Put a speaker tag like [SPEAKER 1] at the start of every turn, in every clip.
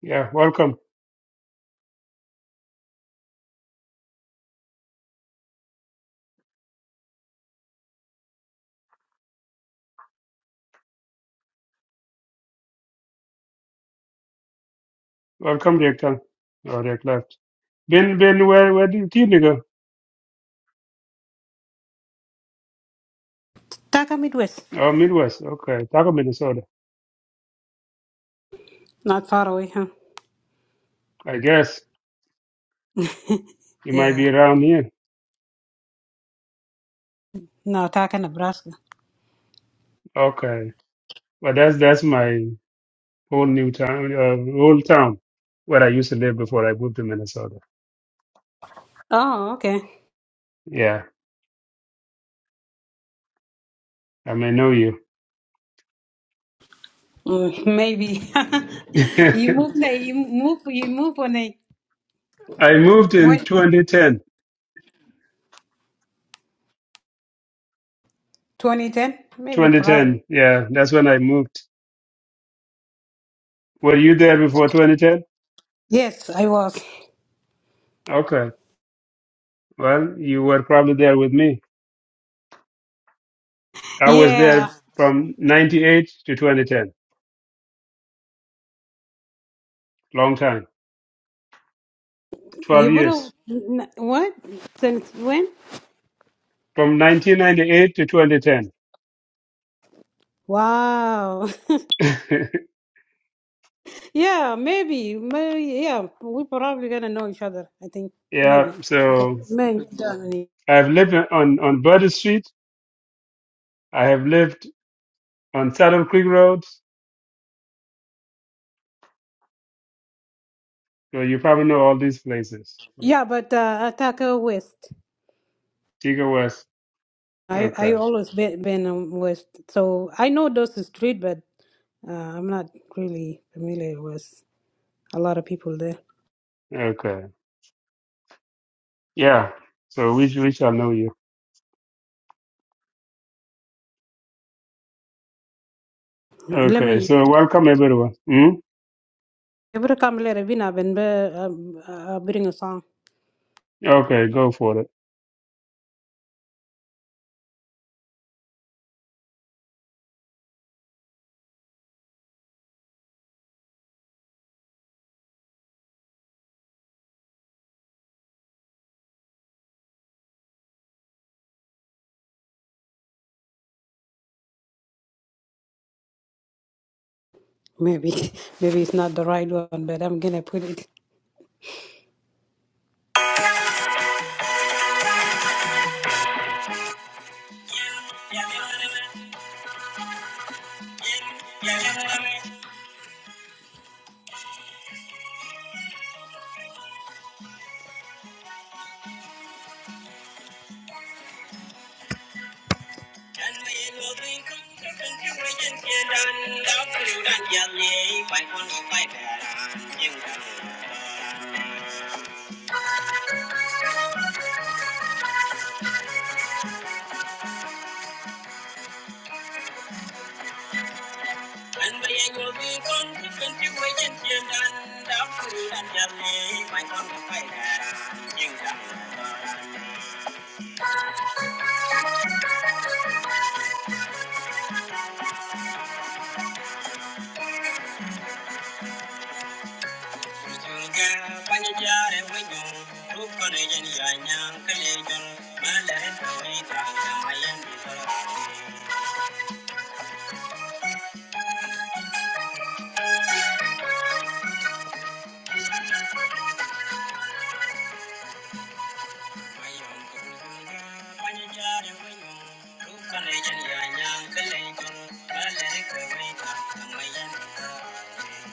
[SPEAKER 1] Yeah, welcome. Welcome, Rick. Oh, Rick left. Ben, Ben, where, where did you go?
[SPEAKER 2] Taka Midwest.
[SPEAKER 1] Oh, Midwest. Okay. Taco, Minnesota.
[SPEAKER 2] Not far away, huh?
[SPEAKER 1] I guess you might
[SPEAKER 2] yeah.
[SPEAKER 1] be around here.
[SPEAKER 2] No, Taka, Nebraska.
[SPEAKER 1] Okay. Well, that's, that's my whole new town, uh, whole town where I used to live before I moved to Minnesota.
[SPEAKER 2] Oh, okay.
[SPEAKER 1] Yeah. I may know you.
[SPEAKER 2] Mm, maybe. you move, na- you move you move on a
[SPEAKER 1] I moved in
[SPEAKER 2] when
[SPEAKER 1] 2010.
[SPEAKER 2] twenty ten? Maybe probably.
[SPEAKER 1] 2010. Yeah. That's when I moved. Were you there before 2010?
[SPEAKER 2] Yes, I was.
[SPEAKER 1] Okay. Well, you were probably there with me. I was
[SPEAKER 2] Yeah.
[SPEAKER 1] there from 98 to 2010. Long time. 12
[SPEAKER 2] You would have
[SPEAKER 1] years.
[SPEAKER 2] n- what? Since when?
[SPEAKER 1] From 1998 to 2010.
[SPEAKER 2] Wow. Yeah, maybe. Maybe yeah. we probably gonna know each other, I think.
[SPEAKER 1] yeah.
[SPEAKER 2] Maybe.
[SPEAKER 1] So
[SPEAKER 2] Maybe.
[SPEAKER 1] I've lived on, on Burden Street. I have lived on Saddle Creek Road. So you probably know all these places. Yeah.
[SPEAKER 2] Yeah, but uh Taka West.
[SPEAKER 1] Tiga West.
[SPEAKER 2] I I
[SPEAKER 1] Okay.
[SPEAKER 2] always been been um, with so I know those street, but uh, I'm not really familiar with a lot of people there.
[SPEAKER 1] Okay. Yeah. So we, sh- we shall know you.
[SPEAKER 2] Let
[SPEAKER 1] Okay.
[SPEAKER 2] me.
[SPEAKER 1] So welcome everyone. Hmm?
[SPEAKER 2] Every come later, been I've been uh, um, uh, bring a song.
[SPEAKER 1] Okay. Go for it.
[SPEAKER 2] Maybe maybe it's not the right one, but I'm gonna put it. And they ain't gonna be one to twenty way in here, and after that, just me, my son, the fighter, you Thank you.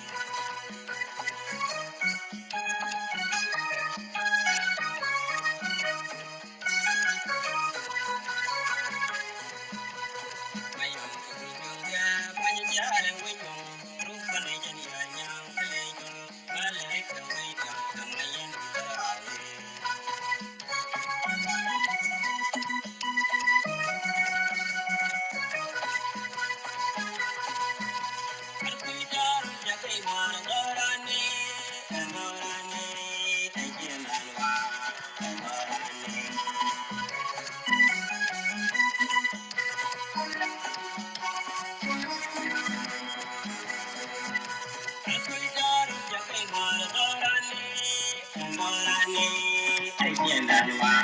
[SPEAKER 2] Thank you.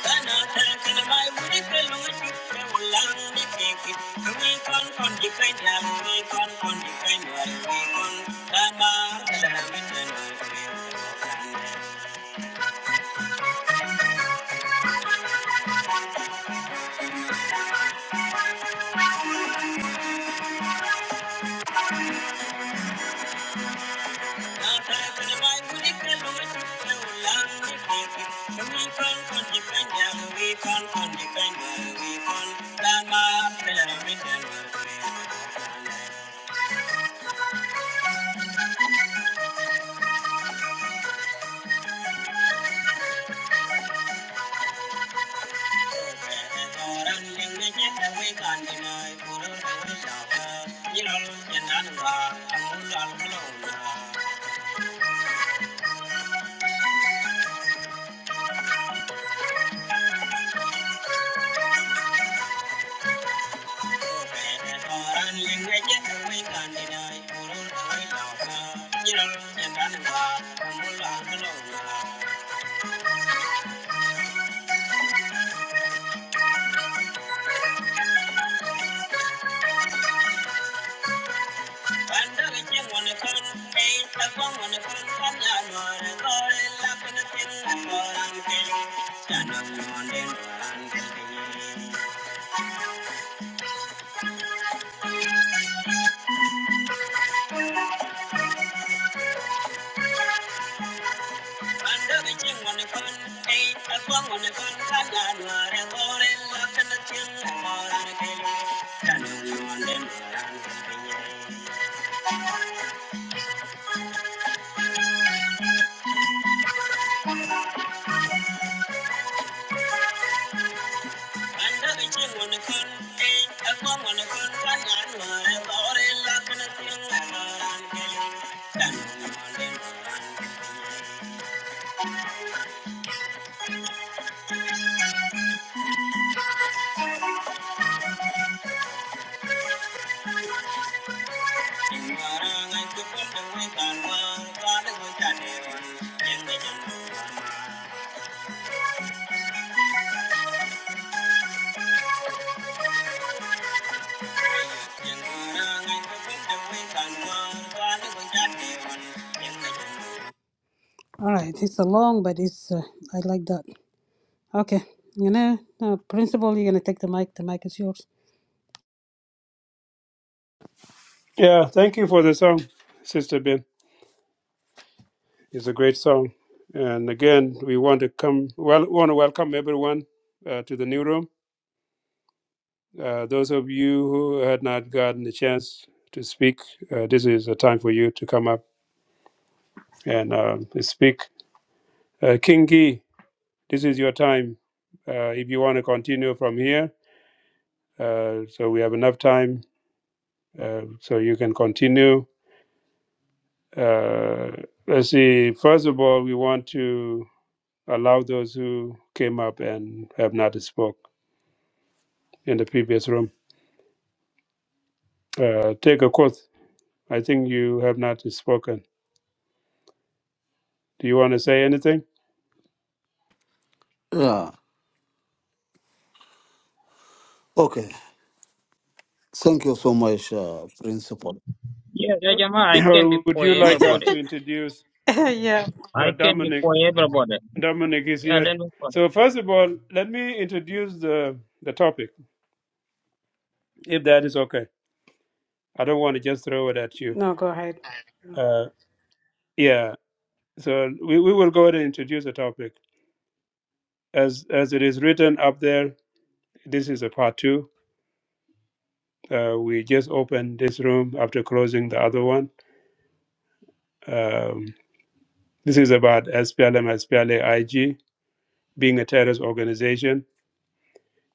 [SPEAKER 2] Thank you. Thank you. Thank you. All right, it's a long, but it's uh, I like that. Okay, you know, uh, principal, you're gonna take the mic. The mic is yours.
[SPEAKER 1] Yeah. Thank you for the song, Sister Ben. It's a great song. And again, we want to come well want to welcome everyone uh, to the new room. Uh, those of you who had not gotten the chance to speak, uh, this is a time for you to come up and um speak. Uh, King Gee, this is your time. Uh, if you want to continue from here, uh, so we have enough time, uh, so you can continue. Uh, let's see. First of all, we want to allow those who came up and have not spoke. in the previous room. Uh, take a quote. I think you have not spoken. Do you want to say anything?
[SPEAKER 3] Yeah. Okay. Thank you so much, uh, Principal.
[SPEAKER 4] Yeah, yeah, Jama, I can
[SPEAKER 1] or
[SPEAKER 4] be
[SPEAKER 1] would
[SPEAKER 4] for
[SPEAKER 1] you like us
[SPEAKER 4] everybody.
[SPEAKER 1] to introduce
[SPEAKER 2] yeah.
[SPEAKER 4] I
[SPEAKER 1] uh,
[SPEAKER 4] can be
[SPEAKER 1] Dominic?
[SPEAKER 4] for everybody.
[SPEAKER 1] Dominic is
[SPEAKER 4] Yeah,
[SPEAKER 1] here.
[SPEAKER 4] let me for
[SPEAKER 1] So, first of all, let me introduce the, the topic, if that is okay. I don't want to just throw it at you.
[SPEAKER 2] No, go ahead.
[SPEAKER 1] Uh, yeah, so we, we will go ahead and introduce the topic. As, as it is written up there, this is a part two. Uh, we just opened this room after closing the other one. Um, This is about SPLM, spla being a terrorist organization,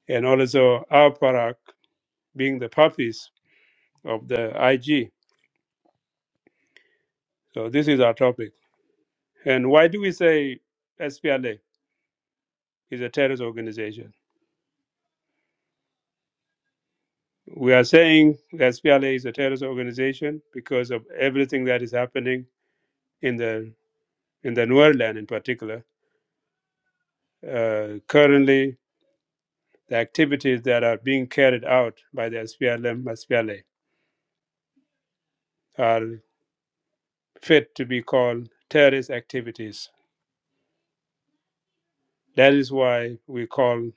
[SPEAKER 1] and also our parak being the puppies of the IG. So this is our topic. And why do we say SPLA is a terrorist organization? We are saying that SPLA is a terrorist organization because of everything that is happening in the in the Nuer land in particular. Uh, currently, the activities that are being carried out by the SPLM, are fit to be called terrorist activities. That is why we call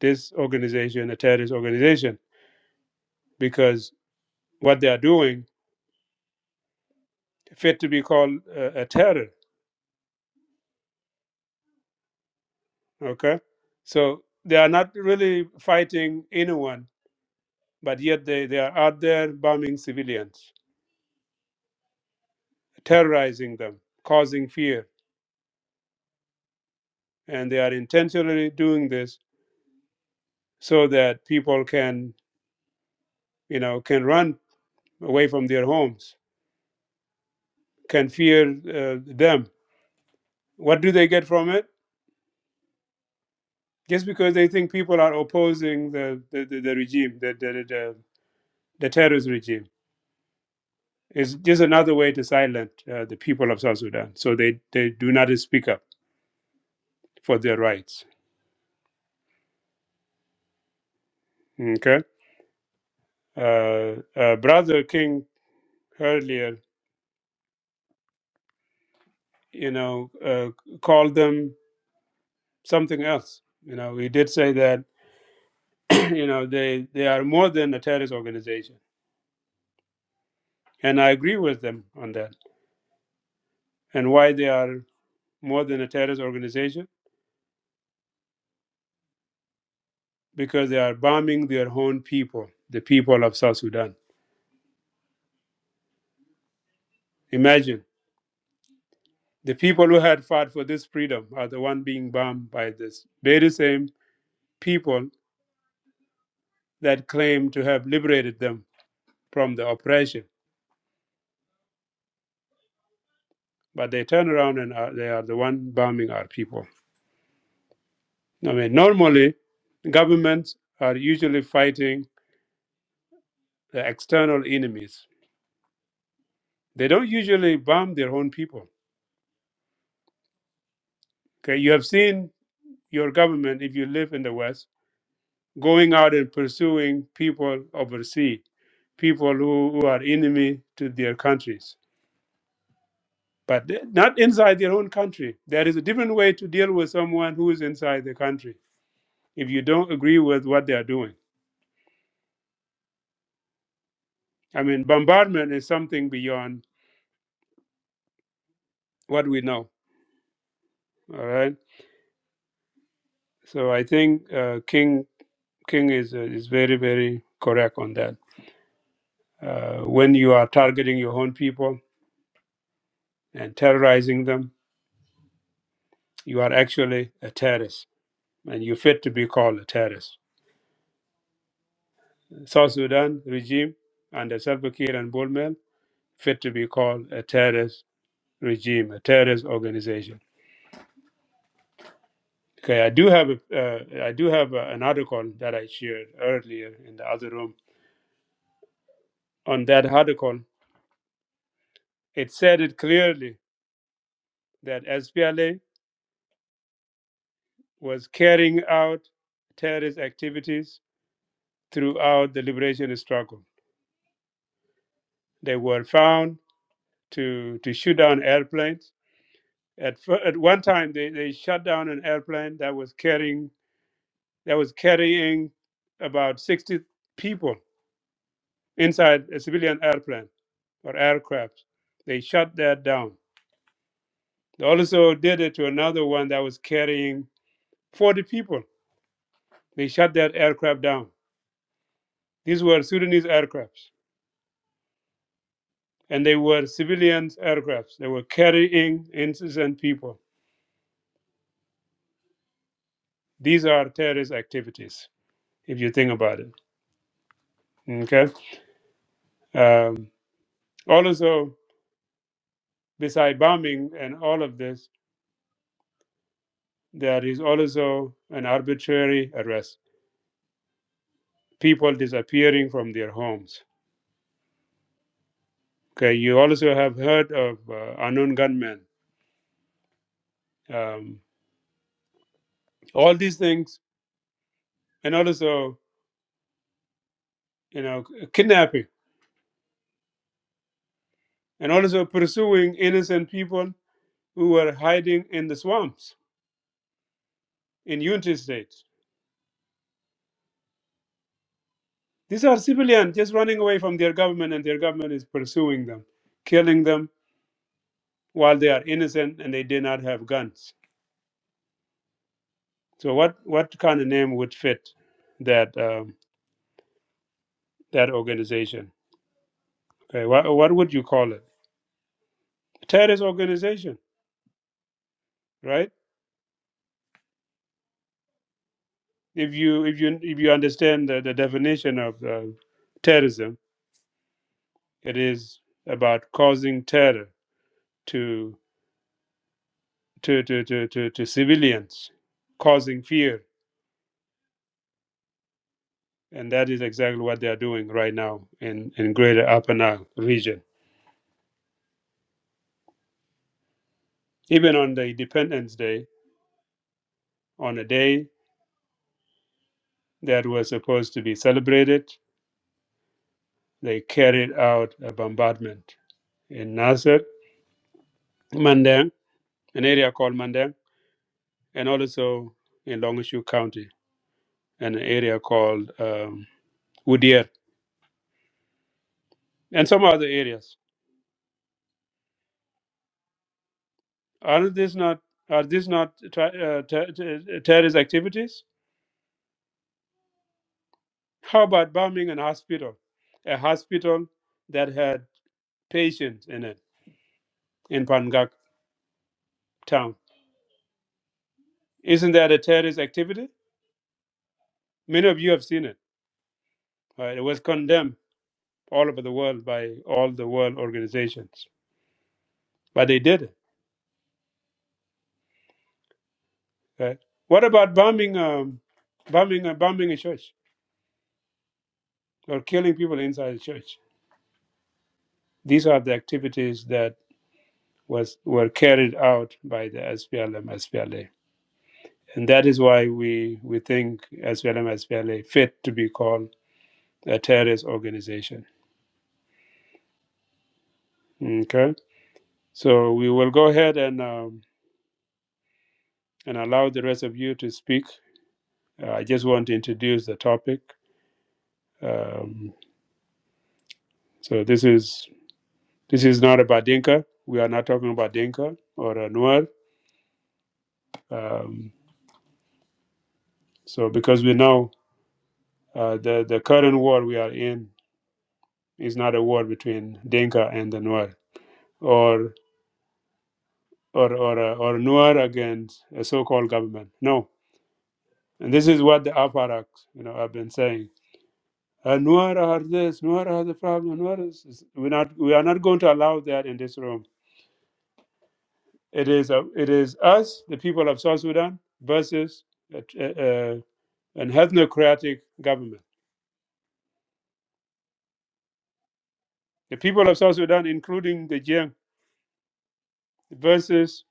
[SPEAKER 1] this organization a terrorist organization because what they are doing fit to be called a, a terror. Okay, so they are not really fighting anyone, but yet they, they are out there bombing civilians, terrorizing them, causing fear, and they are intentionally doing this so that people can you know can run away from their homes, can fear uh, them What do they get from it? Just because they think people are opposing the, the, the, the regime, the, the, the, the terrorist regime. It's just another way to silence uh, the people of South Sudan. So they, they do not speak up for their rights. Okay? Uh, uh, Brother King earlier, you know, uh, called them something else. You know, he did say that, you know, they, they are more than a terrorist organization. And I agree with them on that. And why they are more than a terrorist organization? because they are bombing their own people, the people of South Sudan. Imagine the people who had fought for this freedom are the one being bombed by this very same people that claim to have liberated them from the oppression, but they turn around and are, they are the one bombing our people. I mean, normally governments are usually fighting the external enemies. They don't usually bomb their own people. Okay, you have seen your government if you live in the West going out and pursuing people overseas, people who, who are enemy to their countries, but they- not inside their own country. There is a different way to deal with someone who is inside the country if you don't agree with what they are doing. I mean, bombardment is something beyond what we know. All right. So I think uh, King King is uh, is very very correct on that. Uh, when you are targeting your own people and terrorizing them, you are actually a terrorist and you fit to be called a terrorist. South Sudan regime under Salva Kiir and Bullmel fit to be called a terrorist regime, a terrorist organization. Okay, I do have a, uh, I do have a, an article that I shared earlier in the other room. On that article, it said it clearly that SPLA was carrying out terrorist activities throughout the liberation struggle. They were found to to shoot down airplanes At fir- at one time, they, they shut down an airplane that was carrying that was carrying about 60 people inside a civilian airplane or aircraft. They shut that down. They also did it to another one that was carrying 40 people. They shut that aircraft down. These were Sudanese aircrafts, and they were civilian aircrafts. They were carrying innocent people. These are terrorist activities, if you think about it. Okay. Um, also, Beside bombing and all of this, there is also an arbitrary arrest, people disappearing from their homes. Okay, you also have heard of uh, unknown gunmen, um, all these things, and also you know kidnapping, and also pursuing innocent people who were hiding in the swamps in Unity State. These are civilians just running away from their government, and their government is pursuing them, killing them while they are innocent and they did not have guns So what what kind of name would fit that um, that organization? Okay, what what would you call it? Terrorist organization, right? If you if you if you understand the, the definition of uh, terrorism, it is about causing terror to to, to, to, to to civilians, causing fear, and that is exactly what they are doing right now in in Greater Upper Nile region. Even on the Independence Day, on a day that was supposed to be celebrated They carried out a bombardment in Nasser, Mandang, an area called Mandang, and also in Longshore County, and an area called um, Udir, and some other areas. Are these not are these not tra- uh, ter- ter- terrorist activities? How about bombing an hospital, a hospital that had patients in it in Pangak town? Isn't that a terrorist activity? Many of you have seen it. right? It was condemned all over the world by all the world organizations. But they did it. Right? What about bombing, um, bombing, uh, bombing a church or killing people inside the church? These are the activities that was were carried out by the SPLM, SPLA, and that is why we we think SPLM, SPLA fit to be called a terrorist organization. Okay, so we will go ahead and um, and allow the rest of you to speak. Uh, I just want to introduce the topic. Um, So this is this is not about Dinka. We are not talking about Dinka or uh, Nuer. Um, so because we know uh, the the current war we are in is not a war between Dinka and the Nuer or or or uh, or Nuer against a so-called government. No, and this is what the Aparak you know have been saying. Uh, Nuer are this. Nuer are the problem. Nuer is, is we're not we are not going to allow that in this room. It is uh, it is us, the people of South Sudan, versus. uh, uh, an ethnocratic government. The people of South Sudan, including the Jiang, versus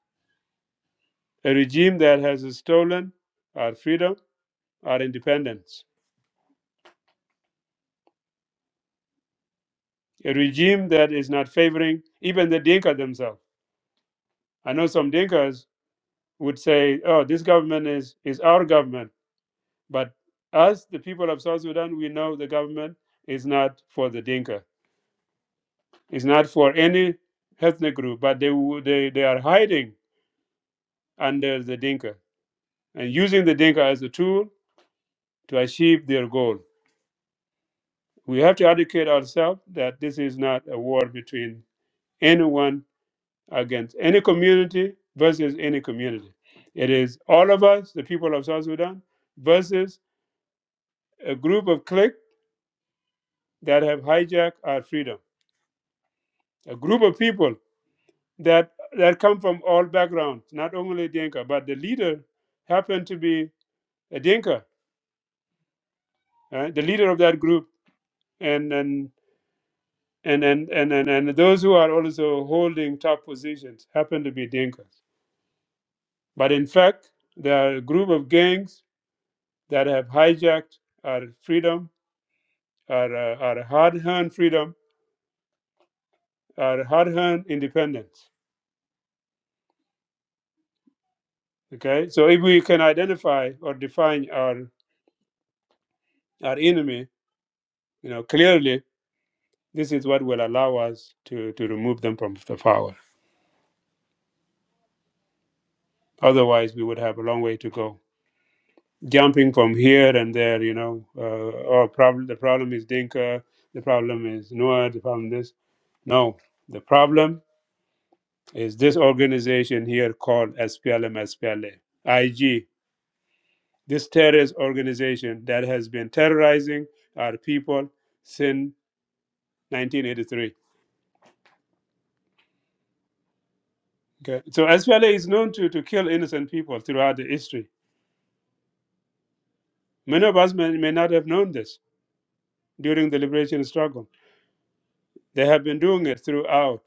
[SPEAKER 1] a regime that has stolen our freedom, our independence, a regime that is not favoring even the Dinka themselves. I know some Dinkas would say, oh, this government is, is our government. But us, the people of South Sudan, we know the government is not for the Dinka, it's not for any ethnic group, but they, wo- they, they are hiding under the Dinka and using the Dinka as a tool to achieve their goal. We have to educate ourselves that this is not a war between anyone against any community versus any community. It is all of us, the people of South Sudan, versus a group of cliques that have hijacked our freedom. A group of people that that come from all backgrounds, not only Dinka, but the leader happened to be a Dinka, right? the leader of that group. and and and and, and, and and those who are also holding top positions happen to be Dinkas. But in fact, there are a group of gangs that have hijacked our freedom, our, uh, our hard-earned freedom, our hard-earned independence. Okay, so if we can identify or define our our enemy, you know clearly, this is what will allow us to to remove them from the power. Otherwise, we would have a long way to go. jumping from here and there, you know. Uh, oh, problem. The problem is Dinka. The problem is Noah. The problem this. No, the problem is this organization here called SPLM SPLA IG. This terrorist organization that has been terrorizing our people since 1983. Okay. So SPLA is known to, to kill innocent people throughout the history. Many of us may, may not have known this during the liberation struggle. They have been doing it throughout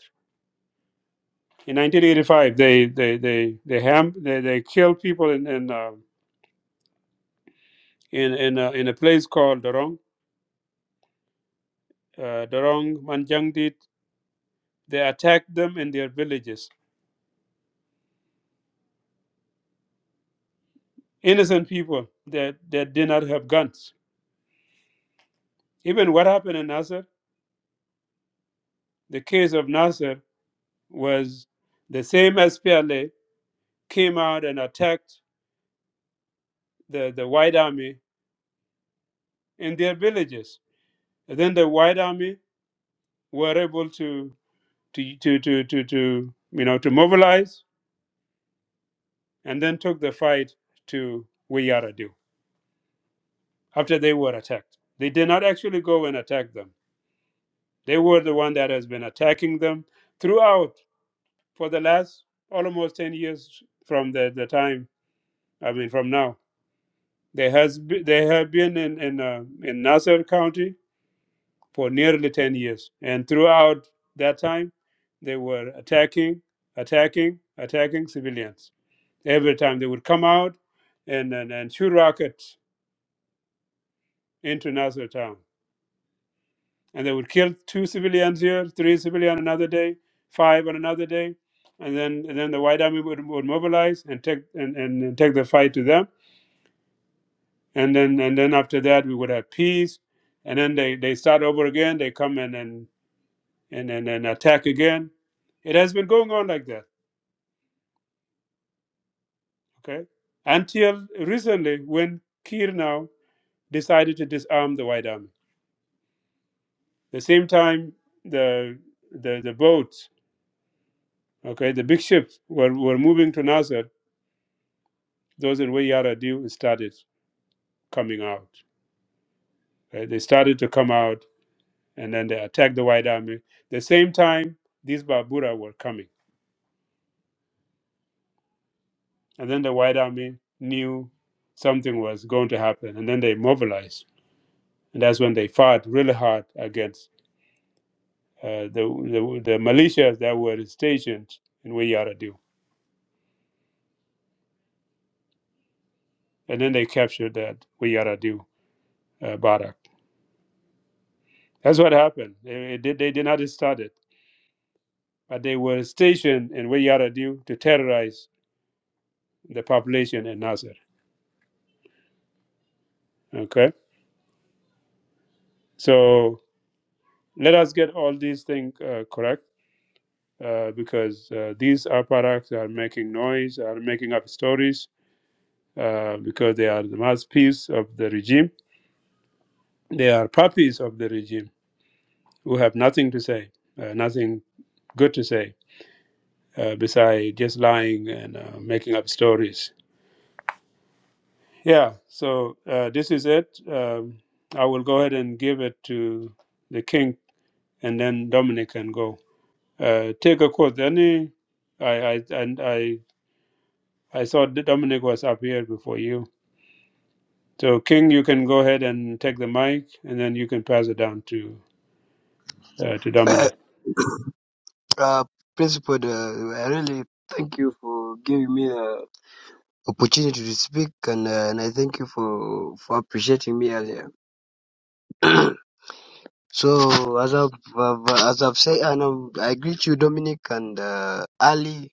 [SPEAKER 1] In 1985, they they they they ham they, they killed people in in uh, in in, uh, in a place called Dorong, uh, Dorong Manjangdit. They attacked them in their villages. Innocent people that that did not have guns. Even what happened in Nasser, the case of Nasser was the same as PLA came out and attacked the the White Army in their villages. And then the White Army were able to to to to to, to you know to mobilize and then took the fight to Wiyaradu after they were attacked. They did not actually go and attack them. They were the one that has been attacking them throughout for the last almost 10 years from the, the time, I mean, from now. They, has be, they have been in, in, uh, in Nassau County for nearly 10 years. And throughout that time, they were attacking, attacking, attacking civilians. Every time they would come out and, and, and shoot rockets into Nassau town and they would kill two civilians here, three civilians another day, five on another day, and then and then the white army would, would mobilize and take and, and, and take the fight to them, and then and then after that we would have peace, and then they, they start over again. They come and and and and, and attack again. It has been going on like that, okay, until recently when Kir now decided to disarm the white army. The same time the the the boats, okay, the big ships were, were moving to Nasser those in Wayara do started coming out. right? They started to come out and then they attacked the White Army. The same time, these Babura were coming. And then the White Army knew something was going to happen. And then they mobilized. And that's when they fought really hard against uh, the, the, the militias that were stationed in Wayara do. And then they captured that Wayara do uh, barrack. That's what happened. They, they did, they did not start it, but they were stationed in Wayara do to terrorize the population in Nasser. Okay, so let us get all these things uh, correct uh, because uh, these apparatus are making noise, are making up stories uh, because they are the mouthpiece of the regime. They are puppies of the regime who have nothing to say, uh, nothing good to say, uh, beside just lying and uh, making up stories. Yeah, so uh, this is it. Um, I will go ahead and give it to the king, and then Dominic can go. uh, take a quote. Any, I, I and I I saw that Dominic was up here before you. So King, you can go ahead and take the mic, and then you can pass it down to uh, to
[SPEAKER 5] Uh,
[SPEAKER 1] Dominic.
[SPEAKER 5] uh, Principal, uh, I really thank you for giving me the opportunity to speak, and, uh, and I thank you for for appreciating me earlier. so as I've, I've as I've said, and um, I greet you, Dominic and uh, Ali.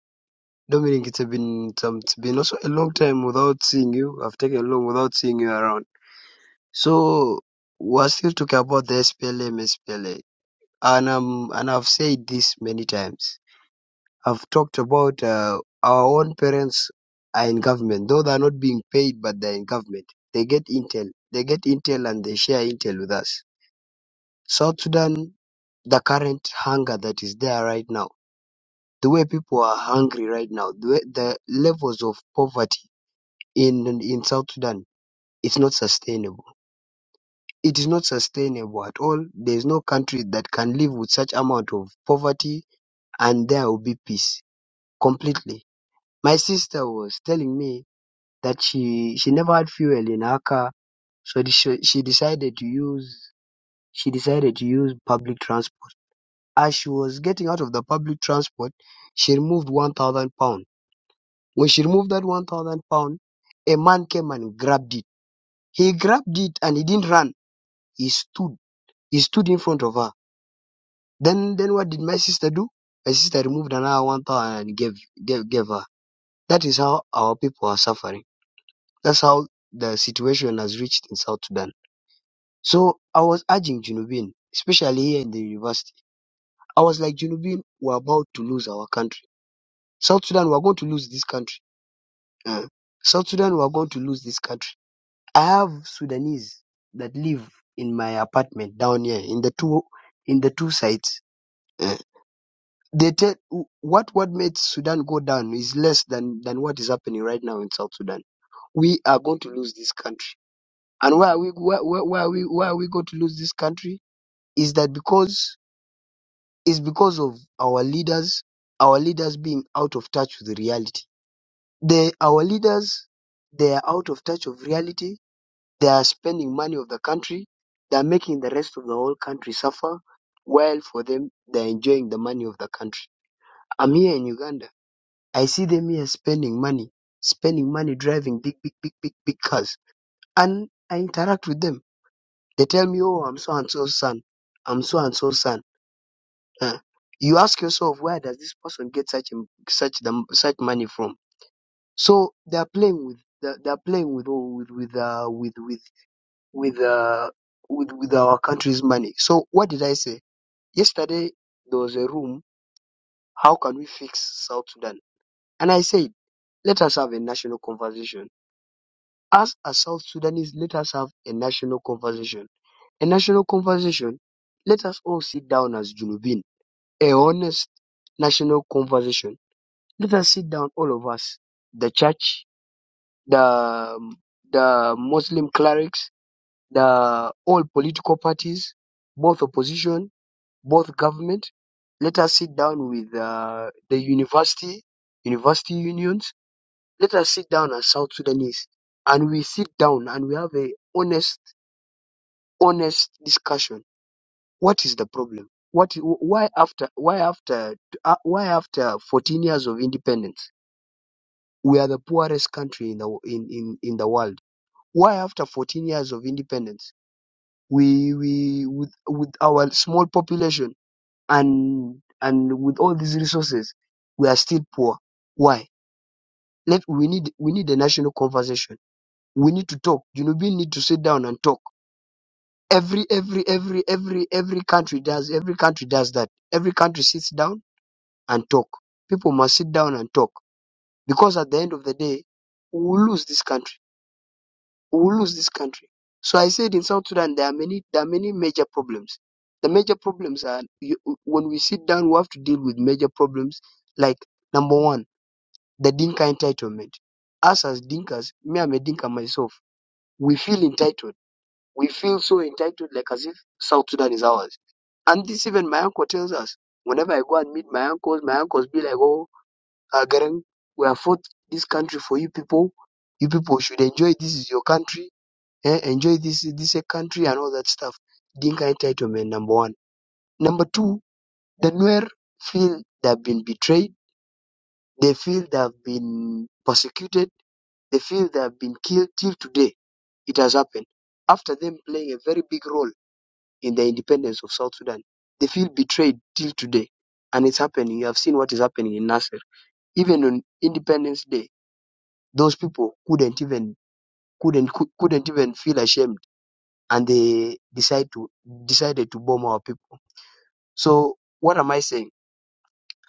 [SPEAKER 5] Dominic, it's been it's, um, it's been also a long time without seeing you. I've taken long without seeing you around. So we're still talking about the SPLM, SPLA, and um and I've said this many times. i have talked about uh, our own parents are in government, though they're not being paid, but they're in government. They get intel, they get intel, and they share intel with us. South Sudan, the current hunger that is there right now, the way people are hungry right now, the, way, the levels of poverty in in South Sudan, it's not sustainable. It is not sustainable at all. There is no country that can live with such amount of poverty, and there will be peace completely. My sister was telling me that she she never had fuel in her car, so the- she, she decided to use she decided to use public transport. As she was getting out of the public transport, she removed one thousand pound. When she removed that one thousand pound, a man came and grabbed it. He grabbed it and he didn't run. He stood. He stood in front of her. Then then what did my sister do? My sister removed another one thousand and gave, gave gave her. That is how our people are suffering. That's how the situation has reached in South Sudan. So I was urging Junubin, especially here in the university. I was like, Junubin, we're about to lose our country. South Sudan, we're going to lose this country. Uh, South Sudan, we're going to lose this country. I have Sudanese that live in my apartment down here in the two in the two sides. Uh, they tell what what made Sudan go down is less than than what is happening right now in South Sudan. We are going to lose this country. And why are we why, why, why are we why are we going to lose this country? Is that because Is because of our leaders, our leaders being out of touch with reality. They, our leaders, they are out of touch of reality. They are spending money of the country. They are making the rest of the whole country suffer. While for them, they are enjoying the money of the country. I'm here in Uganda. I see them here spending money, spending money driving big, big, big, big, big cars. And I interact with them. They tell me, oh, I'm so and so son. I'm so and so son. Uh, you ask yourself, where does this person get such im- such the, such money from? So they are playing with they they are playing with all- with with uh, with with with, uh, with with our country's money. So what did I say yesterday? There was a room. How can we fix South Sudan? And I said, let us have a national conversation. As a South Sudanese, let us have a national conversation. A national conversation. Let us all sit down as Junubin. A honest national conversation Let us sit down, all of us. The church, the um, the Muslim clerics, the all political parties, both opposition, both government. Let us sit down with uh, the university, university unions. Let us sit down as South Sudanese, and we sit down and we have a honest, honest discussion. What is the problem? What? Why after? Why after? Uh, why after 14 years of independence? we are the poorest country in the in, in, in the world. Why after 14 years of independence, we we with with our small population and and with all these resources, we are still poor. Why? Let we need we need a national conversation. We need to talk. You know, we need to sit down and talk. Every every every every every country does every country does that. Every country sits down and talk. People must sit down and talk because at the end of the day, we will lose this country we will lose this country. So I said in South Sudan there are many there are many major problems. The major problems are you, when we sit down we have to deal with major problems like number one the Dinka entitlement. Us as Dinkas, me I'm a Dinka myself. We feel entitled. We feel so entitled like as if South Sudan is ours. And this even my uncle tells us. Whenever I go and meet my uncles, my uncles be like, "Oh, uh, Garang, we have fought this country for you people. You people should enjoy. This is your country." eh, enjoy this this eh, country and all that stuff. Dinka entitlement number one. Number two, the Nuer feel they have been betrayed. They feel they have been persecuted. They feel they have been killed till today. It has happened after them playing a very big role in the independence of South Sudan. They feel betrayed till today, and it's happening. You have seen what is happening in Nasser. Even on Independence Day, those people couldn't even couldn't cou- couldn't even feel ashamed and they decide to decided to bomb our people. So what am I saying?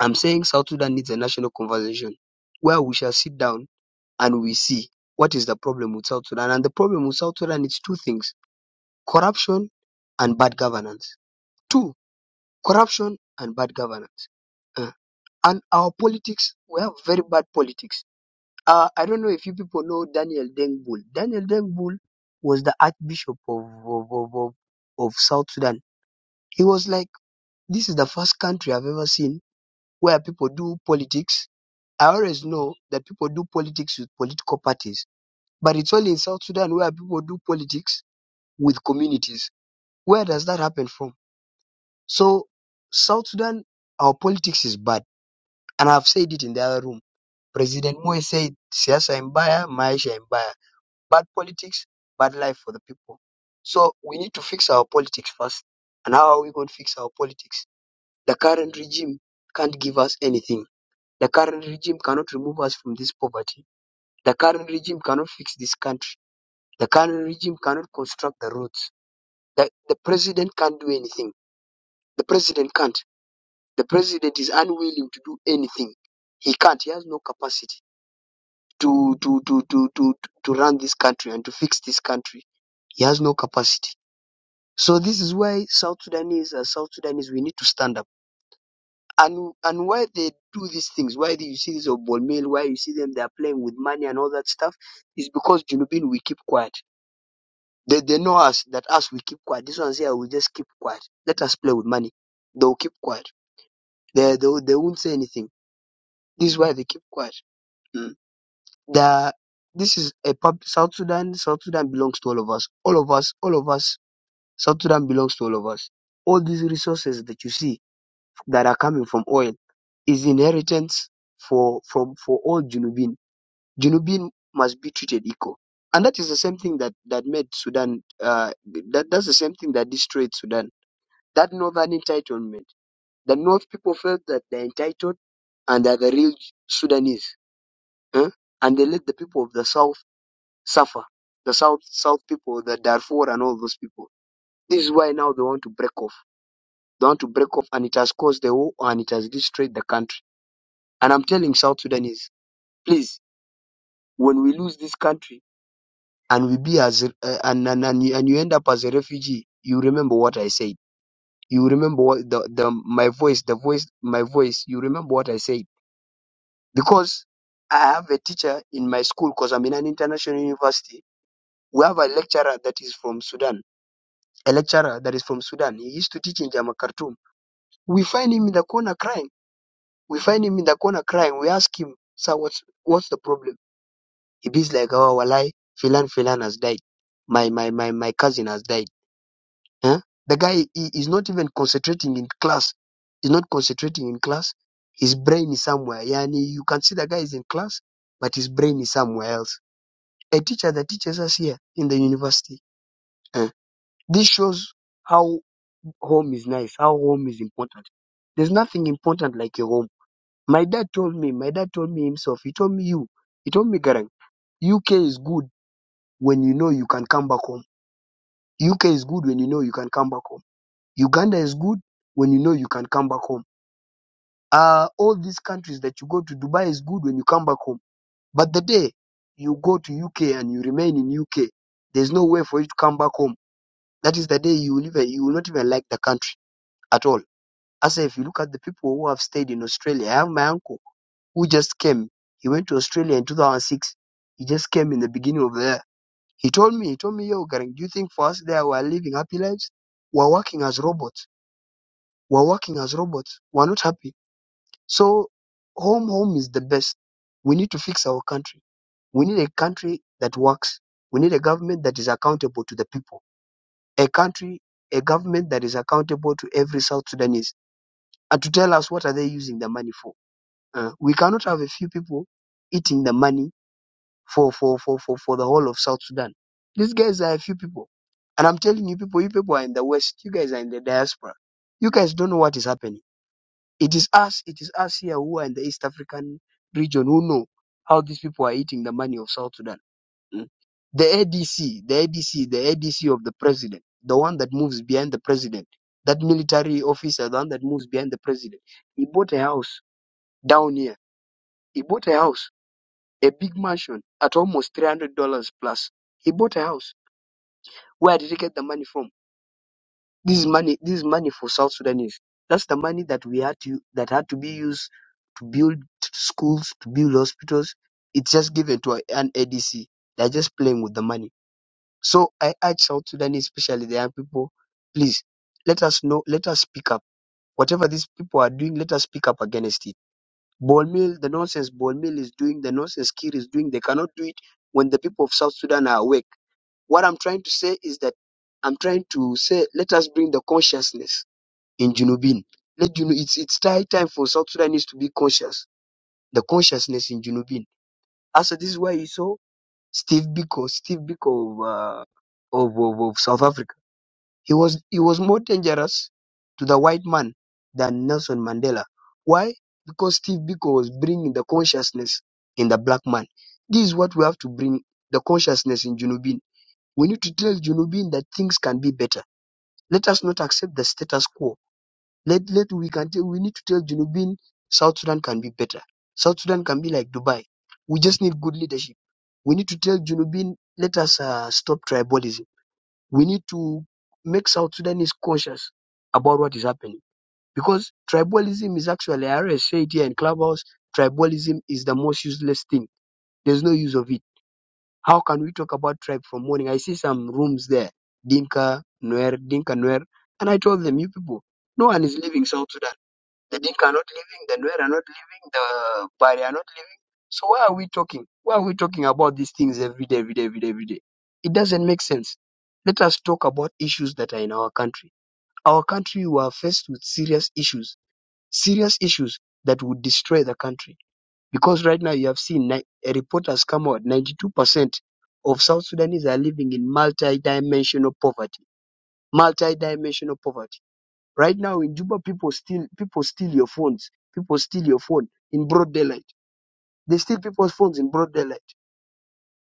[SPEAKER 5] I'm saying South Sudan needs a national conversation where we shall sit down and we see what is the problem with South Sudan. And the problem with South Sudan is two things: corruption and bad governance. Two, corruption and bad governance. Uh, and our politics, we have very bad politics. Uh, I don't know if you people know Daniel Dengbul. Daniel Dengbul was the Archbishop of, of, of, of of South Sudan. He was like This is the first country I've ever seen where people do politics. I always know that people do politics with political parties, but it's only in South Sudan where people do politics with communities. Where does that happen from? So, South Sudan, our politics is bad, and I've said it in the other room. President Moy said, "Siasa mbaya, maisha ni mbaya." Bad politics, bad life for the people. So we need to fix our politics first. And how are we going to fix our politics? The current regime can't give us anything The current regime cannot remove us from this poverty. The current regime cannot fix this country. The current regime cannot construct the roads. The, the president can't do anything. The president can't. The president is unwilling to do anything. He can't. He has no capacity to, to, to, to, to, to run this country and to fix this country. He has no capacity. So this is why South Sudanese, as South Sudanese, we need to stand up and and why they do these things, why do you see this of Bolmel, why you see them they are playing with money and all that stuff, is because Junubin we keep quiet. They they know us that us we keep quiet. This one's here we just keep quiet. Let us play with money. They'll keep quiet. They they they won't say anything. This is why they keep quiet. Mm. The this is a pub, South Sudan. South Sudan belongs to all of us. All of us. All of us. South Sudan belongs to all of us. All these resources that you see that are coming from oil is inheritance for from for all Junubin. Junubin must be treated equal, and that is the same thing that that made Sudan. Uh, that that's the same thing that destroyed Sudan. That northern entitlement. The North people felt that they're entitled and they're the real Sudanese, huh? and they let the people of the South suffer. The South South people, the Darfur, and all those people. This is why now they want to break off. They want to break off, and it has caused the war and it has destroyed the country And I'm telling South Sudanese, please, when we lose this country and we be as a- uh, and and, and, you, and you end up as a refugee, you remember what I said. You remember what the, the my voice, the voice, my voice. You remember what I said because I have a teacher in my school because I'm in an international university. We have a lecturer that is from Sudan, a lecturer that is from Sudan. He used to teach in Jama Khartoum. We find him in the corner crying. We find him in the corner crying. We ask him, sir, what's what's the problem? It is like, oh, walai, filan, filan has died. My, my, my, my cousin has died. Huh? The guy he, is not even concentrating in class. He's not concentrating in class. His brain is somewhere. Yani, you can see the guy is in class, but his brain is somewhere else. A teacher that teaches us here in the university. Huh? This shows how home is nice, how home is important. There's nothing important like your home. My dad told me, my dad told me himself, he told me you, he told me Garang, UK is good when you know you can come back home UK is good when you know you can come back home. Uganda is good when you know you can come back home. Uh, all these countries that you go to, Dubai is good when you come back home. But the day you go to UK and you remain in UK, there's no way for you to come back home. That is the day you will even you will not even like the country at all. As if you look at the people who have stayed in Australia, I have my uncle who just came. He went to Australia in 2006. He just came in the beginning of the year. He told me, he told me, yo, Garang, do you think for us there we are living happy lives? We're working as robots We're working as robots. We're not happy. So home, home is the best. We need to fix our country. We need a country that works. We need a government that is accountable to the people. A country, a government that is accountable to every South Sudanese and to tell us what are they using the money for. Uh, we cannot have a few people eating the money for, for, for, for, for the whole of South Sudan. These guys are a few people. And I'm telling you people, you people are in the West. You guys are in the diaspora. You guys don't know what is happening It is us, it is us here who are in the East African region who know how these people are eating the money of South Sudan. mm. The ADC, the ADC, the ADC of the president, the one that moves behind the president, that military officer, the one that moves behind the president. He bought a house down here. He bought a house, a big mansion at almost three hundred dollars plus. He bought a house. Where did he get the money from? This is money. This is money for South Sudanese. That's the money that we had to that had to be used to build schools, to build hospitals. It's just given to an ADC. They're just playing with the money. So I urge South Sudanese, especially the young people, please let us know. Let us speak up. Whatever these people are doing, let us speak up against it. Ball mill, the nonsense ball mill is doing, the nonsense Kir is doing. They cannot do it when the people of South Sudan are awake. What I'm trying to say is that I'm trying to say, let us bring the consciousness in Junubin. Let Junu it's it's time time for South Sudanese to be conscious. The consciousness in Junubin. Also, this is why you saw Steve Biko, Steve Biko of, uh, of, of of South Africa. He was he was more dangerous to the white man than Nelson Mandela. Why? Because Steve Biko was bringing the consciousness in the black man. This is what we have to bring the consciousness in Junubin. We need to tell Junubin that things can be better. Let us not accept the status quo let let we can tell we need to tell Junubin South Sudan can be better. South Sudan can be like Dubai. We just need good leadership. We need to tell Junubin let us uh, stop tribalism. We need to make South Sudanese cautious about what is happening because tribalism is actually I already said here in Clubhouse. Tribalism is the most useless thing. There's no use of it. How can we talk about tribe from morning? I see some rooms there, Dinka, Nuer, Dinka, Nuer, and I told them, you people, no one is leaving South Sudan. The Dinka are not living, the Nuer are not living, the Bari are not living. So why are we talking? Why are we talking about these things every day, every day, every day, every day? It doesn't make sense. Let us talk about issues that are in our country. Our country we are faced with serious issues, serious issues that would destroy the country. Because right now you have seen ni- a report has come out, 92% of South Sudanese are living in multi-dimensional poverty. Multi-dimensional poverty Right now in Juba, people steal people steal your phones. People steal your phone in broad daylight. They steal people's phones in broad daylight.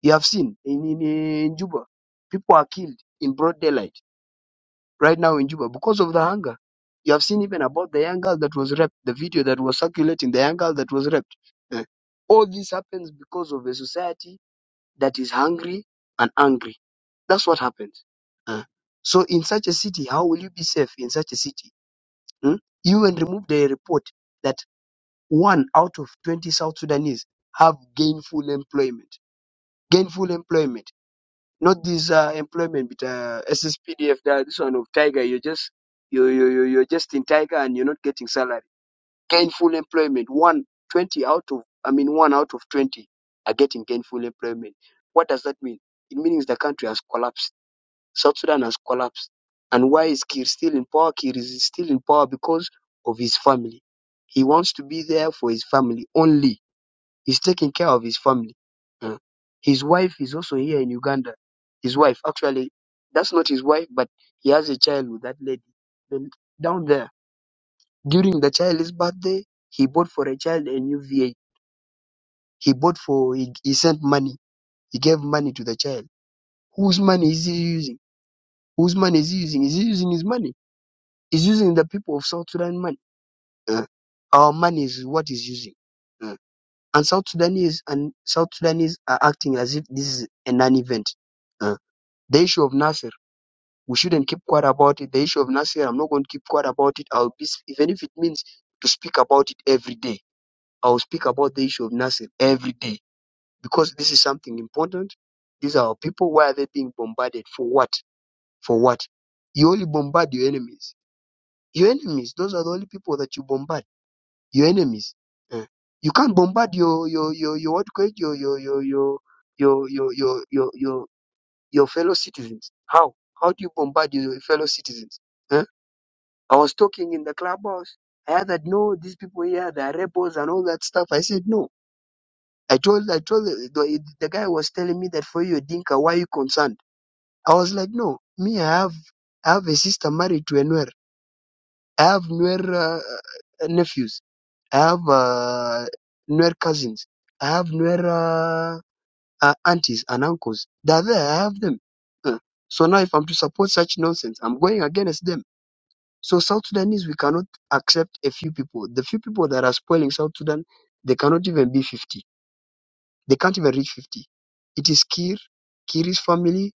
[SPEAKER 5] You have seen in, in, in Juba, people are killed in broad daylight right now in Juba because of the hunger. You have seen even about the young girl that was raped, the video that was circulating, the young girl that was raped. Eh, All this happens because of a society that is hungry and angry. That's what happens. Eh, So in such a city, how will you be safe in such a city? mm, UN removed a report that one out of 20 South Sudanese have gainful employment. Gainful employment, not this uh, employment with uh, SSPDF. That this one of Tiger, you're just you you you- you're just in Tiger and you're not getting salary. Gainful employment, one 20 out of I mean one out of 20 are getting gainful employment. What does that mean? It means the country has collapsed South Sudan has collapsed. And why is Kir still in power? Kir is still in power because of his family. He wants to be there for his family only. He's taking care of his family. Uh, His wife is also here in Uganda. His wife, actually, that's not his wife, but he has a child with that lady. Then down there, during the child's birthday, he bought for a child a new V A. He bought for, he, he sent money. He gave money to the child. Whose money is he using? Whose money is he using? Is he using his money? It's using the people of South Sudan money. Uh, our money is what is using. Uh, and South Sudanese and South Sudanese are acting as if this is a non-event. Uh, the issue of Nasser, we shouldn't keep quiet about it. The issue of Nasser, I'm not going to keep quiet about it. I'll be, even if it means to speak about it every day. I'll speak about the issue of Nasser every day because this is something important. These are our people. Why are they being bombarded? For what? For what? You only bombard your enemies. Your enemies, those are the only people that you bombard your enemies. Eh. You can't bombard your your your your what you call it, your your your your your your your your your your fellow citizens. How? How do you bombard your fellow citizens? Eh? I was talking in the clubhouse. I heard that no, these people here they are rebels and all that stuff. I said no. I told I told the, the, the guy was telling me that for you Dinka, why are you concerned? I was like no, me I have I have a sister married to a Nuer. I have Nuer uh, uh, nephews. I have uh, Nuer cousins. I have Nuer uh, uh, aunties and uncles. They're there. I have them. Uh, so now, if I'm to support such nonsense, I'm going against them. So South Sudanese, we cannot accept a few people. The few people that are spoiling South Sudan, they cannot even be 50. They can't even reach 50. It is Kir, Kir's family,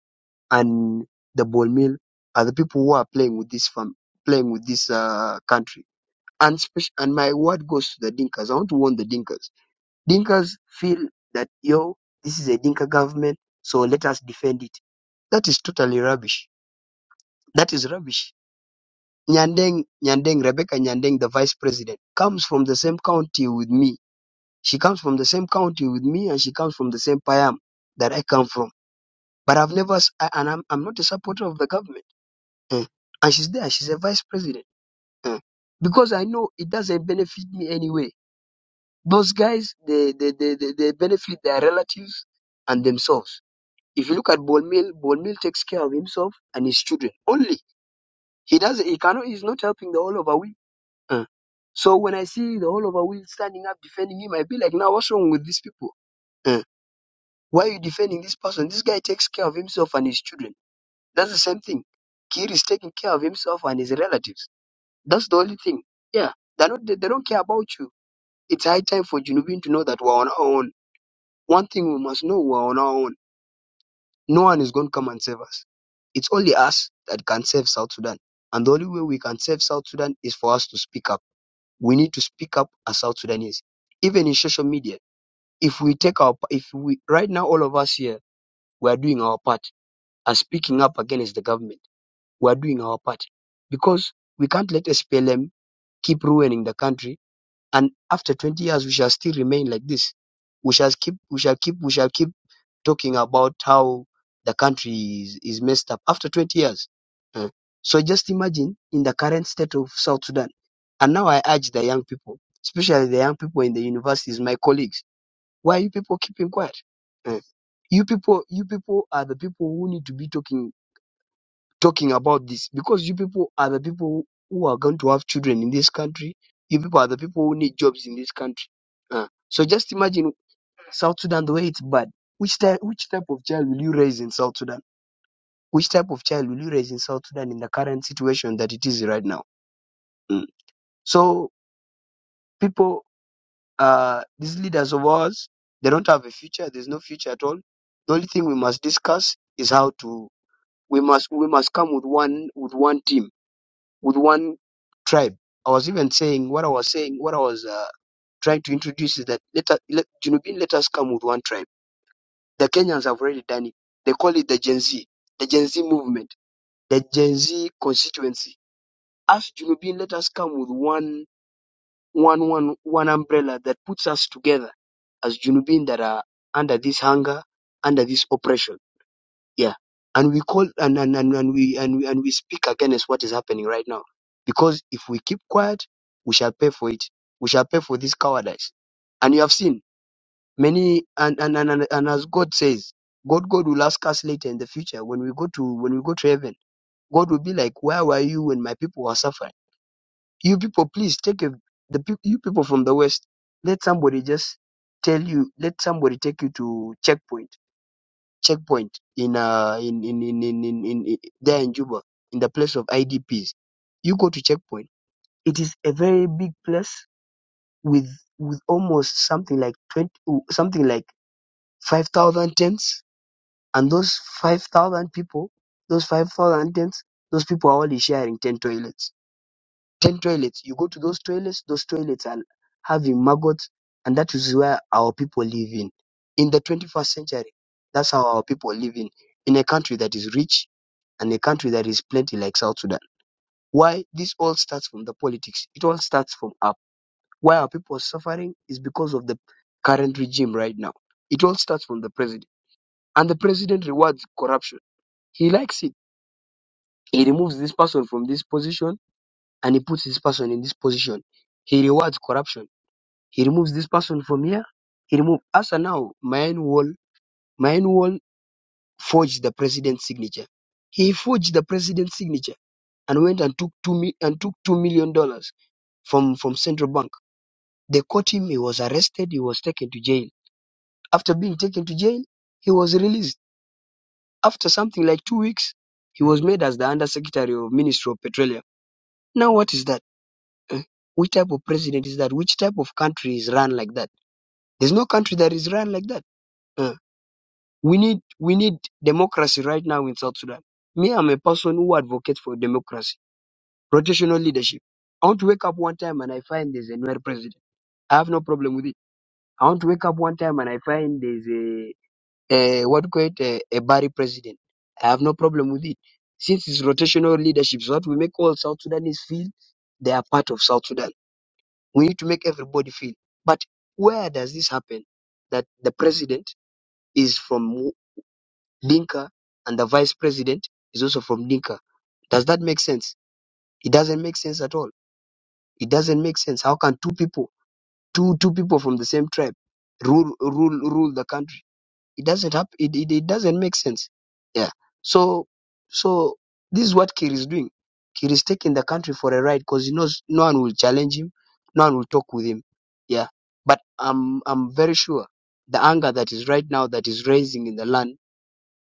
[SPEAKER 5] and the Ball Mill are the people who are playing with this fam- playing with this uh, country. And, spec- and my word goes to the Dinkas. I want to warn the Dinkas Dinkas feel that yo, this is a Dinka government, so let us defend it. That is totally rubbish. That is rubbish. Nyandeng, Nyandeng, Rebecca Nyandeng, the vice president, comes from the same county with me. She comes from the same county with me, and she comes from the same payam that I come from. But I've never, s- I- and I'm, I'm not a supporter of the government. Eh. And she's there. She's a vice president. Eh. Because I know it doesn't benefit me anyway. Those guys, they, they, they, they, they benefit their relatives and themselves If you look at Bonmil, Bonmil takes care of himself and his children only. He does he cannot he's not helping the whole of Awi. Uh, So when I see the whole of Awi standing up defending him, I be like, now what's wrong with these people? Uh, Why are you defending this person? This guy takes care of himself and his children. That's the same thing. Kir is taking care of himself and his relatives. That's the only thing. Yeah, they do not they, they don't care about you. It's high time for Junubin to know that we're on our own. One thing we must know, we're on our own. No one is going to come and save us. It's only us that can save South Sudan. And the only way we can save South Sudan is for us to speak up. We need to speak up as South Sudanese. Even in social media, if we take our, if we, right now all of us here, we are doing our part as speaking up against the government. We are doing our part because we can't let SPLM keep ruining the country. And after 20 years, we shall still remain like this. We shall keep, we shall keep, we shall keep talking about how the country is, is messed up after 20 years. eh. So just imagine in the current state of South Sudan. And now I urge the young people, especially the young people in the universities, my colleagues, why are you people keeping quiet? eh? You people, you people are the people who need to be talking talking about this because you people are the people who are going to have children in this country. You people are the people who need jobs in this country. eh. So just imagine South Sudan, the way it's bad. Which type, which type of child will you raise in South Sudan? Which type of child will you raise in South Sudan in the current situation that it is right now? Mm. So people, uh, these leaders of ours, they don't have a future. There's no future at all. The only thing we must discuss is how to. We must we must come with one with one team with one tribe. I was even saying what I was saying. What I was uh, trying to introduce is that let us, let Junubin, let us come with one tribe The Kenyans have already done it. They call it the Gen Z, the Gen Z movement, the Gen Z constituency. As Junubin, let us come with one, one, one, one umbrella that puts us together as Junubin that are under this hunger, under this oppression. Yeah. And we call and and, and, and we and we and we speak against what is happening right now. Because if we keep quiet, we shall pay for it. We shall pay for this cowardice. And you have seen Many and and, and and and as God says, God God will ask us later in the future when we go to when we go to heaven. God will be like, Where were you when my people were suffering? You people, please take a, the peop- you people from the West. Let somebody just tell you. Let somebody take you to checkpoint. Checkpoint in uh in in in in, in, in, in there in Juba in the place of IDPs. You go to checkpoint. It is a very big place with with almost something like twenty something like five thousand tents And those 5,000 people, those 5,000 tents, those people are only sharing 10 toilets. 10 toilets. You go to those toilets, those toilets are having maggots, and that is where our people live in. In the 21st century, that's how our people live in, in a country that is rich and a country that is plenty like South Sudan. Why? This all starts from the politics. It all starts from up. Why our people are suffering is because of the current regime right now. It all starts from the president. And the president rewards corruption. He likes it He removes this person from this position and he puts this person in this position. He rewards corruption. He removes this person from here. He removes as and now Manuel Manuel forged the president's signature. He forged the president's signature and went and took two mi- and took two million dollars from from central bank. They caught him. He was arrested. He was taken to jail. After being taken to jail, he was released. After something like two weeks, he was made as the undersecretary of Ministry of Petroleum. Now what is that? Eh? Which type of president is that? Which type of country is run like that? There's no country that is run like that. Eh? We need we need democracy right now in South Sudan. Me, I'm a person who advocates for democracy, rotational leadership. I want to wake up one time and I find there's a new president. I have no problem with it. I want to wake up one time and I find there's a, a what do you call it a, a Barry president. I have no problem with it. Since it's rotational leadership, so that we make all South Sudanese feel they are part of South Sudan We need to make everybody feel. But where does this happen? That the president is from Dinka and the vice president is also from Dinka. Does that make sense? It doesn't make sense at all. It doesn't make sense. How can two people, two two people from the same tribe, rule rule rule the country? It doesn't happen. It, it, it doesn't make sense. Yeah. So so this is what Kir is doing. Kir is taking the country for a ride because he knows no one will challenge him, no one will talk with him. Yeah. But I'm I'm very sure the anger that is right now that is raising in the land,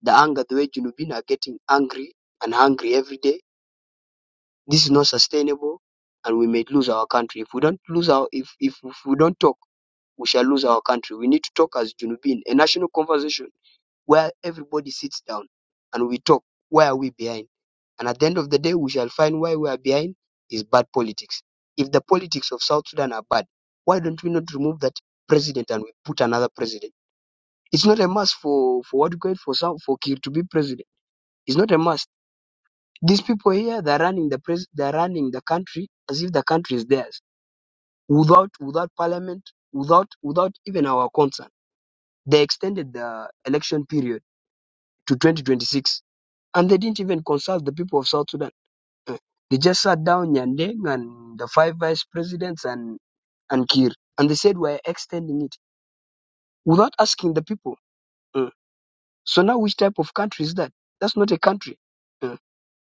[SPEAKER 5] the anger the way Junubin are getting angry and hungry every day. This is not sustainable, and we may lose our country if we don't lose our if if, if we don't talk. We shall lose our country. We need to talk as Junubin, a national conversation where everybody sits down and we talk why are we behind and at the end of the day we shall find why we are behind is bad politics if the politics of south sudan are bad why don't we not remove that president and we put another president it's not a must for for what grade for some for kir to be president it's not a must these people here they're running the pres they're running the country as if the country is theirs without without parliament without without even our concern they extended the election period to 2026 And they didn't even consult the people of South Sudan. Uh, They just sat down Nyandeng and the five vice presidents and and Kir, and they said we're extending it without asking the people. Uh, So now, which type of country is that? That's not a country. Uh,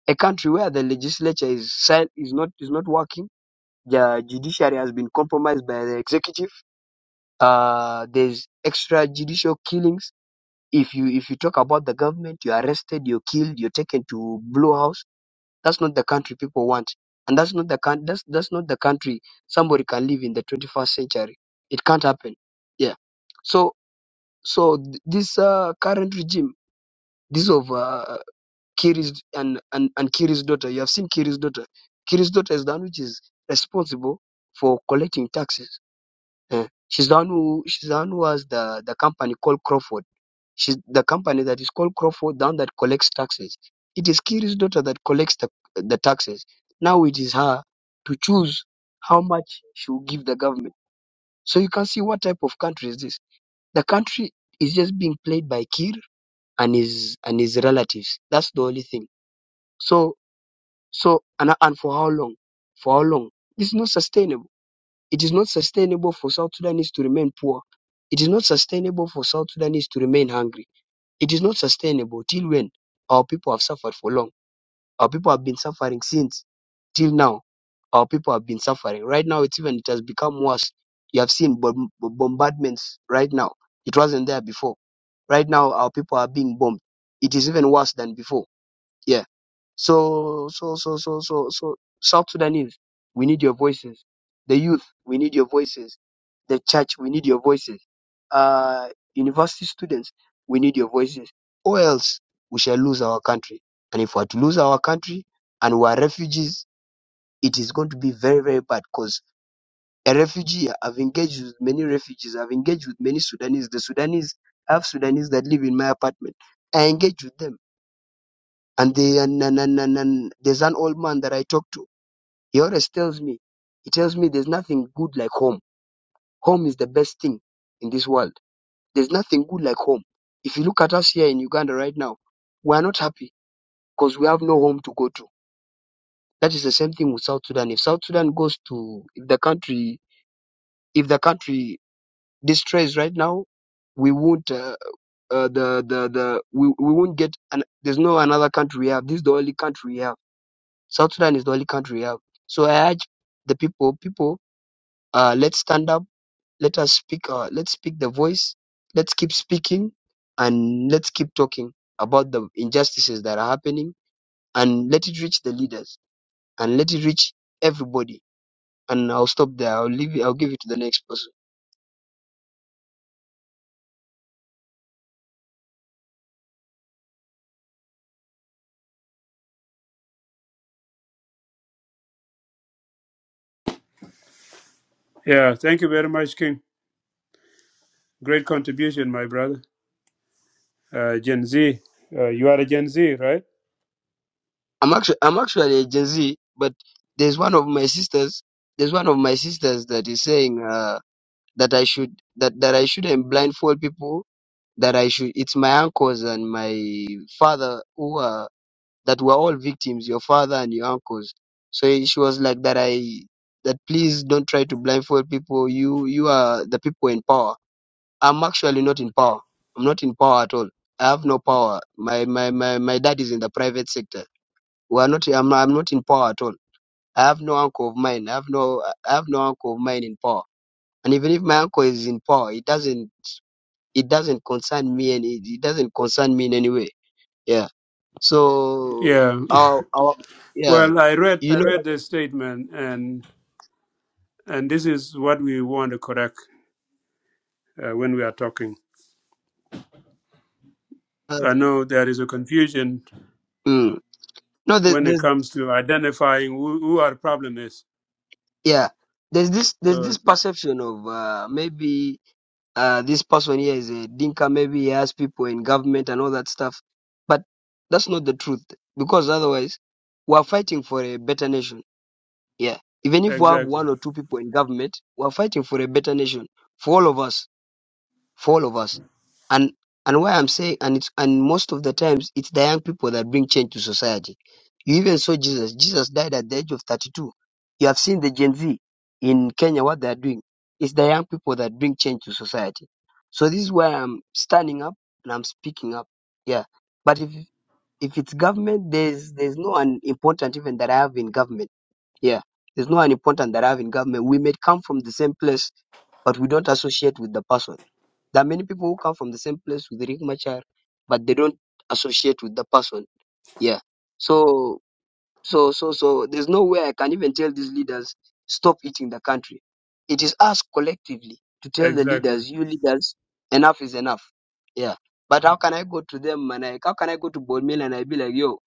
[SPEAKER 5] A country where the legislature is sil- is not is not working. The judiciary has been compromised by the executive. Uh, there's extrajudicial killings. If you if you talk about the government, you're arrested, you're killed, you're taken to Blue House That's not the country people want, and that's not the coun- that's that's not the country somebody can live in the 21st century. It can't happen. Yeah. So so th- this uh, current regime, this of uh, Kiri's and, and and Kiri's daughter. You have seen Kiri's daughter. Kiri's daughter is the one which is responsible for collecting taxes uh, she's the one who she's the one who has the the company called Crawford. She's the company that is called Crawford, the one that collects taxes. It is Kiri's daughter that collects the, the taxes. Now it is her to choose how much she will give the government. So you can see what type of country is this. The country is just being played by Kir and his and his relatives. That's the only thing. So so and, and for how long? For how long? It's not sustainable it is not sustainable for South Sudanese to remain poor. It is not sustainable for South Sudanese to remain hungry. It is not sustainable till when our people have suffered for long. Our people have been suffering since till now. Our people have been suffering. Right now, it's even it has become worse. You have seen bomb- bombardments right now. It wasn't there before right now our people are being bombed. It is even worse than before. Yeah. So so so so so so South Sudanese, we need your voices. The youth, we need your voices the church, we need your voices. Uh, university students, we need your voices. Or else we shall lose our country. And if we are to lose our country and we are refugees, it is going to be very, very bad because a refugee, I've engaged with many refugees, I've engaged with many Sudanese. The Sudanese, I have Sudanese that live in my apartment. I engage with them. And, they, and, and, and, and, and there's an old man that I talk to. He always tells me, he tells me there's nothing good like home. Home is the best thing in this world There's nothing good like home. If you look at us here in Uganda right now, we are not happy because we have no home to go to. That is the same thing with South Sudan. If South Sudan goes to, if the country, if the country distress right now, we won't, uh, uh, the, the, the, we, we won't get, an, there's no another country we have. This is the only country we have. South Sudan is the only country we have. So I urge the people, people, uh, let's stand up let us speak uh, let's speak the voice let's keep speaking and let's keep talking about the injustices that are happening and let it reach the leaders and let it reach everybody and i'll stop there i'll leave it i'll give it to the next person
[SPEAKER 1] Yeah, thank you very much, King. Great contribution, my brother. Uh, Gen Z, uh, you are a Gen Z, right?
[SPEAKER 5] i'm actually i'm actually a gen z but there's one of my sisters there's one of my sisters that is saying uh, that i should that, that i shouldn't blindfold people that i should it's my uncles and my father who are that were all victims, your father and your uncles. So she was like that I that please don't try to blindfold people. You you are the people in power. I'm actually not in power. I'm not in power at all. I have no power. My my my, my dad is in the private sector. We are not I'm, I'm not in power at all. I have no uncle of mine. I have no I have no uncle of mine in power. And even if my uncle is in power, it doesn't it doesn't concern me and it, it doesn't concern me in any way. Yeah. So
[SPEAKER 1] Yeah.
[SPEAKER 5] our our yeah,
[SPEAKER 1] Well, I read
[SPEAKER 5] you
[SPEAKER 1] I
[SPEAKER 5] know,
[SPEAKER 1] read the statement, and and this is what we want to correct uh, when we are talking.
[SPEAKER 5] uh,
[SPEAKER 1] I know there is a confusion
[SPEAKER 5] mm, no, there,
[SPEAKER 1] when it
[SPEAKER 5] there's
[SPEAKER 1] comes to identifying who, who our problem is
[SPEAKER 5] yeah, there's this there's
[SPEAKER 1] So
[SPEAKER 5] this perception of uh, maybe uh, this person here is a dinka, maybe he has people in government and all that stuff, but that's not the truth because otherwise we are fighting for a better nation. Yeah, even if we have
[SPEAKER 1] exactly,
[SPEAKER 5] one or two people in government, we are fighting for a better nation for all of us for all of us. And and why I'm saying and it's and most of the times it's the young people that bring change to society. You even saw Jesus. Jesus died at the age of 32. You have seen the Gen Z in Kenya what they are doing. It's the young people that bring change to society. So this is where I'm standing up and I'm speaking up. Yeah. But if if it's government, there's there's no an important even that I have in government. Yeah. There's no an important that I have in government. We may come from the same place, but we don't associate with the person there are many people who come from the same place with Rick Machar, but they don't associate with the person. Yeah. So so so so there's no way I can even tell these leaders stop eating the country. It is us collectively to tell the
[SPEAKER 1] exactly.
[SPEAKER 5] leaders, you leaders, enough is enough. Yeah. But how can I go to them and I, how can I go to Bodmil and I be like, yo,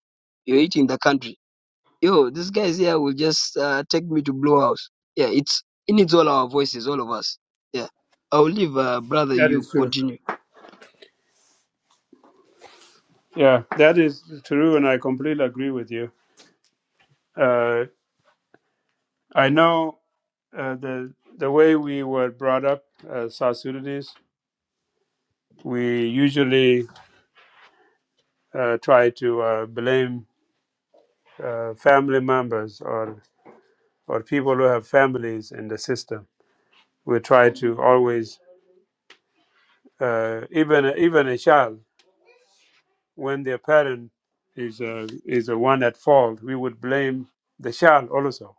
[SPEAKER 5] you're eating the country. Yo, these guys here will just uh, take me to Blue House. Yeah, it's it needs all our voices, all of us. Yeah. I'll leave, uh, brother.
[SPEAKER 1] That
[SPEAKER 5] You
[SPEAKER 1] is true.
[SPEAKER 5] continue.
[SPEAKER 1] Yeah, that is true, and I completely agree with you. Uh, I know uh, the the way we were brought up as South Sudanese, we usually uh, try to uh, blame uh, family members or or people who have families in the system. We try to always, uh, even even a child, when their parent is uh, is the one at fault, we would blame the child also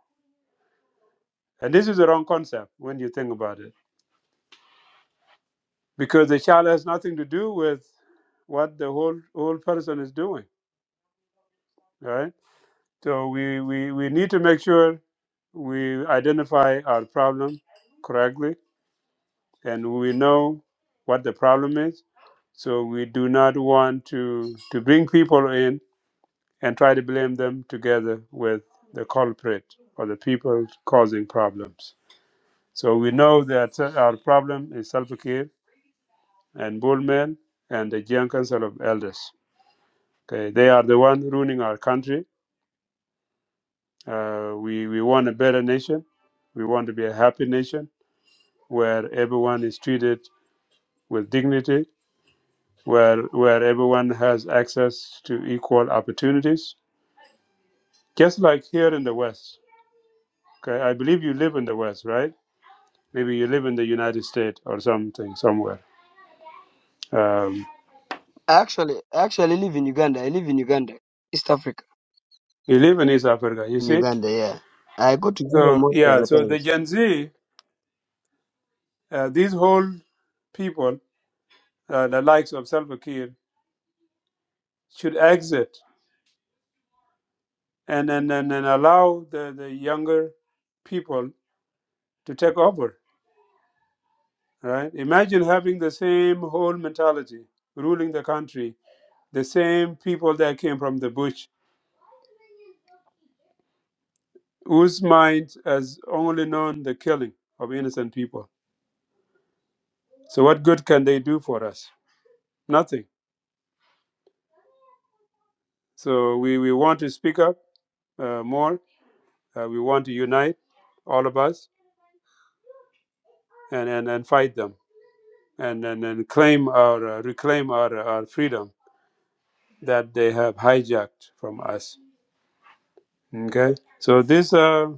[SPEAKER 1] And this is the wrong concept when you think about it, because the child has nothing to do with what the whole whole person is doing, right? So we, we, we need to make sure we identify our problem correctly and we know what the problem is. So we do not want to, to bring people in and try to blame them together with the culprit or the people causing problems. So we know that uh, our problem is self-care and Bullman and the Jiang Council of Elders. Okay, they are the one ruining our country. Uh, we we want a better nation. We want to be a happy nation where everyone is treated with dignity, where where everyone has access to equal opportunities, just like here in the West. Okay, I believe you live in the West, right? Maybe you live in the United States or something somewhere. Um,
[SPEAKER 5] I actually, I actually live in Uganda. I live in Uganda, East Africa.
[SPEAKER 1] you live in East Africa, you
[SPEAKER 5] In
[SPEAKER 1] see.
[SPEAKER 5] Uganda, yeah. I go to Juba
[SPEAKER 1] So
[SPEAKER 5] most of
[SPEAKER 1] yeah,
[SPEAKER 5] the
[SPEAKER 1] so
[SPEAKER 5] time.
[SPEAKER 1] the Gen Z, uh, these whole people uh, the likes of Salva Kiir should exit and and, and, and allow the, the younger people to take over. Right? Imagine having the same whole mentality ruling the country, the same people that came from the bush, whose mind has only known the killing of innocent people. So what good can they do for us? Nothing. So we, we want to speak up uh, more. Uh, we want to unite, all of us, and, and, and fight them. and and, and claim our uh, reclaim our, our freedom that they have hijacked from us. Okay, so this uh,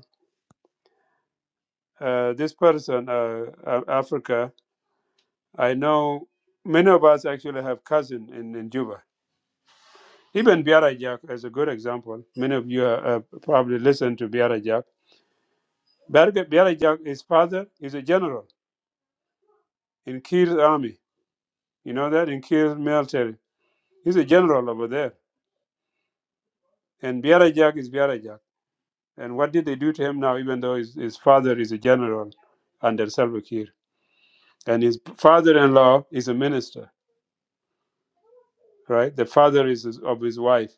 [SPEAKER 1] uh, this person, uh, Af- Africa, I know many of us actually have cousin in, in Juba. Even Biara Jack is a good example. Many of you uh, uh, probably listened to Biara Jack. Biara Biara Jack, his father is a general in Kir's army. You know that in Kir's military, he's a general over there. And Biara Jack is Biara Jack. And what did they do to him now, even though his, his father is a general under Salva Kiir? And his father in law is a minister, right? The father is is- of his wife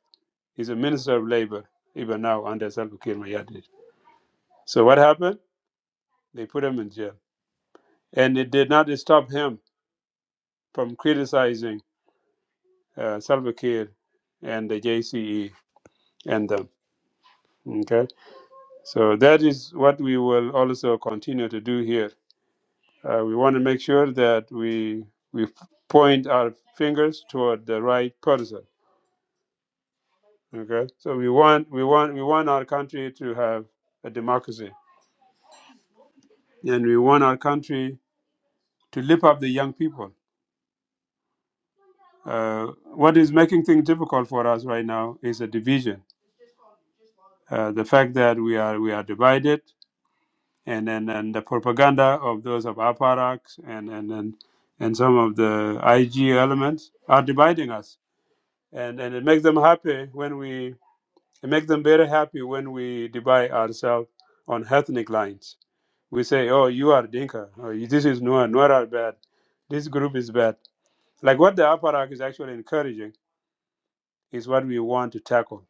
[SPEAKER 1] is a minister of labor, even now under Salva Kiir Mayardit. So what happened? They put him in jail. And it did not stop him from criticizing uh, Salva Kiir and the JCE and them. Okay? So that is what we will also continue to do here Uh, we want to make sure that we we point our fingers toward the right person. Okay, so we want we want we want our country to have a democracy, and we want our country to lift up the young people. Uh, what is making things difficult for us right now is a division. Uh, the fact that we are we are divided, and then and the propaganda of those of APARAC and and and and some of the IG elements are dividing us, and and it makes them happy when we It makes them very happy when we divide ourselves on ethnic lines. We say, oh, you are Dinka, or this is Nuer, Nuer are bad, this group is bad. Like what the Aparak is actually encouraging is what we want to tackle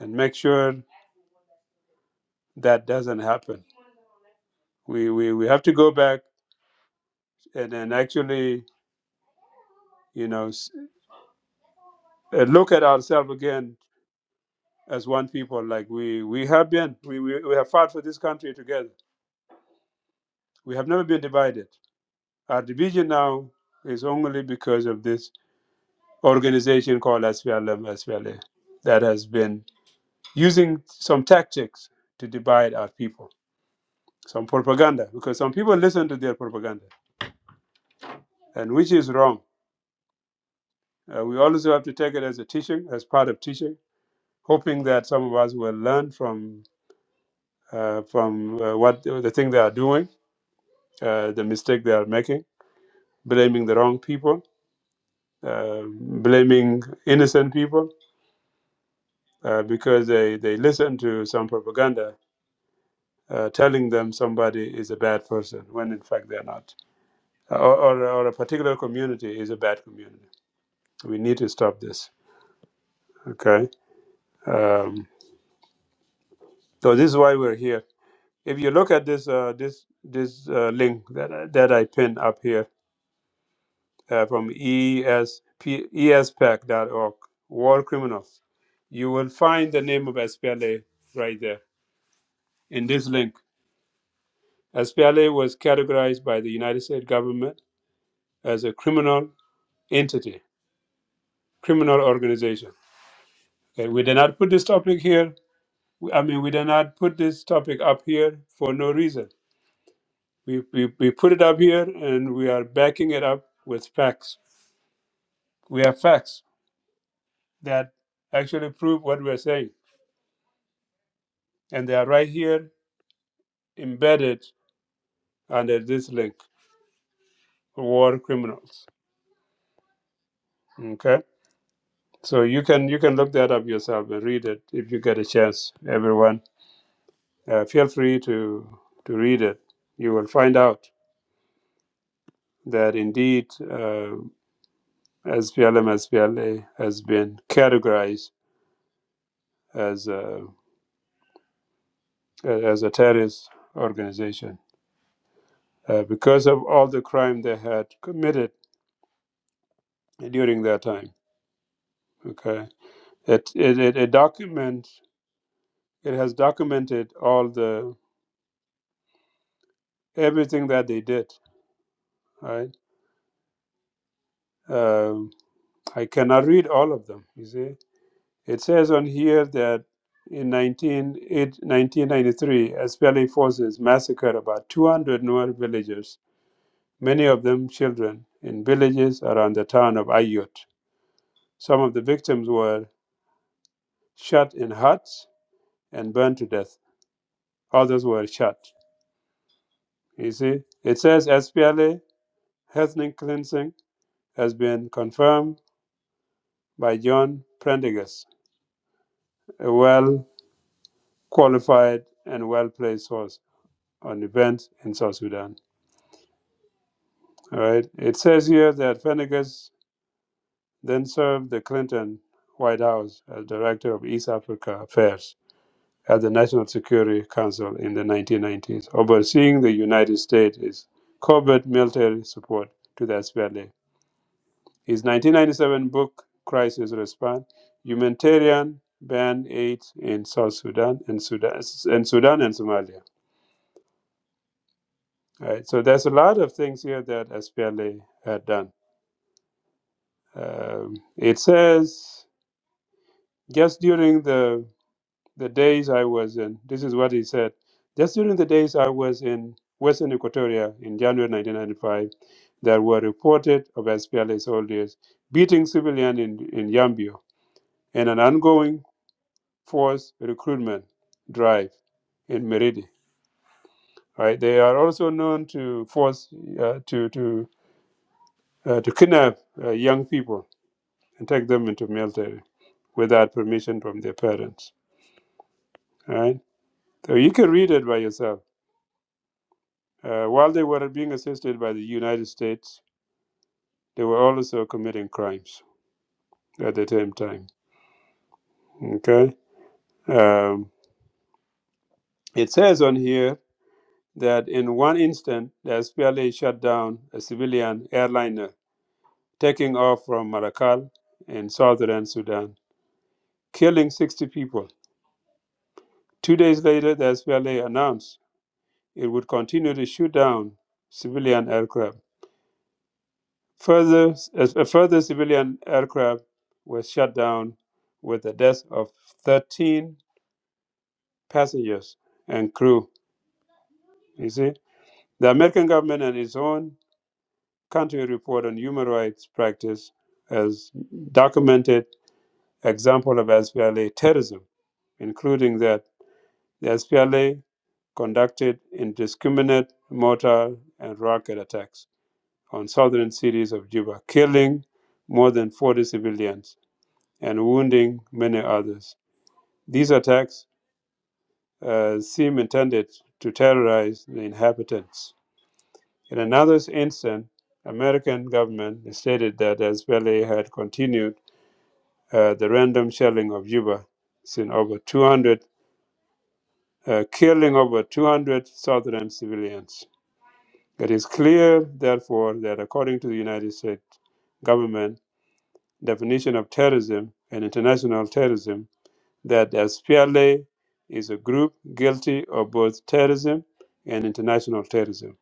[SPEAKER 1] and make sure that doesn't happen. We, we, we have to go back and, and actually, you know, s- uh, look at ourselves again as one people. Like we, we have been, we, we, we have fought for this country together. We have never been divided. Our division now is only because of this organization called SPLM SPLA that has been using some tactics to divide our people, some propaganda, because some people listen to their propaganda, and which is wrong. Uh, we also have to take it as a teaching, as part of teaching, hoping that some of us will learn from uh, from uh, what the thing they are doing, uh, the mistake they are making, blaming the wrong people, uh, blaming innocent people uh, because they, they listen to some propaganda uh, telling them somebody is a bad person when in fact they're not, or, or, or a particular community is a bad community. We need to stop this. Okay, um, so this is why we're here. If you look at this uh, this this uh, link that I- that I pinned up here uh, from ESP, org, War Criminals, you will find the name of SPLA right there in this link. SPLA was categorized by the United States government as a criminal entity criminal organization. Okay, we did not put this topic here. We- I mean, we did not put this topic up here for no reason. We, we, we put it up here and we are backing it up with facts. We have facts that actually prove what we're saying. And they are right here embedded under this link, war criminals. Okay? So you can you can look that up yourself and read it if you get a chance, everyone. Uh, feel free to to read it. You will find out. that indeed uh, SPLM has been categorized as a, as a terrorist organization uh, because of all the crime they had committed during that time. Okay, it it it, it documents it has documented all the everything that they did. Right, um, I cannot read all of them. You see It says on here that in 1993, SPLA forces massacred about 200 Nuer villagers, many of them children, in villages around the town of Ayut. Some of the victims were shot in huts and burned to death. Others were shot. You see, it says SPLA ethnic cleansing has been confirmed by John Prendergast, a well qualified and well placed source on events in South Sudan. All right. It says here that Venegas then served the Clinton White House as director of East Africa Affairs at the National Security Council in the 1990s, overseeing the United States' covert military support to the SPLA. His 1997 book, Crisis Response Humanitarian Band Aid in South Sudan and Sudan and, Sudan and Somalia. All right. So there's a lot of things here that SPLA had done. Um, it says Just during the the days I was in, this is what he said. Just during the days I was in Western Equatoria in January 1995, there were reported of SPLA soldiers beating civilians in, in Yambio and an ongoing force recruitment drive in Meridi. Right? They are also known to force uh, to to uh, to kidnap uh, young people and take them into military without permission from their parents. Right? So you can read it by yourself Uh, while they were being assisted by the United States, they were also committing crimes at the same time. Okay? Um, it says on here that in one instant, the SPLA shut down a civilian airliner taking off from Marrakech in southern Sudan, killing 60 people. Two days later, the SPLA announced it would continue to shoot down civilian aircraft Further, a further civilian aircraft was shut down with the death of 13 passengers and crew. You see, the American government and its own country report on human rights practice has documented example of SPLA terrorism, including that the SPLA conducted indiscriminate mortar and rocket attacks on southern cities of Juba, killing more than 40 civilians and wounding many others. These attacks uh, seem intended to terrorize the inhabitants. In another instance, American government stated that Israeli had continued uh, the random shelling of Juba, since over 200, uh, killing over 200 southern civilians. It is clear, therefore, that according to the United States government definition of terrorism and international terrorism, that SPLA is a group guilty of both terrorism and international terrorism.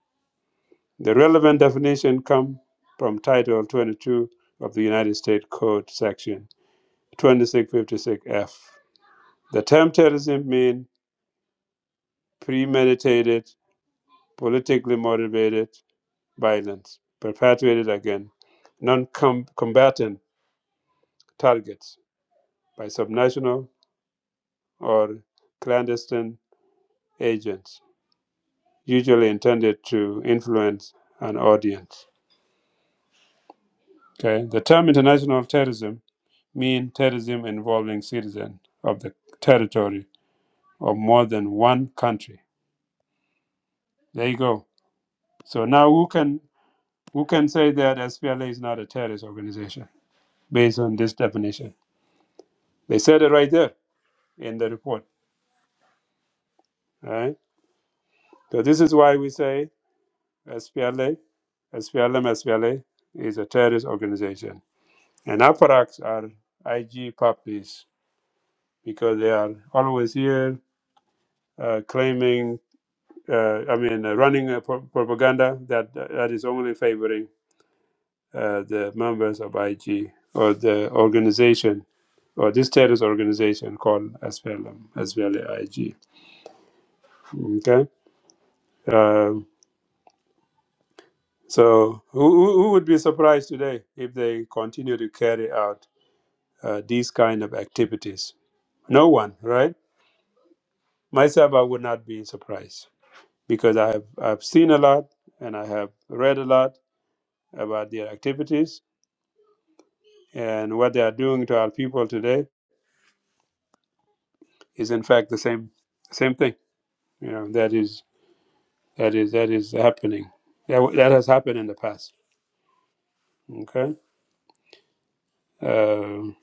[SPEAKER 1] The relevant definition comes from Title 22 of the United States Code, Section 2656F. The term terrorism means premeditated, politically motivated violence perpetrated against non combatant targets by subnational or clandestine agents usually intended to influence an audience. Okay, the term international terrorism means terrorism involving citizens of the territory of more than one country. There you go. So now who can who can say that SPLA is not a terrorist organization based on this definition? They said it right there in the report. All right. So this is why we say SPLA, SPLM, SPLA is a terrorist organization. And APARACs are IG puppies because they are always here uh, claiming, uh, I mean, uh, running a pro- propaganda that that is only favoring uh, the members of IG or the organization or this terrorist organization called SPLM, SPLA-IG. Okay, uh, so who, who who would be surprised today if they continue to carry out uh, these kind of activities? No one, right? Myself, I would not be surprised. because I have I've seen a lot and I have read a lot about their activities and what they are doing to our people today is in fact the same same thing. You know that is that is that is happening. That that has happened in the past. Okay. Um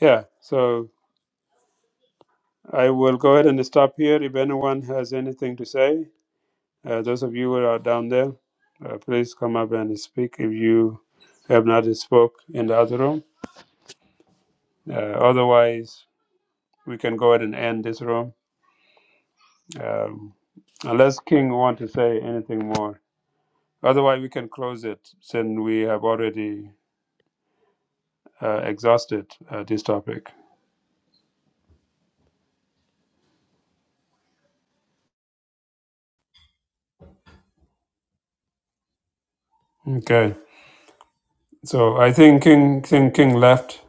[SPEAKER 1] yeah. So I will go ahead and stop here. If anyone has anything to say, uh, those of you who are down there, uh, please come up and speak if you have not spoke in the other room. Uh, otherwise. we can go ahead and end this room um, unless king want to say anything more otherwise we can close it since we have already uh, exhausted uh, this topic okay so i think king king king left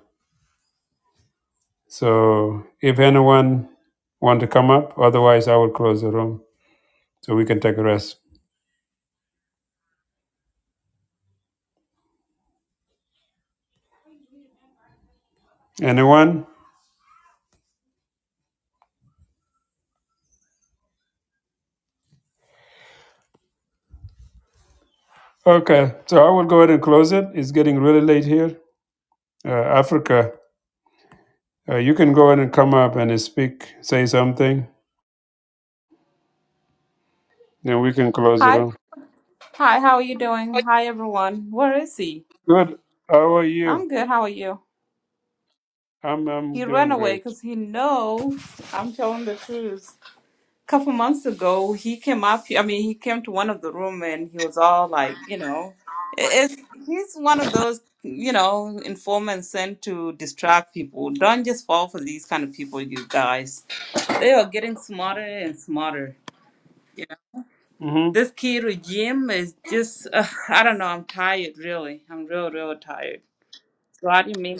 [SPEAKER 1] so if anyone want to come up otherwise i will close the room so we can take a rest anyone okay so i will go ahead and close it it's getting really late here uh, africa uh, you can go ahead and come up and speak say something Yeah, we can close it
[SPEAKER 6] Hi.
[SPEAKER 1] off.
[SPEAKER 6] Hi, how are you doing? Hi, everyone. Where is he?
[SPEAKER 1] Good. How are you?
[SPEAKER 6] I'm good. How are you?
[SPEAKER 1] I'm I'm
[SPEAKER 6] He ran
[SPEAKER 1] doing
[SPEAKER 6] away
[SPEAKER 1] great.
[SPEAKER 6] because he knows I'm telling the truth. A couple months ago, he came up. I mean, he came to one of the room and he was all like, you know, it- it's he's one of those, you know, informants sent to distract people. Don't just fall for these kind of people, you guys. They are getting smarter and smarter.
[SPEAKER 1] hmm
[SPEAKER 6] This key regime is just, uh, I don't know, I'm tired, really. I'm real, real tired. So how do you mean?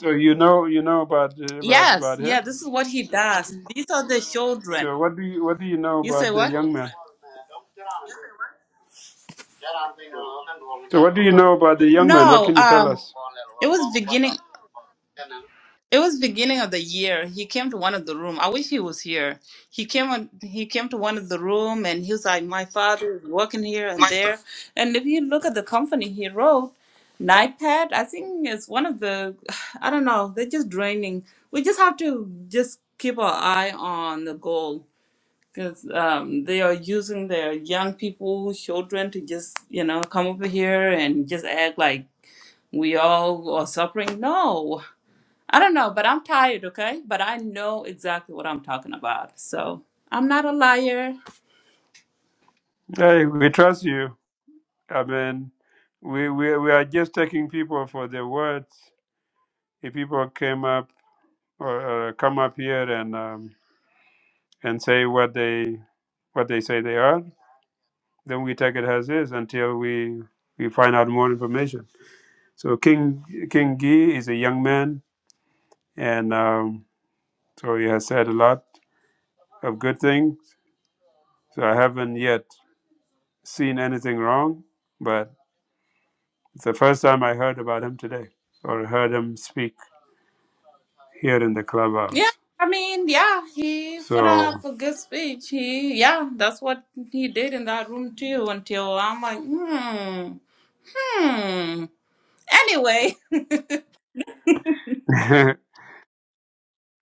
[SPEAKER 1] So you know you know about uh, about
[SPEAKER 6] Yes,
[SPEAKER 1] about
[SPEAKER 6] yeah,
[SPEAKER 1] him.
[SPEAKER 6] this is what he does. These are the children.
[SPEAKER 1] So what do you what do you know
[SPEAKER 6] You
[SPEAKER 1] about
[SPEAKER 6] say
[SPEAKER 1] the
[SPEAKER 6] what?
[SPEAKER 1] young man? So what do you know about the young man? What
[SPEAKER 6] No,
[SPEAKER 1] can you tell
[SPEAKER 6] um,
[SPEAKER 1] us?
[SPEAKER 6] it was beginning. It was beginning of the year. He came to one of the room. I wish he was here. He came on, he came to one of the room and he was like, "My father is working here and there." And if you look at the company he wrote, Nightpad, I think it's one of the, I don't know. They're just draining. We just have to just keep our eye on the goal because um, they are using their young people, children, to just you know come over here and just act like we all are suffering. No, I don't know, but I'm tired, okay? But I know exactly what I'm talking about. So I'm not a liar.
[SPEAKER 1] Hey, we trust you. I mean, we we we are just taking people for their words. If people came up or uh, come up here and um, and say what they what they say they are, Then we take it as is until we we find out more information. So King King Gee is a young man, and um, so he has said a lot of good things. So I haven't yet seen anything wrong, but it's the first time I heard about him today or heard him speak here in the
[SPEAKER 6] Yeah,
[SPEAKER 1] clubhouse.
[SPEAKER 6] I mean, yeah, he put
[SPEAKER 1] So
[SPEAKER 6] up a good speech. He, yeah, that's what he did in that room too until I'm like, hmm, hmm. Anyway,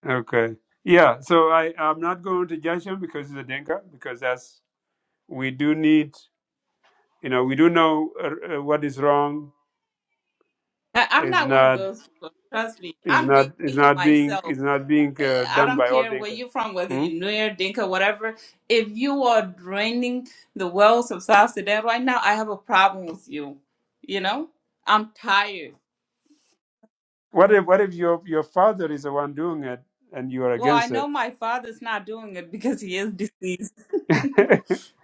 [SPEAKER 1] okay, yeah. So I I'm not going to judge him because he's a Dinka because that's we do need you know we do know uh, uh, what is wrong
[SPEAKER 6] I, I'm
[SPEAKER 1] is
[SPEAKER 6] not one of
[SPEAKER 1] not
[SPEAKER 6] those people. Trust me.
[SPEAKER 1] is
[SPEAKER 6] I'm
[SPEAKER 1] not is
[SPEAKER 6] digging
[SPEAKER 1] not being
[SPEAKER 6] myself.
[SPEAKER 1] is not being uh,
[SPEAKER 6] I
[SPEAKER 1] done
[SPEAKER 6] don't
[SPEAKER 1] by all
[SPEAKER 6] care where
[SPEAKER 1] thinkers.
[SPEAKER 6] you're from, whether
[SPEAKER 1] Hmm?
[SPEAKER 6] you're Nuer, Dinka, whatever. If you are draining the wells of South Sudan right now, I have a problem with you. You know, I'm tired.
[SPEAKER 1] What if what if your your father is the one doing it and you are
[SPEAKER 6] Well, I
[SPEAKER 1] against
[SPEAKER 6] know
[SPEAKER 1] it?
[SPEAKER 6] my father's not doing it because he is deceased.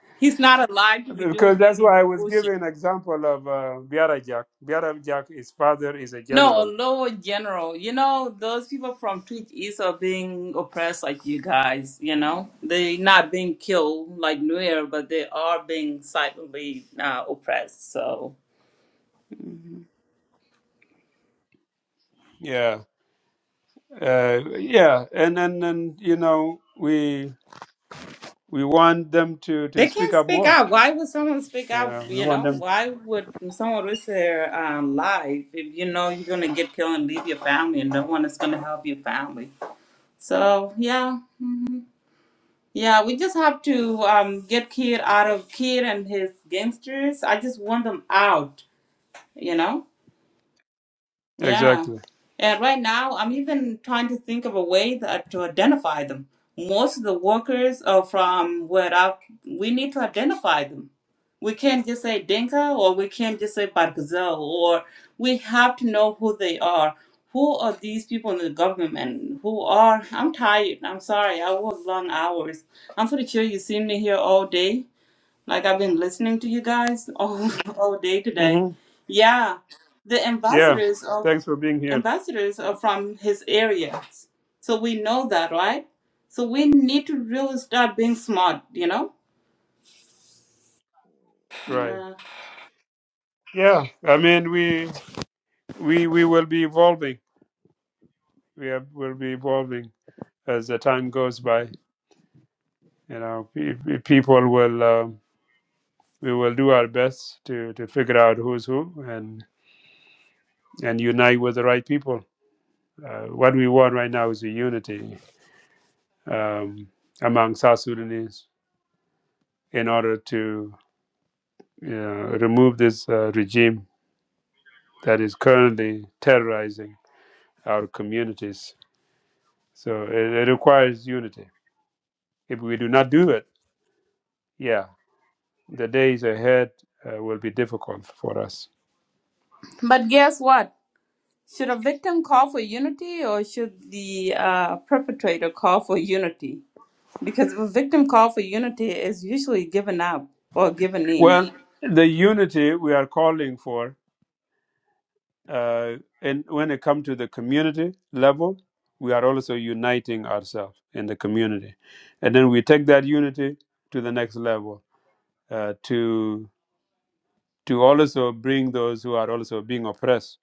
[SPEAKER 6] He's not alive to be
[SPEAKER 1] because
[SPEAKER 6] doing
[SPEAKER 1] that's
[SPEAKER 6] any
[SPEAKER 1] why I was
[SPEAKER 6] bullshit.
[SPEAKER 1] giving an example of uh, Biara Jack. Biara Jack, his father is a
[SPEAKER 6] No, a
[SPEAKER 1] general.
[SPEAKER 6] lower general. You know, those people from Twitch East are being oppressed like you guys, you know? They're not being killed like Nuer, but they are being silently uh, oppressed. So
[SPEAKER 1] Yeah, uh, yeah, and and and you know we we want them to to
[SPEAKER 6] They can't
[SPEAKER 1] speak up
[SPEAKER 6] speak
[SPEAKER 1] more.
[SPEAKER 6] out. Why would someone speak out?
[SPEAKER 1] Yeah, we
[SPEAKER 6] You
[SPEAKER 1] want
[SPEAKER 6] know,
[SPEAKER 1] them
[SPEAKER 6] why would someone risk their um, life if you know you're gonna get killed and leave your family, and no one is gonna help your family? So yeah, hmm yeah, we just have to um, get Kid out of Kid and his gangsters. I just want them out. You know. Yeah.
[SPEAKER 1] exactly.
[SPEAKER 6] And right now, I'm even trying to think of a way that, uh, to identify them. Most of the workers are from where I, we need to identify them. We can't just say Dinka or we can't just say Barkazel or we have to know who they are. Who are these people in the government? Who are, I'm tired. I'm sorry. I work long hours. I'm pretty sure you seen me here all day. Like I've been listening to you guys all, all day today.
[SPEAKER 1] hmm
[SPEAKER 6] Yeah the
[SPEAKER 1] Yeah,
[SPEAKER 6] ambassadors of
[SPEAKER 1] thanks for being here.
[SPEAKER 6] ambassadors are from his areas. So we know that, right? So we need to really start being smart, you know?
[SPEAKER 1] Right.
[SPEAKER 6] Uh,
[SPEAKER 1] Yeah, I mean we we we will be evolving. We are, will be evolving as the time goes by. You know, pe- pe- people will um, we will do our best to to figure out who's who and and unite with the right people. Uh, what we want right now is a unity um, among South Sudanese in order to you know, remove this uh, regime that is currently terrorizing our communities. So it, it requires unity. If we do not do it, yeah. the days ahead uh, will be difficult for us.
[SPEAKER 6] but guess what? Should a victim call for unity or should the uh, perpetrator call for unity? Because if a victim call for unity is usually given up or given in
[SPEAKER 1] Well, the unity we are calling for, uh, and when it comes to the community level, we are also uniting ourselves in the community, and then we take that unity to the next level uh, to to also bring those who are also being oppressed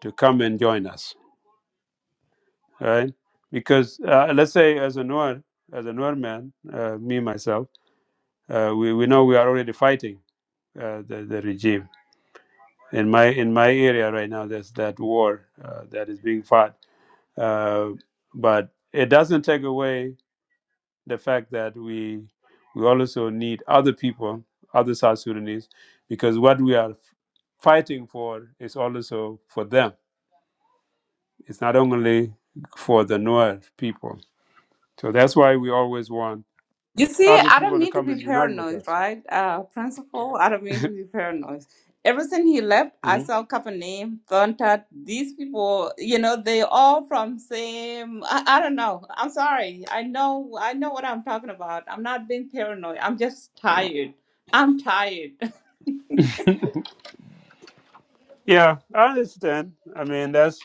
[SPEAKER 1] to come and join us, right? Because uh, let's say as a Noor, as a Noor man, uh, me myself, uh, we we know we are already fighting uh, the the regime in my in my area right now there's that war uh, that is being fought uh, but it doesn't take away the fact that we we also need other people other south sudanese because what we are fighting for is also for them it's not only for the north people so that's why we always want
[SPEAKER 6] You see,
[SPEAKER 1] other
[SPEAKER 6] I don't
[SPEAKER 1] people to
[SPEAKER 6] need to
[SPEAKER 1] come and
[SPEAKER 6] be
[SPEAKER 1] unite with
[SPEAKER 6] paranoid,
[SPEAKER 1] us
[SPEAKER 6] right? Uh, principal, I don't mean to be paranoid. Ever since he left, I
[SPEAKER 1] hmm
[SPEAKER 6] saw Kapanim, Thontat, these people, you know, they all from same, I, I don't know. I'm sorry. I know, I know what I'm talking about. I'm not being paranoid. I'm just tired. I'm tired.
[SPEAKER 1] yeah i understand i mean that's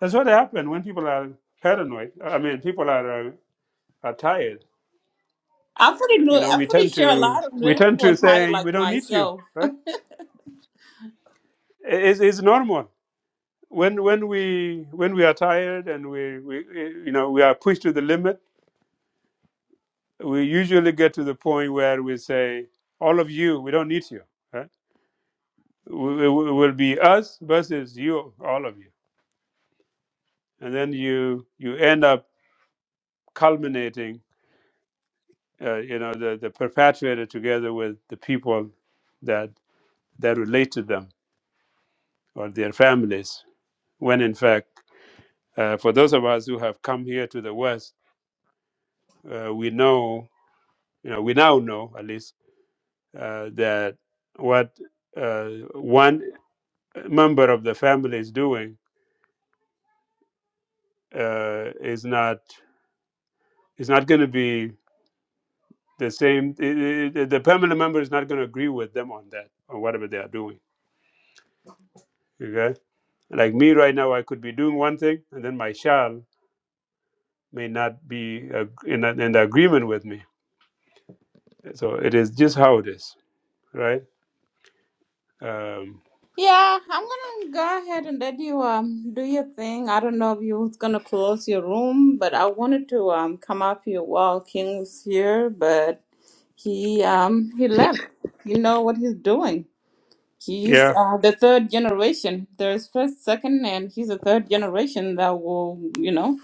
[SPEAKER 1] that's what happened when people are paranoid i mean people are uh, are tired.
[SPEAKER 6] I'm pretty,
[SPEAKER 1] You
[SPEAKER 6] new-
[SPEAKER 1] know,
[SPEAKER 6] I'm
[SPEAKER 1] we
[SPEAKER 6] pretty
[SPEAKER 1] tend
[SPEAKER 6] sure a
[SPEAKER 1] to
[SPEAKER 6] lot of
[SPEAKER 1] we
[SPEAKER 6] new
[SPEAKER 1] tend
[SPEAKER 6] people
[SPEAKER 1] to
[SPEAKER 6] are tired
[SPEAKER 1] say we
[SPEAKER 6] like
[SPEAKER 1] don't need you,
[SPEAKER 6] myself.
[SPEAKER 1] right? It's, it's normal when when we when we are tired and we, we you know we are pushed to the limit. We usually get to the point where we say, "All of you, we don't need you." Right? It will be us versus you, all of you, and then you you end up culminating, uh, you know, the the perpetrator together with the people that that relate to them or their families, when in fact Uh, for those of us who have come here to the West, uh, we know, you know, we now know at least uh, that what uh, one member of the family is doing uh, is not is not going to be the same. i- i- the family member is not going to agree with them on that on whatever they are doing. Okay, like me right now, I could be doing one thing, and then my child may not be uh, in, in agreement with me. So it is just how it is, right? Um,
[SPEAKER 6] Yeah, I'm gonna go ahead and let you um do your thing. I don't know if you was gonna close your room, but I wanted to um come up here while King was here, but he um he left. You know what he's doing. He's
[SPEAKER 1] yeah.
[SPEAKER 6] uh, the third generation. There's first, second, and he's the third generation that will, you know,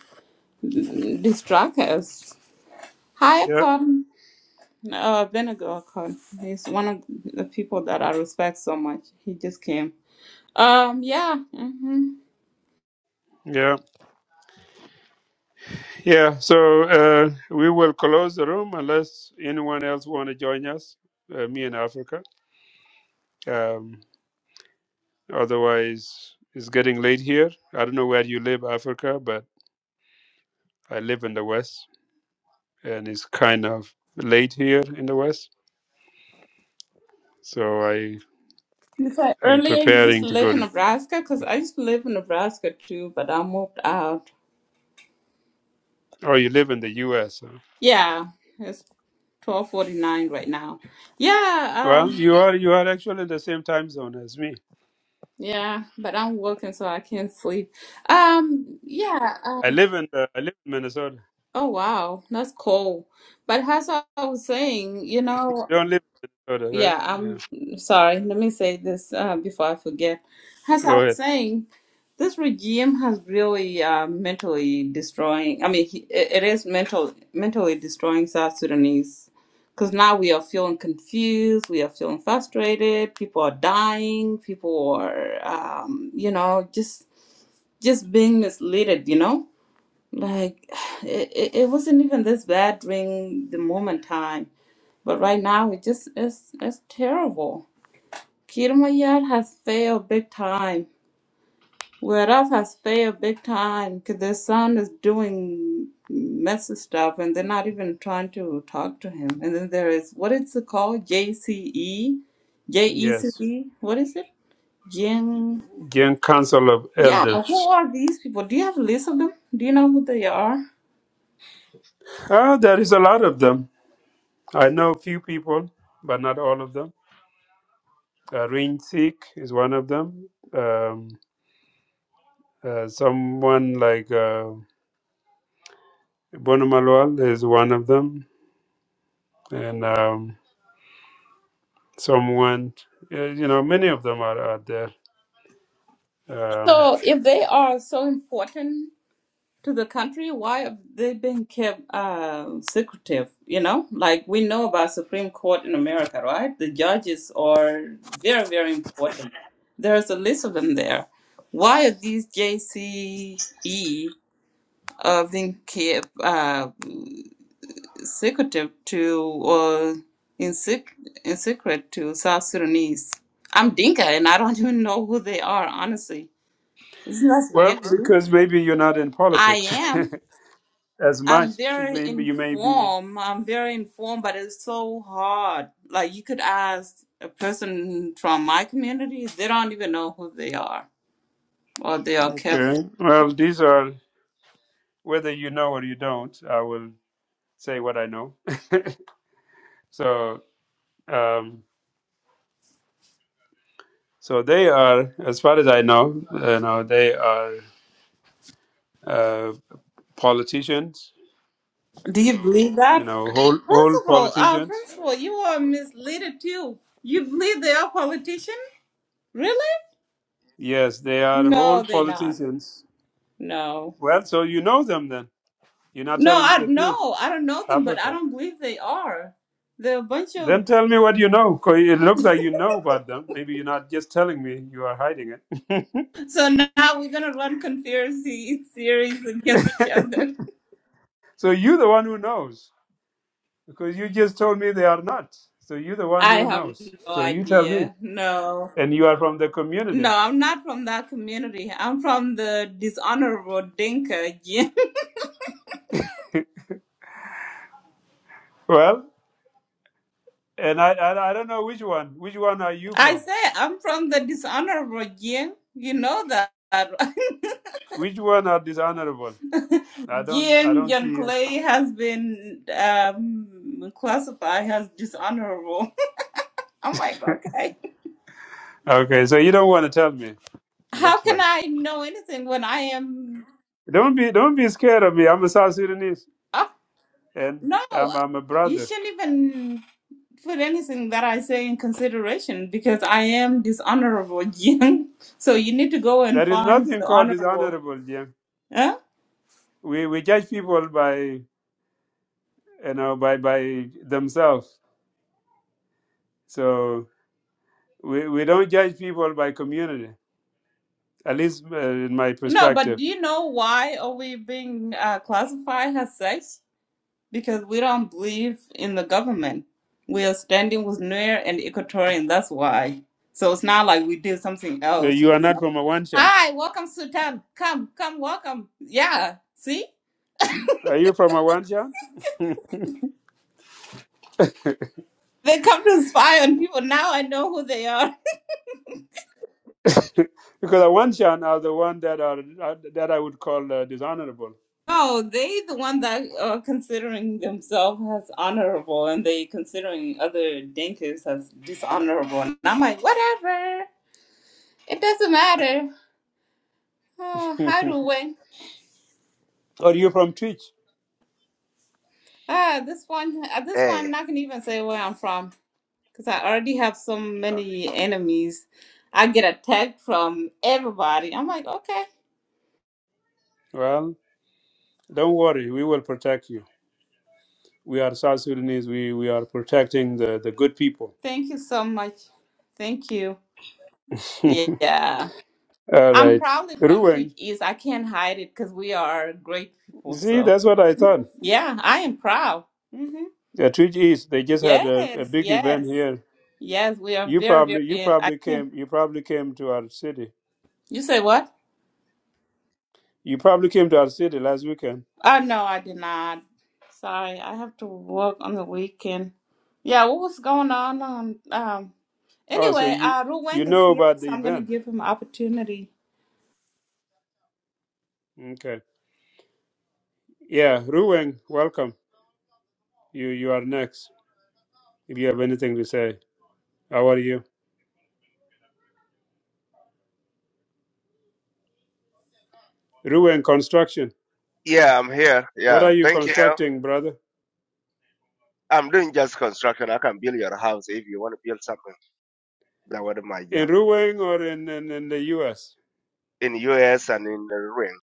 [SPEAKER 6] distract us. Hi,
[SPEAKER 1] Yeah,
[SPEAKER 6] Akon. Uh, Benego Akon. He's one of the people that I respect so much. He just came. Um, yeah. mm-hmm.
[SPEAKER 1] yeah, yeah. So uh, we will close the room unless anyone else want to join us. Uh, me in Africa. Um, otherwise, it's getting late here. I don't know where you live, Africa, but I live in the West, and it's kind of late here in the West. So I
[SPEAKER 6] Because
[SPEAKER 1] am
[SPEAKER 6] earlier you used to
[SPEAKER 1] preparing to
[SPEAKER 6] live
[SPEAKER 1] go
[SPEAKER 6] in
[SPEAKER 1] to.
[SPEAKER 6] Nebraska, because I used to live in Nebraska too, but I moved out.
[SPEAKER 1] Oh, you live in the U.S. Huh?
[SPEAKER 6] Yeah, it's twelve forty nine right now. Yeah,
[SPEAKER 1] Well,
[SPEAKER 6] um,
[SPEAKER 1] you are you are actually in the same time zone as me.
[SPEAKER 6] yeah, but I'm working, so I can't sleep. Um, yeah.
[SPEAKER 1] I
[SPEAKER 6] Um,
[SPEAKER 1] live in uh, I live in Minnesota.
[SPEAKER 6] oh wow, that's cool. But as I was saying, you know.
[SPEAKER 1] You don't live in Minnesota, right?
[SPEAKER 6] Yeah,
[SPEAKER 1] Yeah.
[SPEAKER 6] I'm sorry. Let me say this uh, before I forget. As I
[SPEAKER 1] Go
[SPEAKER 6] was
[SPEAKER 1] ahead.
[SPEAKER 6] saying, this regime has really uh, mentally destroying. I mean, he, it it is mental mentally destroying South Sudanese because now we are feeling confused. We are feeling frustrated. People are dying. People are, um, you know, just just being misled. You know, like it, it, it wasn't even this bad during the moment time, but right now it just is it's terrible Kirmayar has failed big time. Whereas has failed big time because their son is doing messy stuff and they're not even trying to talk to him. And then there is, what is it called? J C E, J E C
[SPEAKER 1] Yes.
[SPEAKER 6] E? What is it? Jing.
[SPEAKER 1] Young Council of
[SPEAKER 6] Yeah, who
[SPEAKER 1] Elders.
[SPEAKER 6] are these people? Do you have a list of them? Do you know who they are?
[SPEAKER 1] Ah, there is a lot of them. I know a few people, but not all of them. Uh, Rin Sik is one of them. Um, uh, someone like uh, Bonomalwal is one of them. And um, someone, uh, you know, many of them are out there. Um,
[SPEAKER 6] So if they are so important to the country why have they been kept uh, secretive you know like we know about supreme court in america right the judges are very very important there's a list of them there why are these jce uh, being kept uh, secretive to or in, sec- in secret to south sudanese i'm dinka and i don't even know who they are honestly isn't that
[SPEAKER 1] well,
[SPEAKER 6] weird too?
[SPEAKER 1] because maybe you're not in
[SPEAKER 6] i
[SPEAKER 1] politics
[SPEAKER 6] am
[SPEAKER 1] as much.
[SPEAKER 6] I'm
[SPEAKER 1] You
[SPEAKER 6] very
[SPEAKER 1] may, be- you may be.
[SPEAKER 6] informed. I'm very informed, but it's so hard. Like you could ask a person from my community, they don't even know who they are or they are kept.
[SPEAKER 1] Okay. Well, these are, whether you know or you don't, I will say what I know. So um, so they are, as far as I know, you know, they are uh, politicians.
[SPEAKER 6] Do you believe
[SPEAKER 1] You
[SPEAKER 6] that?
[SPEAKER 1] know, whole whole
[SPEAKER 6] Principal, uh,
[SPEAKER 1] politicians.
[SPEAKER 6] principal, you are misleaded too. You believe they are politician? Really?
[SPEAKER 1] Yes, they are whole
[SPEAKER 6] No, they not.
[SPEAKER 1] politicians.
[SPEAKER 6] No.
[SPEAKER 1] Well, so you know them then. You're not
[SPEAKER 6] No,
[SPEAKER 1] telling me
[SPEAKER 6] I
[SPEAKER 1] the truth,
[SPEAKER 6] no, I don't know them, but I
[SPEAKER 1] Africa.
[SPEAKER 6] don't believe they are. They're a bunch of
[SPEAKER 1] Then tell me what you know. 'cause It looks like you know about them. Maybe you're not just telling me. You are hiding it.
[SPEAKER 6] so now we're gonna run conspiracy theories against each other.
[SPEAKER 1] So you're the one who knows because you just told me they are not. So you're the one
[SPEAKER 6] I
[SPEAKER 1] who
[SPEAKER 6] have
[SPEAKER 1] knows.
[SPEAKER 6] no
[SPEAKER 1] So you tell me,
[SPEAKER 6] idea. No.
[SPEAKER 1] and you are from the community.
[SPEAKER 6] No, I'm not from that community. I'm from the dishonorable Dinka Jin.
[SPEAKER 1] Well, And I, I I don't know which one. Which one are you
[SPEAKER 6] I
[SPEAKER 1] from?
[SPEAKER 6] say I'm from the dishonorable Jin. You know that.
[SPEAKER 1] Which one are dishonorable? I don't I
[SPEAKER 6] Jin
[SPEAKER 1] don't
[SPEAKER 6] John
[SPEAKER 1] see it.
[SPEAKER 6] Clay has been um, classified as dishonorable. I'm like, okay.
[SPEAKER 1] Okay, so you don't want to tell me. It
[SPEAKER 6] How
[SPEAKER 1] looks
[SPEAKER 6] can
[SPEAKER 1] like.
[SPEAKER 6] I know anything when I am.
[SPEAKER 1] Don't be don't be scared of me. I'm a South Sudanese
[SPEAKER 6] Oh,
[SPEAKER 1] and
[SPEAKER 6] no,
[SPEAKER 1] I'm I'm a
[SPEAKER 6] you
[SPEAKER 1] brother.
[SPEAKER 6] shouldn't even. put anything that I say in consideration because I am dishonorable, Jim. So you need to go and
[SPEAKER 1] There is
[SPEAKER 6] find
[SPEAKER 1] nothing
[SPEAKER 6] the
[SPEAKER 1] called
[SPEAKER 6] honorable.
[SPEAKER 1] dishonorable, Jim.
[SPEAKER 6] Huh?
[SPEAKER 1] We we judge people by you know by by themselves. So we, we don't judge people by community. At least uh, in my
[SPEAKER 6] No, but
[SPEAKER 1] perspective.
[SPEAKER 6] do you know why are we being uh, classified as such? Because we don't believe in the government. We are standing with Nuer and Equatorian. That's why. So it's not like we did something
[SPEAKER 1] Uh,
[SPEAKER 6] else,
[SPEAKER 1] You are
[SPEAKER 6] you
[SPEAKER 1] not
[SPEAKER 6] know.
[SPEAKER 1] from a Wanshan.
[SPEAKER 6] Hi, welcome, Sultan. Come, come, welcome. Yeah, see,
[SPEAKER 1] Are you from a
[SPEAKER 6] they come to spy on people. Now I know who they are.
[SPEAKER 1] because the Wanshan are the one that are are- that I would call uh, dishonorable.
[SPEAKER 6] No, they the one that are considering themselves as honorable, and they considering other Dinkas as dishonorable. And I'm like, whatever, it doesn't matter. Oh, how do
[SPEAKER 1] or
[SPEAKER 6] we?
[SPEAKER 1] you from Twitch?
[SPEAKER 6] Ah, this one, at this one,
[SPEAKER 7] Hey,
[SPEAKER 6] I'm not gonna even say where I'm from because I already have so many enemies. I get attacked from everybody. I'm like, okay,
[SPEAKER 1] Well, don't worry, we will protect you. We are South Sudanese. We we are protecting the the good people.
[SPEAKER 6] thank you so much, thank you. Yeah,
[SPEAKER 1] All
[SPEAKER 6] I'm
[SPEAKER 1] right,
[SPEAKER 6] probably from Twitch
[SPEAKER 1] Ruang.
[SPEAKER 6] East. I can't hide it because we are great people,
[SPEAKER 1] See,
[SPEAKER 6] so.
[SPEAKER 1] that's what I thought.
[SPEAKER 6] Yeah, I am proud. hmm
[SPEAKER 1] Yeah, Twitch East. They just had a, a
[SPEAKER 6] Yes,
[SPEAKER 1] big event
[SPEAKER 6] yes,
[SPEAKER 1] here.
[SPEAKER 6] yes. We are
[SPEAKER 1] You
[SPEAKER 6] very,
[SPEAKER 1] probably you
[SPEAKER 6] very. I
[SPEAKER 1] probably
[SPEAKER 6] can't.
[SPEAKER 1] came you probably came to our city.
[SPEAKER 6] You say what?
[SPEAKER 1] You probably came to our city last weekend.
[SPEAKER 6] Oh no, I did not. Sorry, I have to work on the weekend. Yeah, what was going on? Um, um
[SPEAKER 1] Oh, so
[SPEAKER 6] anyway,
[SPEAKER 1] you
[SPEAKER 6] uh, Ru
[SPEAKER 1] you
[SPEAKER 6] Wang is
[SPEAKER 1] know
[SPEAKER 6] here,
[SPEAKER 1] about the
[SPEAKER 6] so I'm gonna
[SPEAKER 1] event?
[SPEAKER 6] give him opportunity.
[SPEAKER 1] Okay. Yeah, Ruang, welcome. You you are next. If you have anything to say, how are you? Ruin construction.
[SPEAKER 7] yeah, I'm here.
[SPEAKER 1] What
[SPEAKER 7] Yeah,
[SPEAKER 1] are you
[SPEAKER 7] thank you.
[SPEAKER 1] constructing, brother?
[SPEAKER 7] I'm doing just construction. I can build your house if you want to build something. That was my job
[SPEAKER 1] In Ruin or in, in, in the U.S.
[SPEAKER 7] in U.S. and in the ring.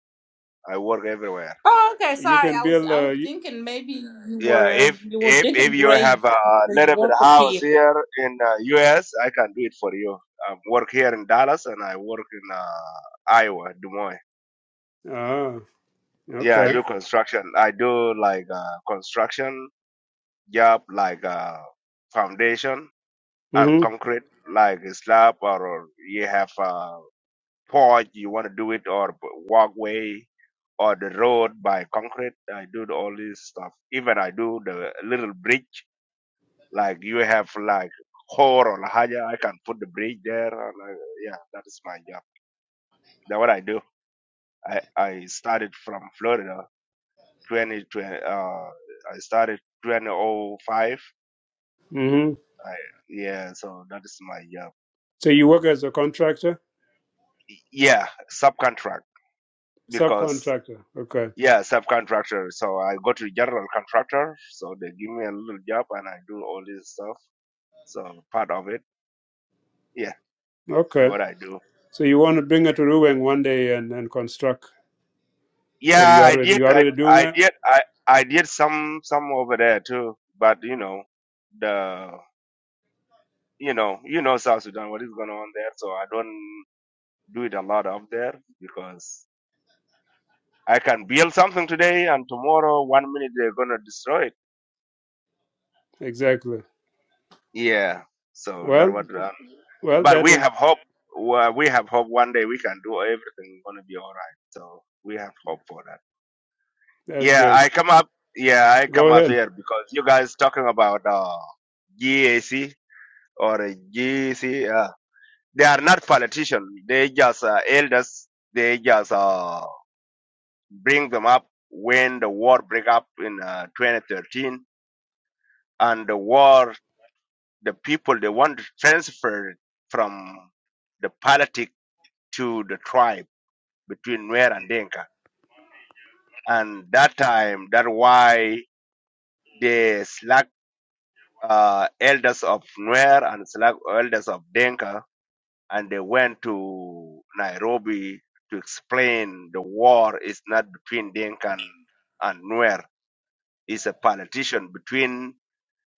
[SPEAKER 7] I work everywhere.
[SPEAKER 6] Oh, okay.
[SPEAKER 1] You
[SPEAKER 6] Sorry,
[SPEAKER 1] can
[SPEAKER 6] I was
[SPEAKER 1] build.
[SPEAKER 6] I was
[SPEAKER 1] Uh, y-
[SPEAKER 6] thinking maybe you
[SPEAKER 7] Yeah,
[SPEAKER 6] were
[SPEAKER 7] if
[SPEAKER 6] you were
[SPEAKER 7] if
[SPEAKER 6] digging
[SPEAKER 7] if you
[SPEAKER 6] grave
[SPEAKER 7] have a
[SPEAKER 6] because you
[SPEAKER 7] little bit
[SPEAKER 6] work
[SPEAKER 7] of
[SPEAKER 6] for
[SPEAKER 7] house
[SPEAKER 6] Kid.
[SPEAKER 7] here in uh, U.S., I can do it for you. I work here in Dallas and I work in uh, Iowa, Des Moines.
[SPEAKER 1] ah,
[SPEAKER 7] Yeah, I
[SPEAKER 1] okay.
[SPEAKER 7] do construction. I do like uh, construction job, like uh, foundation. and
[SPEAKER 1] Mm-hmm.
[SPEAKER 7] concrete like a slab or, or you have a porch you want to do it or b- walkway or the road by concrete i do the- all this stuff even i do the little bridge like you have like hole or haja i can put the bridge there and I, yeah that is my job that's what i do i i started from florida twenty twenty. uh i started 2005
[SPEAKER 1] Mm-hmm.
[SPEAKER 7] I, yeah so that is my job
[SPEAKER 1] So you work as a contractor,
[SPEAKER 7] yeah subcontract because
[SPEAKER 1] subcontractor. Okay.
[SPEAKER 7] Yeah, subcontractor. So I go to general contractor. So they give me a little job and I do all this stuff. So part of it. Yeah, that's
[SPEAKER 1] Okay.
[SPEAKER 7] what I do.
[SPEAKER 1] So you want to bring
[SPEAKER 7] Yeah,
[SPEAKER 1] it to Ruin one day and, and construct, or
[SPEAKER 7] yeah
[SPEAKER 1] you are
[SPEAKER 7] I
[SPEAKER 1] already,
[SPEAKER 7] did.
[SPEAKER 1] you
[SPEAKER 7] I,
[SPEAKER 1] already doing
[SPEAKER 7] I
[SPEAKER 1] it?
[SPEAKER 7] did. I, I did some some over there too. But you know, the you know you know South Sudan what is going on there. So I don't do it a lot up there because I can build something today and tomorrow one minute they're gonna destroy it.
[SPEAKER 1] Exactly.
[SPEAKER 7] Yeah. So that's
[SPEAKER 1] Well,
[SPEAKER 7] what uh,
[SPEAKER 1] well,
[SPEAKER 7] But
[SPEAKER 1] that
[SPEAKER 7] we
[SPEAKER 1] is
[SPEAKER 7] have hope. Well, We have hope one day we can do everything going to be all right. So we have hope for that.
[SPEAKER 1] that's
[SPEAKER 7] Yeah,
[SPEAKER 1] great.
[SPEAKER 7] I come up. Yeah, I
[SPEAKER 1] Go
[SPEAKER 7] come up
[SPEAKER 1] ahead.
[SPEAKER 7] here because you guys talking about uh, GAC or uh, GC. Uh, they are not politicians. They just uh, elders. They just uh, bring them up when the war break up in uh, 2013 and the war. The people they want to transfer it from the politic to the tribe between Nuer and Denka. And that time, that's why the slack uh, elders of Nuer and slack elders of Denka, and they went to Nairobi to explain the war is not between Denka and, and Nuer. It's a politician between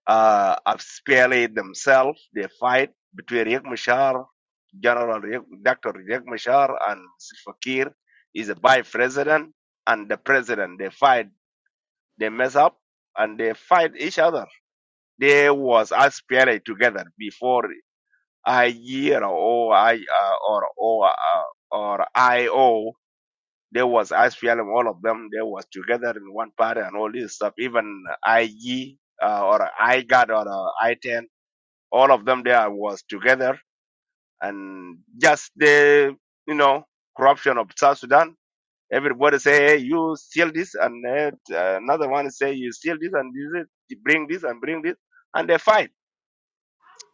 [SPEAKER 7] uh, Apsipele themselves. They fight between Riek Machar, General Riek, Dr. Riek Machar, and Silva Kiir is a vice president and the president. They fight They mess up and they fight each other. There was SPLA together before a or I uh, or or uh, or IO. There was SPLM, all of them. They was together in one party and all this stuff. Even IG uh, or IGAD or uh, I10, all of them there was together and just the you know corruption of South Sudan Everybody say, hey, you steal this, and uh, another one say, you steal this, and this, is- you bring this, and bring this, and they fight.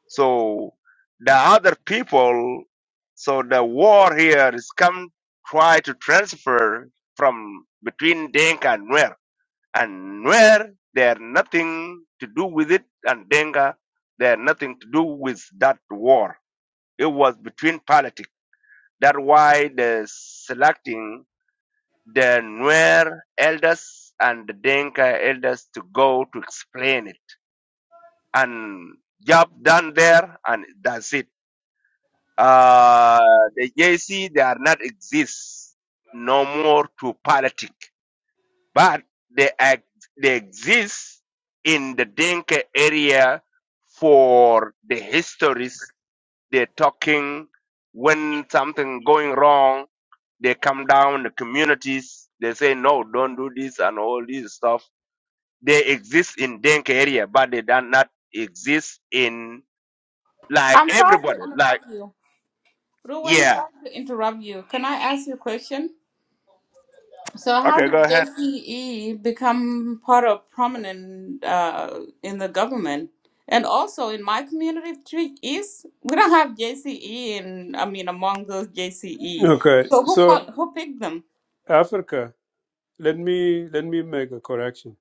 [SPEAKER 7] So the other people, so the war here is come try to transfer from between Denka and Nuer, and Nuer they have nothing to do with it, and Denka they have nothing to do with that war. It was between politics. That's why the selecting the Nuer elders and the Denka elders to go to explain it. And job done there, and that's it. Uh, the JC, they are not exist no more to politic, but they, ex- they exist in the Denka area for the histories they're talking when something going wrong. They come down the communities. They say no, don't do this and all this stuff. They exist in Denk area, but they do not exist in like
[SPEAKER 6] I'm sorry to
[SPEAKER 7] everybody. Like
[SPEAKER 6] interrupt you. Ru Wang,
[SPEAKER 7] yeah,
[SPEAKER 6] sorry to interrupt you. Can I ask you a question? So how
[SPEAKER 7] okay, go
[SPEAKER 6] did
[SPEAKER 7] ahead.
[SPEAKER 6] JCE become part of prominent uh, in the government? And also in my community of Trick East, we don't have JCE in I mean among those JCE.
[SPEAKER 1] Okay.
[SPEAKER 6] So who
[SPEAKER 1] So
[SPEAKER 6] pu- who picked them?
[SPEAKER 1] Africa. Let me let me make a correction.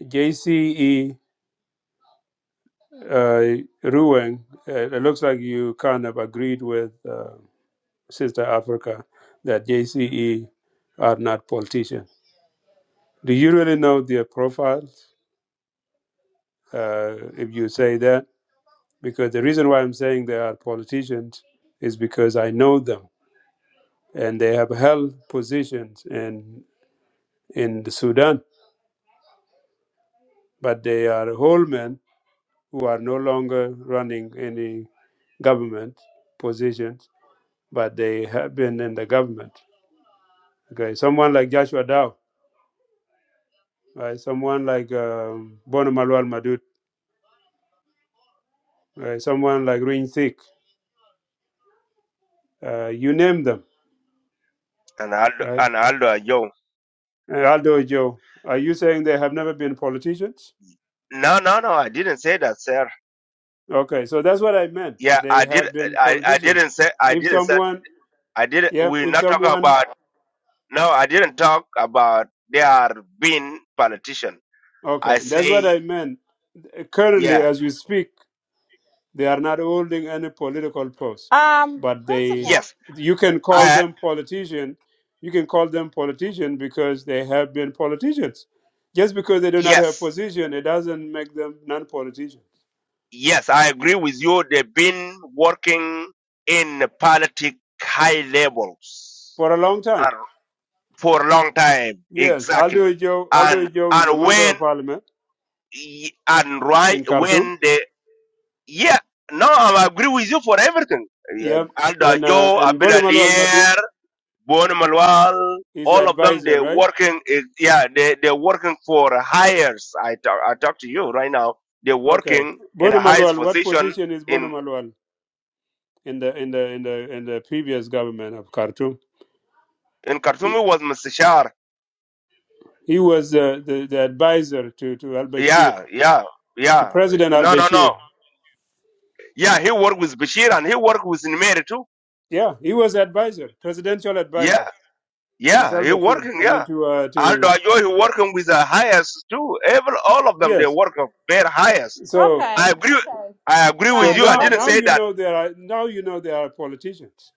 [SPEAKER 1] JCE uh, Ruang, uh, it looks like you kind of agreed with uh, Sister Africa that JCE are not politicians. Do you really know their profiles uh, if you say that? Because the reason why I'm saying they are politicians is because I know them and they have held positions in in the Sudan, but they are whole men. who are no longer running any government positions, but they have been in the government. Okay, someone like Joshua Dow, right? someone like um, Bono Malual Madut, right? someone like Ring Thick, uh, you name them,
[SPEAKER 7] And Aldo,
[SPEAKER 1] right?
[SPEAKER 7] and Aldo, uh, yo,
[SPEAKER 1] And Aldo Joe, are you saying they have never been politicians?
[SPEAKER 7] no, no, no, I didn't say that, sir.
[SPEAKER 1] Okay, so that's what I meant.
[SPEAKER 7] Yeah,
[SPEAKER 1] They
[SPEAKER 7] I did.
[SPEAKER 1] have been
[SPEAKER 7] I, I
[SPEAKER 1] politicians.
[SPEAKER 7] didn't say. I
[SPEAKER 1] If
[SPEAKER 7] didn't say.
[SPEAKER 1] someone,
[SPEAKER 7] I did. not
[SPEAKER 1] yeah,
[SPEAKER 7] We're
[SPEAKER 1] if
[SPEAKER 7] not talking
[SPEAKER 1] someone,
[SPEAKER 7] about. No, I didn't talk about. They are being politician. I
[SPEAKER 1] okay, that's what
[SPEAKER 7] say.
[SPEAKER 1] I meant. Currently,
[SPEAKER 7] Yeah.
[SPEAKER 1] as we speak, They are not holding any political post,
[SPEAKER 6] Um
[SPEAKER 1] but they,
[SPEAKER 6] principal.
[SPEAKER 7] Yes.
[SPEAKER 1] you can call
[SPEAKER 7] I
[SPEAKER 1] them politician. You can call them politician because they have been politicians. Just because they do not have
[SPEAKER 7] yes.
[SPEAKER 1] position, it doesn't make them non-politicians
[SPEAKER 7] Yes, I agree with you. They've been working in politic high levels
[SPEAKER 1] for a long time.
[SPEAKER 7] and for a long time.
[SPEAKER 1] Yes,
[SPEAKER 7] Exactly.
[SPEAKER 1] Aldo Joe. Aldo
[SPEAKER 7] And
[SPEAKER 1] Joe is a
[SPEAKER 7] and
[SPEAKER 1] member
[SPEAKER 7] when
[SPEAKER 1] of parliament
[SPEAKER 7] y- and right
[SPEAKER 1] in Khartoum.
[SPEAKER 7] when they yeah, no, I agree with you for everything. Yeah,
[SPEAKER 1] Yep,
[SPEAKER 7] Alda
[SPEAKER 1] and uh,
[SPEAKER 7] Joe,
[SPEAKER 1] and Bonamalu Al
[SPEAKER 7] Abdullah
[SPEAKER 1] Madud
[SPEAKER 7] Born Malwal,
[SPEAKER 1] is
[SPEAKER 7] all of them,
[SPEAKER 1] advisor,
[SPEAKER 7] they're
[SPEAKER 1] right?
[SPEAKER 7] working, eh, yeah, they, they're working for hires. I talk, I talk to you right now. They're
[SPEAKER 1] Okay,
[SPEAKER 7] working in a
[SPEAKER 1] Bonamalu
[SPEAKER 7] highest
[SPEAKER 1] Al. What
[SPEAKER 7] position
[SPEAKER 1] position is
[SPEAKER 7] in,
[SPEAKER 1] Bonamalu Al in the in the in the in the previous government of Khartoum?
[SPEAKER 7] in Khartoum it was Mustashar.
[SPEAKER 1] He was uh, the, the advisor to, to al Bashir,
[SPEAKER 7] Yeah, yeah,
[SPEAKER 1] to
[SPEAKER 7] yeah.
[SPEAKER 1] President al
[SPEAKER 7] No, no, no.
[SPEAKER 1] Bashir.
[SPEAKER 7] Yeah, he worked with Bashir and he worked with Nimeri too.
[SPEAKER 1] Yeah, he was advisor, presidential
[SPEAKER 7] Yeah,
[SPEAKER 1] advisor to
[SPEAKER 7] yeah, he
[SPEAKER 1] Salva Kiir.
[SPEAKER 7] working,
[SPEAKER 1] I mean,
[SPEAKER 7] yeah.
[SPEAKER 1] to uh,
[SPEAKER 7] Aldo
[SPEAKER 1] to
[SPEAKER 7] Ajoy, he working with the highest too. Every, all of them, they
[SPEAKER 1] yes.
[SPEAKER 7] work very highest.
[SPEAKER 1] So
[SPEAKER 7] I
[SPEAKER 6] Okay,
[SPEAKER 7] agree,
[SPEAKER 6] okay.
[SPEAKER 7] I agree
[SPEAKER 1] so
[SPEAKER 7] with
[SPEAKER 6] Guys,
[SPEAKER 7] you. I
[SPEAKER 1] now
[SPEAKER 7] didn't
[SPEAKER 1] now
[SPEAKER 6] brothers.
[SPEAKER 7] say
[SPEAKER 1] you
[SPEAKER 7] that
[SPEAKER 1] know there are now you know there are politicians.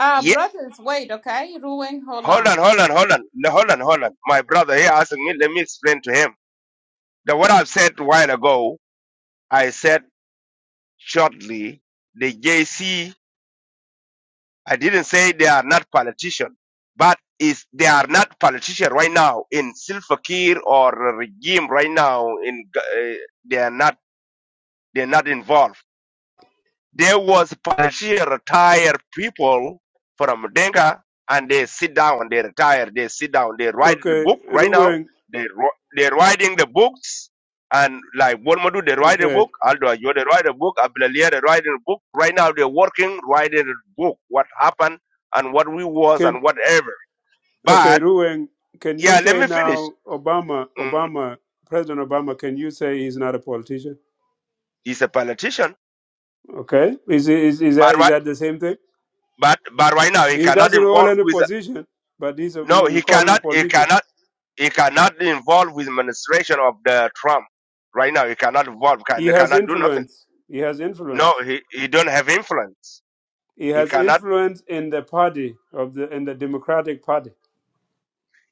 [SPEAKER 6] Uh brothers, wait, okay, Ruing, hold
[SPEAKER 7] Hold
[SPEAKER 6] on.
[SPEAKER 7] on, hold on, hold on, Le- hold on, hold on. My brother here asking me, let me explain to him. The what I've said a while ago, I said shortly, the J C, I didn't say they are not politicians, but is they are not politicians right now in Silva Kiir or regime right now in G- uh, they are not they're not involved. There was Panashir retired people from Denga and they sit down, they retire, they sit down, they write the
[SPEAKER 1] Okay,
[SPEAKER 7] book right now.
[SPEAKER 1] Ruweng.
[SPEAKER 7] They, wr- they're writing the books and like Bonmadu, they write a
[SPEAKER 1] Okay,
[SPEAKER 7] book. Aldo Ayo, they write a book. Abdulalia, they write a book. Right now, they're working, writing a book. What happened and what we was
[SPEAKER 1] can
[SPEAKER 7] and whatever.
[SPEAKER 1] okay
[SPEAKER 7] But
[SPEAKER 1] Ruweng. Can you
[SPEAKER 7] yeah, let
[SPEAKER 1] say
[SPEAKER 7] me finish.
[SPEAKER 1] now Obama
[SPEAKER 7] Mhm.
[SPEAKER 1] Obama President Obama? Can you say he's not a politician?
[SPEAKER 7] He's a politician,
[SPEAKER 1] Okay, is is is
[SPEAKER 7] but
[SPEAKER 1] that is
[SPEAKER 7] right,
[SPEAKER 1] that the same thing?
[SPEAKER 7] but but right now he
[SPEAKER 1] He
[SPEAKER 7] cannot
[SPEAKER 1] doesn't hold
[SPEAKER 7] involve
[SPEAKER 1] any
[SPEAKER 7] with.
[SPEAKER 1] position, but he's a,
[SPEAKER 7] No,
[SPEAKER 1] you
[SPEAKER 7] he
[SPEAKER 1] call him a
[SPEAKER 7] cannot. He
[SPEAKER 1] politician.
[SPEAKER 7] cannot He cannot involve with administration of the Trump right now. He cannot involve. Can,
[SPEAKER 1] He
[SPEAKER 7] he
[SPEAKER 1] has
[SPEAKER 7] cannot do nothing.
[SPEAKER 1] influence. He has
[SPEAKER 7] No,
[SPEAKER 1] influence.
[SPEAKER 7] he, he don't have influence.
[SPEAKER 1] He
[SPEAKER 7] He
[SPEAKER 1] has
[SPEAKER 7] cannot.
[SPEAKER 1] influence in the party of the in the Democratic Party.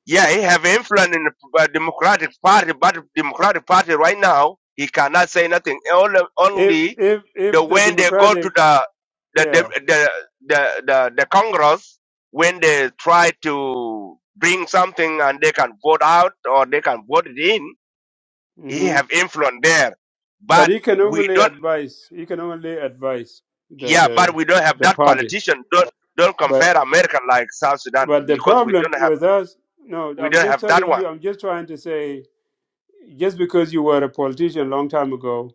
[SPEAKER 7] Yeah, he have influence in the uh, Democratic Party, but Democratic Party right now he cannot say nothing. Only,
[SPEAKER 1] If
[SPEAKER 7] only
[SPEAKER 1] if
[SPEAKER 7] the
[SPEAKER 1] if the
[SPEAKER 7] when they go to
[SPEAKER 1] Democratic,
[SPEAKER 7] the the
[SPEAKER 1] yeah,
[SPEAKER 7] the the the, the, the Congress when they try to bring something and they can vote out or they can vote it in, he
[SPEAKER 1] hmm
[SPEAKER 7] have influence there.
[SPEAKER 1] but
[SPEAKER 7] But
[SPEAKER 1] he can
[SPEAKER 7] we
[SPEAKER 1] only
[SPEAKER 7] don't.
[SPEAKER 1] advise. He can only advise the
[SPEAKER 7] Yeah, but
[SPEAKER 1] the
[SPEAKER 7] we don't have
[SPEAKER 1] the
[SPEAKER 7] that
[SPEAKER 1] party.
[SPEAKER 7] politician. Don't don't
[SPEAKER 1] But
[SPEAKER 7] compare America like South Sudan
[SPEAKER 1] but the
[SPEAKER 7] because we
[SPEAKER 1] problem
[SPEAKER 7] don't have
[SPEAKER 1] with us, no,
[SPEAKER 7] we
[SPEAKER 1] I'm
[SPEAKER 7] don't
[SPEAKER 1] just
[SPEAKER 7] have that
[SPEAKER 1] telling
[SPEAKER 7] one.
[SPEAKER 1] you. I'm just trying to say, just because you were a politician long time ago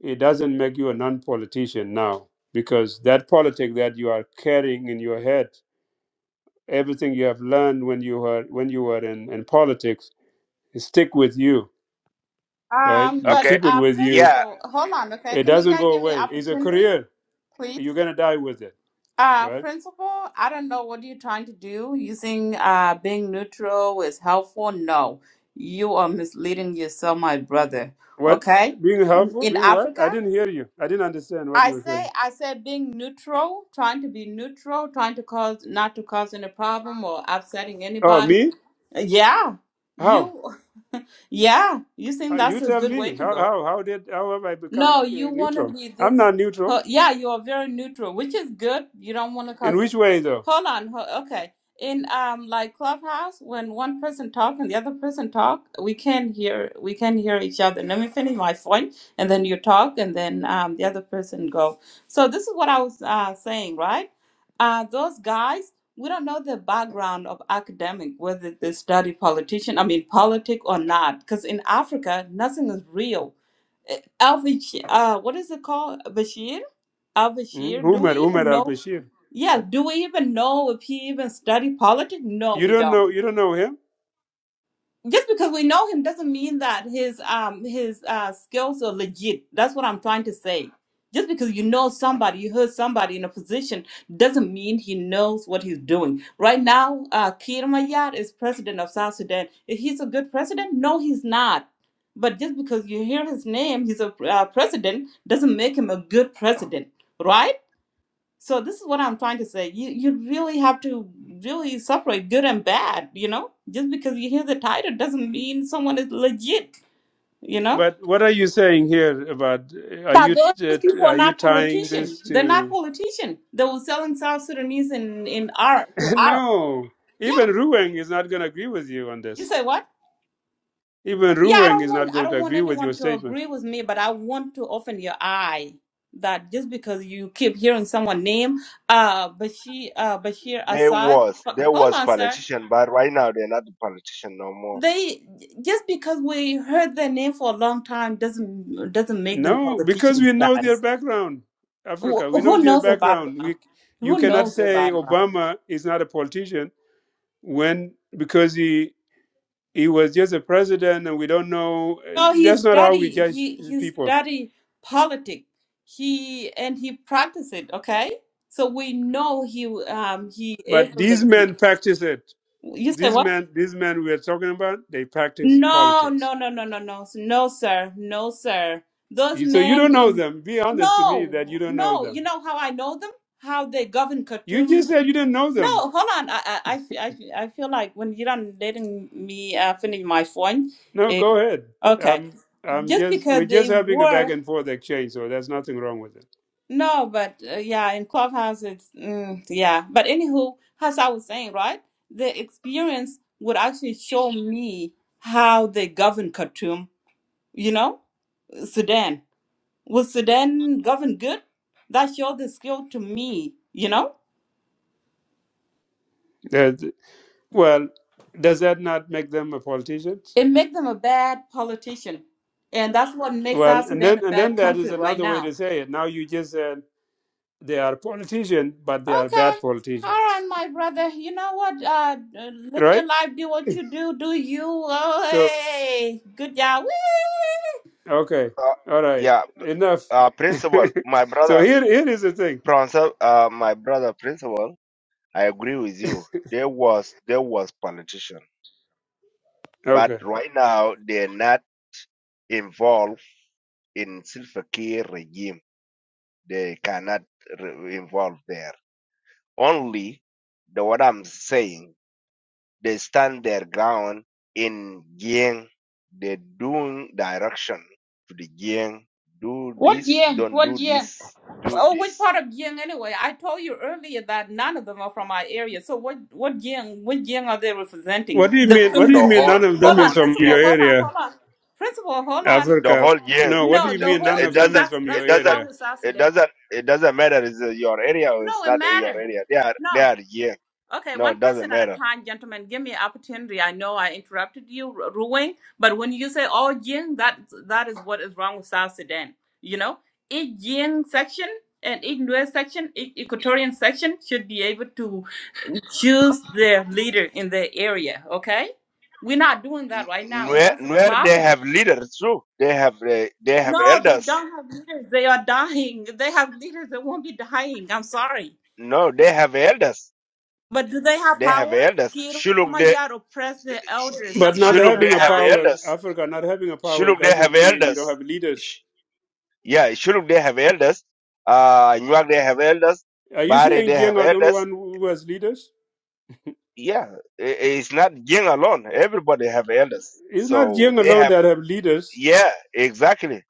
[SPEAKER 1] it doesn't make you a non-politician now because that politic that you are carrying in your head everything you have learned when you were when you were in, in politics it stick with you right
[SPEAKER 6] Um
[SPEAKER 1] you
[SPEAKER 6] but
[SPEAKER 7] Okay.
[SPEAKER 1] keep it
[SPEAKER 6] uh
[SPEAKER 1] with you
[SPEAKER 7] Yeah,
[SPEAKER 6] principal, hold on, okay.
[SPEAKER 1] it
[SPEAKER 6] Can you
[SPEAKER 1] doesn't
[SPEAKER 6] guys
[SPEAKER 1] go
[SPEAKER 6] give me
[SPEAKER 1] away it's a
[SPEAKER 6] opportunity,
[SPEAKER 1] career
[SPEAKER 6] please?
[SPEAKER 1] you're gonna die with it
[SPEAKER 6] Uh,
[SPEAKER 1] right
[SPEAKER 6] principal, I don't know what you're trying to do. Using uh, being neutral is helpful. No, you are misleading yourself, my brother.
[SPEAKER 1] what
[SPEAKER 6] Okay?
[SPEAKER 1] being helpful
[SPEAKER 6] In
[SPEAKER 1] being what i
[SPEAKER 6] Africa,
[SPEAKER 1] didn't hear you i didn't understand what
[SPEAKER 6] I
[SPEAKER 1] you were
[SPEAKER 6] say,
[SPEAKER 1] saying
[SPEAKER 6] I say being neutral, trying to be neutral, trying to cause, not to cause any problem or upsetting
[SPEAKER 1] oh
[SPEAKER 6] anybody.
[SPEAKER 1] me
[SPEAKER 6] Yeah,
[SPEAKER 1] how
[SPEAKER 6] you, yeah, you think
[SPEAKER 1] Uh, you
[SPEAKER 6] that's a
[SPEAKER 1] tell
[SPEAKER 6] good
[SPEAKER 1] me
[SPEAKER 6] way to
[SPEAKER 1] how
[SPEAKER 6] go.
[SPEAKER 1] how, how did how have i become
[SPEAKER 6] No, you
[SPEAKER 1] uh,
[SPEAKER 6] want to
[SPEAKER 1] neutral
[SPEAKER 6] be
[SPEAKER 1] i'm
[SPEAKER 6] this.
[SPEAKER 1] not neutral
[SPEAKER 6] Huh, yeah, you are very neutral, which is good. You don't want to
[SPEAKER 1] in
[SPEAKER 6] cause it.
[SPEAKER 1] which way though
[SPEAKER 6] Hold on. huh, Okay. In um like clubhouse, when one person talk and the other person talk, we can hear we can hear each other. Let me finish my point, and then you talk, and then um the other person go. So this is what I was uh, saying, right? Uh, those guys, we don't know the background of academic, whether they study politician, I mean politic or not, because in Africa, nothing is real Al Bashir, uh, what is it called? Bashir? Al
[SPEAKER 1] mm?
[SPEAKER 6] Bashir? Do we
[SPEAKER 1] umar umar
[SPEAKER 6] even know?
[SPEAKER 1] al-bashir
[SPEAKER 6] Yeah, do we even know if he even studied politics? No,
[SPEAKER 1] You
[SPEAKER 6] we
[SPEAKER 1] don't
[SPEAKER 6] don't
[SPEAKER 1] know. You don't know him.
[SPEAKER 6] just because we know him doesn't mean that his um his uh skills are legit. That's what I'm trying to say. Just because you know somebody, you heard somebody in a position, doesn't mean he knows what he's doing. Right now, uh, Kiir Mayar is president of South Sudan. Is he's a good president? No, he's not. But just because you hear his name, he's a uh, president, doesn't make him a good president, right? So this is what I'm trying to say. You you really have to really separate good and bad, you know? Just because you hear the title doesn't mean someone is legit, you know?
[SPEAKER 1] But what are you saying here about? Are
[SPEAKER 6] But
[SPEAKER 1] you
[SPEAKER 6] those
[SPEAKER 1] t- t-
[SPEAKER 6] people are
[SPEAKER 1] are you
[SPEAKER 6] not
[SPEAKER 1] tying
[SPEAKER 6] politicians.
[SPEAKER 1] this
[SPEAKER 6] They're not
[SPEAKER 1] to?
[SPEAKER 6] politicians. They were selling South Sudanese in, in Arab to Arab.
[SPEAKER 1] no.
[SPEAKER 6] Yeah.
[SPEAKER 1] Even Ruweng is not going to agree with you on
[SPEAKER 6] You
[SPEAKER 1] this.
[SPEAKER 6] say what?
[SPEAKER 1] Even
[SPEAKER 6] Yeah, I
[SPEAKER 1] Ruweng
[SPEAKER 6] don't
[SPEAKER 1] is not
[SPEAKER 6] want I
[SPEAKER 1] going to
[SPEAKER 6] don't want
[SPEAKER 1] agree with your
[SPEAKER 6] anyone to
[SPEAKER 1] statement.
[SPEAKER 6] agree with me, but I want to open your eye that just because you keep hearing someone name uh Bashir uh Bashir
[SPEAKER 7] there
[SPEAKER 6] Assad
[SPEAKER 7] was there
[SPEAKER 6] hold
[SPEAKER 7] was
[SPEAKER 6] on sir
[SPEAKER 7] politician, but right now they're not the politician no more.
[SPEAKER 6] They just because we heard their name for a long time doesn't doesn't make them
[SPEAKER 1] No, because
[SPEAKER 6] politicians,
[SPEAKER 1] we know their
[SPEAKER 6] guys.
[SPEAKER 1] background,
[SPEAKER 6] Who
[SPEAKER 1] Africa. We know
[SPEAKER 6] who
[SPEAKER 1] their
[SPEAKER 6] knows the
[SPEAKER 1] background.
[SPEAKER 6] background?
[SPEAKER 1] We you
[SPEAKER 6] Who
[SPEAKER 1] cannot
[SPEAKER 6] knows the
[SPEAKER 1] say
[SPEAKER 6] background?
[SPEAKER 1] Obama is not a politician when because he he was just a president and we don't know.
[SPEAKER 6] No, he
[SPEAKER 1] That's not how we
[SPEAKER 6] study
[SPEAKER 1] judge
[SPEAKER 6] he he
[SPEAKER 1] people.
[SPEAKER 6] study politics. He and he practice it. Okay, so we know he um he is
[SPEAKER 1] But
[SPEAKER 6] a
[SPEAKER 1] these
[SPEAKER 6] legit.
[SPEAKER 1] men practice it.
[SPEAKER 6] You say
[SPEAKER 1] These
[SPEAKER 6] what?
[SPEAKER 1] men, these men we're talking about, they practice
[SPEAKER 6] No,
[SPEAKER 1] politics.
[SPEAKER 6] no, no, no, no, no, no, sir, no, sir. Those
[SPEAKER 1] You- So you
[SPEAKER 6] men
[SPEAKER 1] don't know
[SPEAKER 6] in
[SPEAKER 1] them. Be honest to me that you
[SPEAKER 6] no,
[SPEAKER 1] don't know
[SPEAKER 6] no.
[SPEAKER 1] them.
[SPEAKER 6] You know how I know them? How they govern
[SPEAKER 1] You just
[SPEAKER 6] Khartoum?
[SPEAKER 1] said you didn't know them.
[SPEAKER 6] No, hold on. I, I, I, fe- I fe- I feel like when you're not letting me uh, finish my point.
[SPEAKER 1] No, go ahead.
[SPEAKER 6] Okay,
[SPEAKER 1] Um, I'm
[SPEAKER 6] just
[SPEAKER 1] just
[SPEAKER 6] because
[SPEAKER 1] we're
[SPEAKER 6] they
[SPEAKER 1] just having a back
[SPEAKER 6] were
[SPEAKER 1] and forth exchange, so there's nothing wrong with it.
[SPEAKER 6] no, but uh, yeah, in clubhouses, mm, yeah. But anywho, as I was saying, right? The experience would actually show me how they govern Khartoum. You know? Sudan. Was Sudan governed good? That showed the skill to me, you know?
[SPEAKER 1] That- well, does that not make them a politicians?
[SPEAKER 6] It makes them a bad politician. And that's what makes
[SPEAKER 1] Well,
[SPEAKER 6] South
[SPEAKER 1] and
[SPEAKER 6] Sudan a
[SPEAKER 1] then and then
[SPEAKER 6] bad
[SPEAKER 1] that is
[SPEAKER 6] country right
[SPEAKER 1] another way
[SPEAKER 6] now.
[SPEAKER 1] to say it. Now you just said they are politicians, but they are
[SPEAKER 6] Okay.
[SPEAKER 1] bad
[SPEAKER 6] All
[SPEAKER 1] politicians,
[SPEAKER 6] right, my brother. You know what? Uh, uh, live
[SPEAKER 1] right?
[SPEAKER 6] your life, do what you do, do you. Oh,
[SPEAKER 1] So.
[SPEAKER 6] hey. Good job. Whee!
[SPEAKER 1] Okay.
[SPEAKER 7] Uh,
[SPEAKER 1] All right.
[SPEAKER 7] yeah,
[SPEAKER 1] Enough.
[SPEAKER 7] uh, principal, my
[SPEAKER 1] so
[SPEAKER 7] brother,
[SPEAKER 1] here, here is the thing.
[SPEAKER 7] principal, uh, my brother, principal. I agree with you. There was there was politician, but
[SPEAKER 1] Okay.
[SPEAKER 7] right now they're not involved in Silva Kiir regime. They cannot re- involve there. only the what I'm saying, they stand their ground in Jiang. They doing direction to the Jiang. Do
[SPEAKER 6] What
[SPEAKER 7] this,
[SPEAKER 6] year?
[SPEAKER 7] don't
[SPEAKER 6] What
[SPEAKER 7] do
[SPEAKER 6] year?
[SPEAKER 7] this, do
[SPEAKER 6] Oh, which
[SPEAKER 7] this.
[SPEAKER 6] part of Jiang anyway? I told you earlier that none of them are from our area. So what what Jiang what Jiang are they
[SPEAKER 1] What
[SPEAKER 6] representing?
[SPEAKER 1] do you
[SPEAKER 6] The
[SPEAKER 1] mean? What do
[SPEAKER 6] criminal
[SPEAKER 1] you
[SPEAKER 7] The
[SPEAKER 1] mean?
[SPEAKER 6] Jiang.
[SPEAKER 7] whole,
[SPEAKER 1] None of
[SPEAKER 7] the
[SPEAKER 6] Hold
[SPEAKER 1] them is
[SPEAKER 6] on,
[SPEAKER 7] whole
[SPEAKER 1] from
[SPEAKER 6] principal,
[SPEAKER 1] your
[SPEAKER 7] Jiang,
[SPEAKER 6] hold on,
[SPEAKER 1] area,
[SPEAKER 6] hold on. Principal, hold on.
[SPEAKER 7] the
[SPEAKER 1] Africa.
[SPEAKER 7] whole Jiang.
[SPEAKER 1] No. What do
[SPEAKER 6] No,
[SPEAKER 7] It,
[SPEAKER 1] you
[SPEAKER 6] the
[SPEAKER 1] mean?
[SPEAKER 7] it
[SPEAKER 1] None
[SPEAKER 6] whole
[SPEAKER 7] it
[SPEAKER 1] of
[SPEAKER 6] Jiang,
[SPEAKER 1] them
[SPEAKER 7] doesn't,
[SPEAKER 1] is
[SPEAKER 6] that's
[SPEAKER 1] from
[SPEAKER 6] that's
[SPEAKER 1] your
[SPEAKER 7] it
[SPEAKER 6] what's
[SPEAKER 7] doesn't,
[SPEAKER 6] wrong
[SPEAKER 1] area.
[SPEAKER 6] with South
[SPEAKER 7] it
[SPEAKER 6] Sudan.
[SPEAKER 7] doesn't, it doesn't matter. Is it your area or
[SPEAKER 6] No,
[SPEAKER 7] it's
[SPEAKER 6] it
[SPEAKER 7] not your
[SPEAKER 6] matter.
[SPEAKER 7] area? They are, they
[SPEAKER 6] No.
[SPEAKER 7] are Jiang.
[SPEAKER 6] Okay,
[SPEAKER 7] No,
[SPEAKER 6] one
[SPEAKER 7] it doesn't
[SPEAKER 6] person at a
[SPEAKER 7] matter.
[SPEAKER 6] time, gentlemen. Give me opportunity. I know I interrupted you, Ru- Ruing, but when you say all Jing, that that is what is wrong with South Sudan. You know, each Jing section and each Nuer section, each Equatorian section should be able to choose their leader in their area. Okay, we're not doing that right now, and
[SPEAKER 7] Where,
[SPEAKER 6] that's a
[SPEAKER 7] where they
[SPEAKER 6] problem.
[SPEAKER 7] have leaders too. They have, uh, they have
[SPEAKER 6] No, they
[SPEAKER 7] elders.
[SPEAKER 6] don't have leaders. They are dying. If They have leaders. They won't be dying. I'm sorry.
[SPEAKER 7] No, they have elders
[SPEAKER 6] But do they have
[SPEAKER 7] They have
[SPEAKER 6] power?
[SPEAKER 7] elders.
[SPEAKER 6] Kir
[SPEAKER 7] Shuluk they
[SPEAKER 6] Mayar oppress the elders.
[SPEAKER 1] But
[SPEAKER 6] That's why
[SPEAKER 1] not
[SPEAKER 6] they
[SPEAKER 7] Shuluk they
[SPEAKER 6] are
[SPEAKER 1] having a
[SPEAKER 7] have
[SPEAKER 1] power,
[SPEAKER 6] dying.
[SPEAKER 7] elders.
[SPEAKER 1] Africa not having a power
[SPEAKER 7] Shuluk they have
[SPEAKER 1] doesn't mean you don't
[SPEAKER 7] elders.
[SPEAKER 1] have
[SPEAKER 7] Sh-
[SPEAKER 1] leaders.
[SPEAKER 7] Yeah, Shuluk they have elders. Uh Newak they have elders.
[SPEAKER 1] Are you
[SPEAKER 7] Bari
[SPEAKER 1] saying
[SPEAKER 7] they have
[SPEAKER 1] Jiang are the only
[SPEAKER 7] elders.
[SPEAKER 1] one who has leaders?
[SPEAKER 7] Yeah, i- it's not Jing alone. Everybody have elders.
[SPEAKER 1] It's not
[SPEAKER 7] So
[SPEAKER 1] Jiang
[SPEAKER 7] they
[SPEAKER 1] alone
[SPEAKER 7] have
[SPEAKER 1] that have leaders.
[SPEAKER 7] yeah, exactly.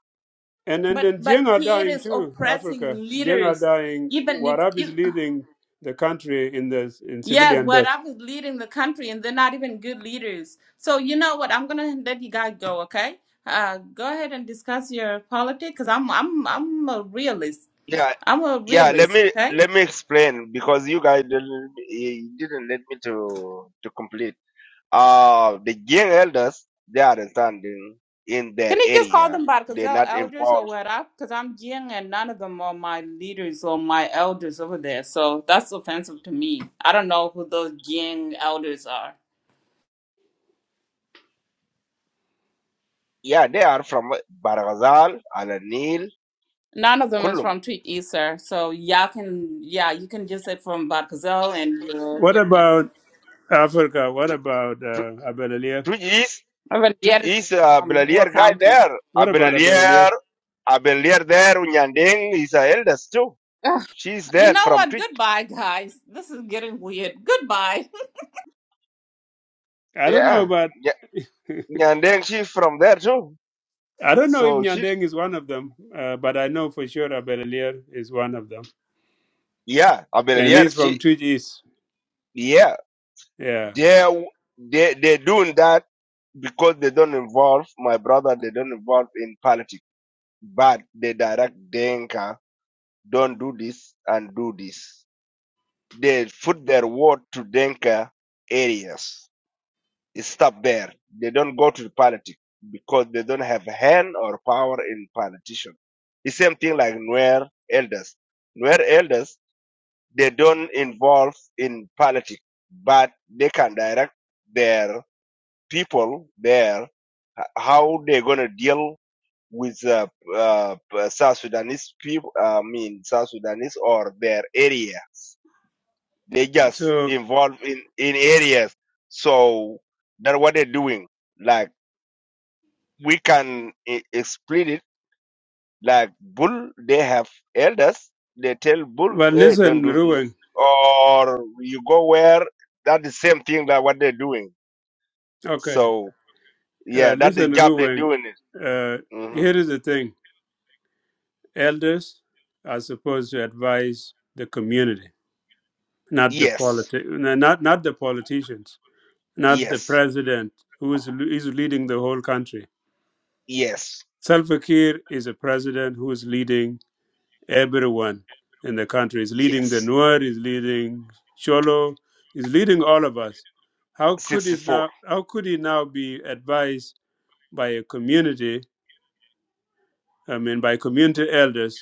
[SPEAKER 1] And then,
[SPEAKER 6] But
[SPEAKER 1] then
[SPEAKER 6] but
[SPEAKER 1] Jiang are
[SPEAKER 6] Kir
[SPEAKER 1] dying
[SPEAKER 6] is
[SPEAKER 1] too,
[SPEAKER 6] oppressing
[SPEAKER 1] Africa. Jiang are
[SPEAKER 6] leaders.
[SPEAKER 1] dying.
[SPEAKER 6] Even if,
[SPEAKER 1] Warab is
[SPEAKER 6] if
[SPEAKER 1] leading the country in the in
[SPEAKER 6] yes,
[SPEAKER 1] civilian
[SPEAKER 6] what
[SPEAKER 1] death.
[SPEAKER 6] I is leading the country and they're not even good leaders. So you know what? I'm gonna let you guys go, okay? Uh, go ahead and discuss your politics because I'm I'm I'm a realist.
[SPEAKER 7] Yeah,
[SPEAKER 6] I'm a
[SPEAKER 7] yeah. Let
[SPEAKER 6] realist,
[SPEAKER 7] me
[SPEAKER 6] okay?
[SPEAKER 7] let me explain because you guys didn't, you didn't let me to to complete. Uh, the young elders, they are standing in their
[SPEAKER 6] Can he just call
[SPEAKER 7] area.
[SPEAKER 6] them
[SPEAKER 7] They're
[SPEAKER 6] Barkazel
[SPEAKER 7] not
[SPEAKER 6] elders or
[SPEAKER 7] involved.
[SPEAKER 6] what up? Because I'm Jing and none of them are my leaders or my elders over there. So that's offensive to me. I don't know who those Jing elders are.
[SPEAKER 7] Yeah, they are from Barghazal, Al-Nil,
[SPEAKER 6] None of them is
[SPEAKER 7] Kulum.
[SPEAKER 6] from Tweet East, So y'all can, yeah, you can just say from Barkazel and your
[SPEAKER 1] What
[SPEAKER 6] area.
[SPEAKER 1] about Africa? What about uh, Abelalia?
[SPEAKER 7] Tujis,
[SPEAKER 6] Over
[SPEAKER 7] Tujis, Tuj
[SPEAKER 6] there is from War
[SPEAKER 7] Belalier guy
[SPEAKER 6] County.
[SPEAKER 7] there. A
[SPEAKER 1] What about
[SPEAKER 7] Belalier,
[SPEAKER 1] Abelalia?
[SPEAKER 7] there, Unyandeng is a eldest too.
[SPEAKER 6] Ugh,
[SPEAKER 7] She's
[SPEAKER 6] you
[SPEAKER 7] there
[SPEAKER 6] know
[SPEAKER 7] from
[SPEAKER 6] what?
[SPEAKER 7] Twitch.
[SPEAKER 6] Goodbye, guys. This is getting weird. Goodbye.
[SPEAKER 1] I don't know
[SPEAKER 7] Yeah.
[SPEAKER 1] about.
[SPEAKER 7] Nya- Nyandeng, she's from there too.
[SPEAKER 1] I don't know if
[SPEAKER 7] So she,
[SPEAKER 1] Nyandeng is one of them, uh, but I know for sure Abelalia is one of them.
[SPEAKER 7] yeah, a
[SPEAKER 1] And he's from
[SPEAKER 7] she,
[SPEAKER 1] Twitch East.
[SPEAKER 7] yeah.
[SPEAKER 1] Yeah.
[SPEAKER 7] They they they're doing that because they don't involve my brother. They don't involve in politics, but they direct Denka. Don't do this and do this. They put their word to Denka areas. It stop there. They don't go to the politics because they don't have hand or power in politician. The same thing like Nuer elders. Nuer elders they don't involve in politics, but they can direct their. people there how they're gonna deal with uh, uh, uh, South Sudanese people. I mean, South Sudanese or their areas. They just
[SPEAKER 1] So,
[SPEAKER 7] involved in in areas. So that's what they're doing. Like we can e- split it. Like bull, they have elders. They tell bull,
[SPEAKER 1] but
[SPEAKER 7] hey, don't
[SPEAKER 1] listen,
[SPEAKER 7] do this.
[SPEAKER 1] Ruweng.
[SPEAKER 7] Or you go where that the same thing that what they're doing.
[SPEAKER 1] Okay.
[SPEAKER 7] So
[SPEAKER 1] Uh,
[SPEAKER 7] yeah, that's the
[SPEAKER 1] listen,
[SPEAKER 7] job they're
[SPEAKER 1] Ruweng.
[SPEAKER 7] doing it.
[SPEAKER 1] Uh,
[SPEAKER 7] Mm-hmm.
[SPEAKER 1] here is the thing. elders are supposed to advise the community, not the
[SPEAKER 7] Yes,
[SPEAKER 1] politi- no, not not the politicians, not the
[SPEAKER 7] yes,
[SPEAKER 1] president who is is leading the whole country.
[SPEAKER 7] yes,
[SPEAKER 1] Salva Kiir is a president who is leading everyone in the country. Is leading the
[SPEAKER 7] yes.
[SPEAKER 1] Nuer, is leading Cholo, is leading all of us. How could is
[SPEAKER 7] Sixty-four.
[SPEAKER 1] now? How could he now be advised by a community? I mean, by community elders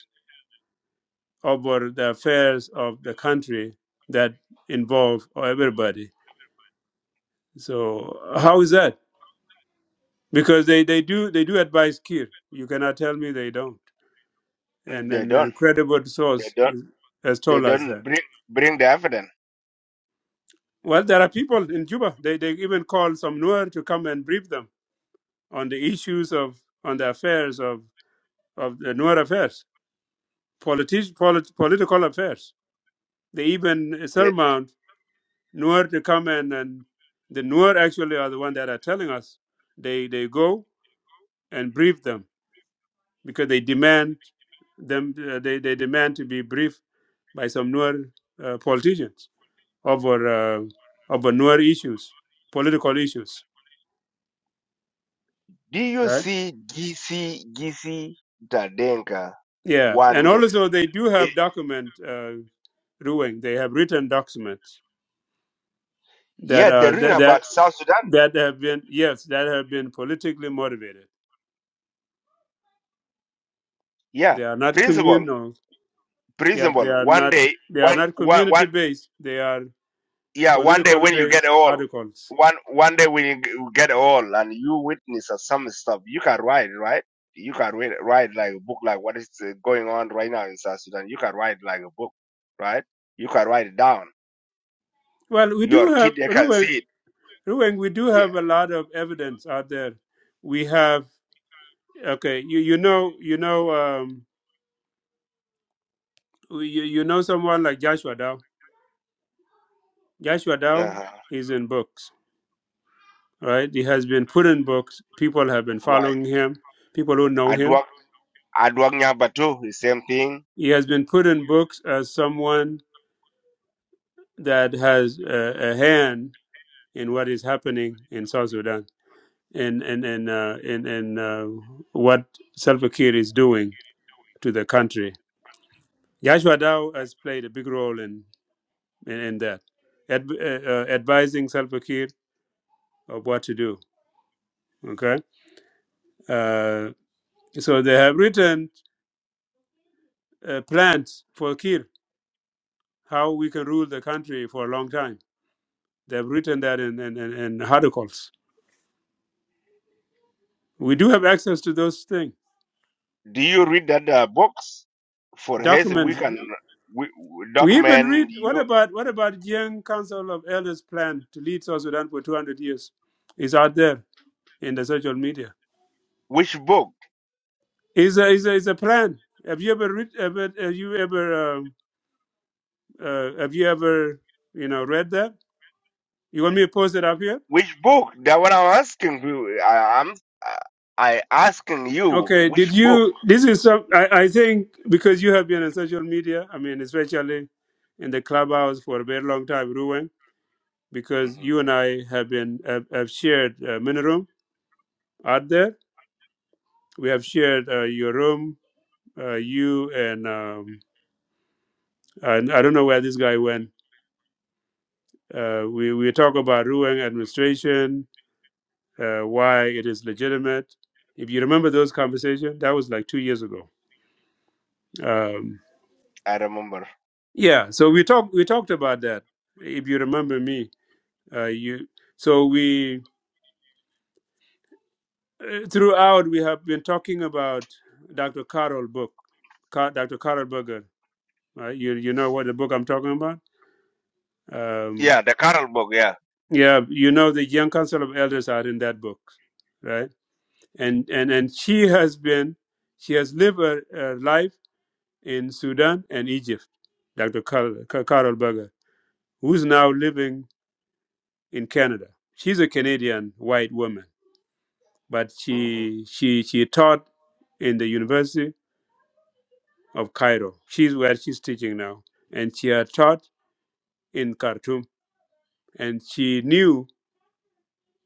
[SPEAKER 1] over the affairs of the country that involve everybody. So how is that? Because they, they do they do advise Kir. You cannot tell me they don't.
[SPEAKER 7] Mm,
[SPEAKER 1] And
[SPEAKER 7] They're
[SPEAKER 1] and a
[SPEAKER 7] done.
[SPEAKER 1] credible
[SPEAKER 7] They're
[SPEAKER 1] source
[SPEAKER 7] done.
[SPEAKER 1] is- has
[SPEAKER 7] They're
[SPEAKER 1] told us
[SPEAKER 7] done.
[SPEAKER 1] that.
[SPEAKER 7] Bring, bring the evidence.
[SPEAKER 1] Well, there are people in Cuba. They they even call some Nuer to come and brief them on the issues of on the affairs of of the Nuer affairs, politi- polit- political affairs. They even
[SPEAKER 7] The,
[SPEAKER 1] surmount Nuer to come and, and the Nuer actually are the one that are telling us they they go and brief them because they demand them uh, they, they demand to be briefed by some Nuer uh, politicians over uh, over Nuer issues political issues
[SPEAKER 7] do you
[SPEAKER 1] right
[SPEAKER 7] see GC GC Tadenka
[SPEAKER 1] yeah and
[SPEAKER 7] one day?
[SPEAKER 1] also they do
[SPEAKER 7] It,
[SPEAKER 1] have document uh, ruling they have written documents that
[SPEAKER 7] yeah, they're
[SPEAKER 1] are
[SPEAKER 7] reading
[SPEAKER 1] that, that
[SPEAKER 7] about South Sudan.
[SPEAKER 1] that have been yes that have been politically motivated
[SPEAKER 7] Yeah,
[SPEAKER 1] they are not
[SPEAKER 7] principal,
[SPEAKER 1] communal Yeah,
[SPEAKER 7] principal.
[SPEAKER 1] they are
[SPEAKER 7] One
[SPEAKER 1] not
[SPEAKER 7] day,
[SPEAKER 1] they are
[SPEAKER 7] one,
[SPEAKER 1] not
[SPEAKER 7] one, one.
[SPEAKER 1] community based. They are
[SPEAKER 7] yeah one day
[SPEAKER 1] political
[SPEAKER 7] when you get
[SPEAKER 1] based
[SPEAKER 7] old
[SPEAKER 1] articles.
[SPEAKER 7] one one day when you g- you get old and you witness of some stuff you can write right you can read, write like a book like what is uh, going on right now in south sudan you can write like a book right you can write it down
[SPEAKER 1] Well, we
[SPEAKER 7] your
[SPEAKER 1] do have
[SPEAKER 7] kid they can
[SPEAKER 1] Ruang,
[SPEAKER 7] see it
[SPEAKER 1] Ruang, we do
[SPEAKER 7] yeah
[SPEAKER 1] have a lot of evidence out there. We have okay, you you know you know um we- you, you know someone like Joshua Dow. Joshua Dow
[SPEAKER 7] uh-huh.
[SPEAKER 1] is in books, right? He has been put in books. People have been
[SPEAKER 7] right
[SPEAKER 1] following him. People who know him.
[SPEAKER 7] adwak adwak nyaba the same thing
[SPEAKER 1] He has been put in books as someone that has a, a hand in what is happening in South Sudan And and and uh, in, in uh, what Salva Kiir is doing to the country. Joshua Dow has played a big role in in, in that, Ad, uh, uh, advising Salva Kiir of what to do. Okay, uh, so they have written uh, plans for Kiir how we can rule the country for a long time. They have written that in in, in, in articles. We do have access to those things,
[SPEAKER 7] do you read that uh, books for his we
[SPEAKER 1] documents
[SPEAKER 7] can we we
[SPEAKER 1] We even read
[SPEAKER 7] document
[SPEAKER 1] what
[SPEAKER 7] you
[SPEAKER 1] about what about young council of elders plan to lead South Sudan for 200 years? It's out there in the social media.
[SPEAKER 7] which book
[SPEAKER 1] It's a it's a, it's a plan. Have you ever read? Ever, have you ever um, uh, have you ever you know read that? You want me to post it up here?
[SPEAKER 7] Which book? That what I'm asking you. I, I'm I asking you
[SPEAKER 1] Okay. Did
[SPEAKER 7] which book.
[SPEAKER 1] you? This is some. I, I think because you have been on social media. I mean, especially in the clubhouse for a very long time, Ruwen. Because
[SPEAKER 7] hmm
[SPEAKER 1] you and I have been have, have shared uh, many room out there We have shared uh, your room, uh, you and, um, and I don't know where this guy went. Uh, we, we talk about Ruang administration, uh, why it is legitimate. If you remember those conversations, that was like two years ago. Um,
[SPEAKER 7] I remember.
[SPEAKER 1] yeah, so we talked we talked about that. If you remember me, uh, you so we uh, throughout we have been talking about Dr. Carol book, Car- Dr. Carol Berger. Uh, you you know what the book I'm talking about? Um,
[SPEAKER 7] Yeah, the Carol book. Yeah.
[SPEAKER 1] Yeah, you know the Young Council of Elders are in that book, right? And and and she has been, she has lived her, her life in Sudan and Egypt. Dr. Carol, Carol Berger, who's now living in Canada. She's a Canadian white woman, but
[SPEAKER 7] hmm
[SPEAKER 1] she she she taught in the University of Cairo. She's where she's teaching now, and she had taught in Khartoum. And she knew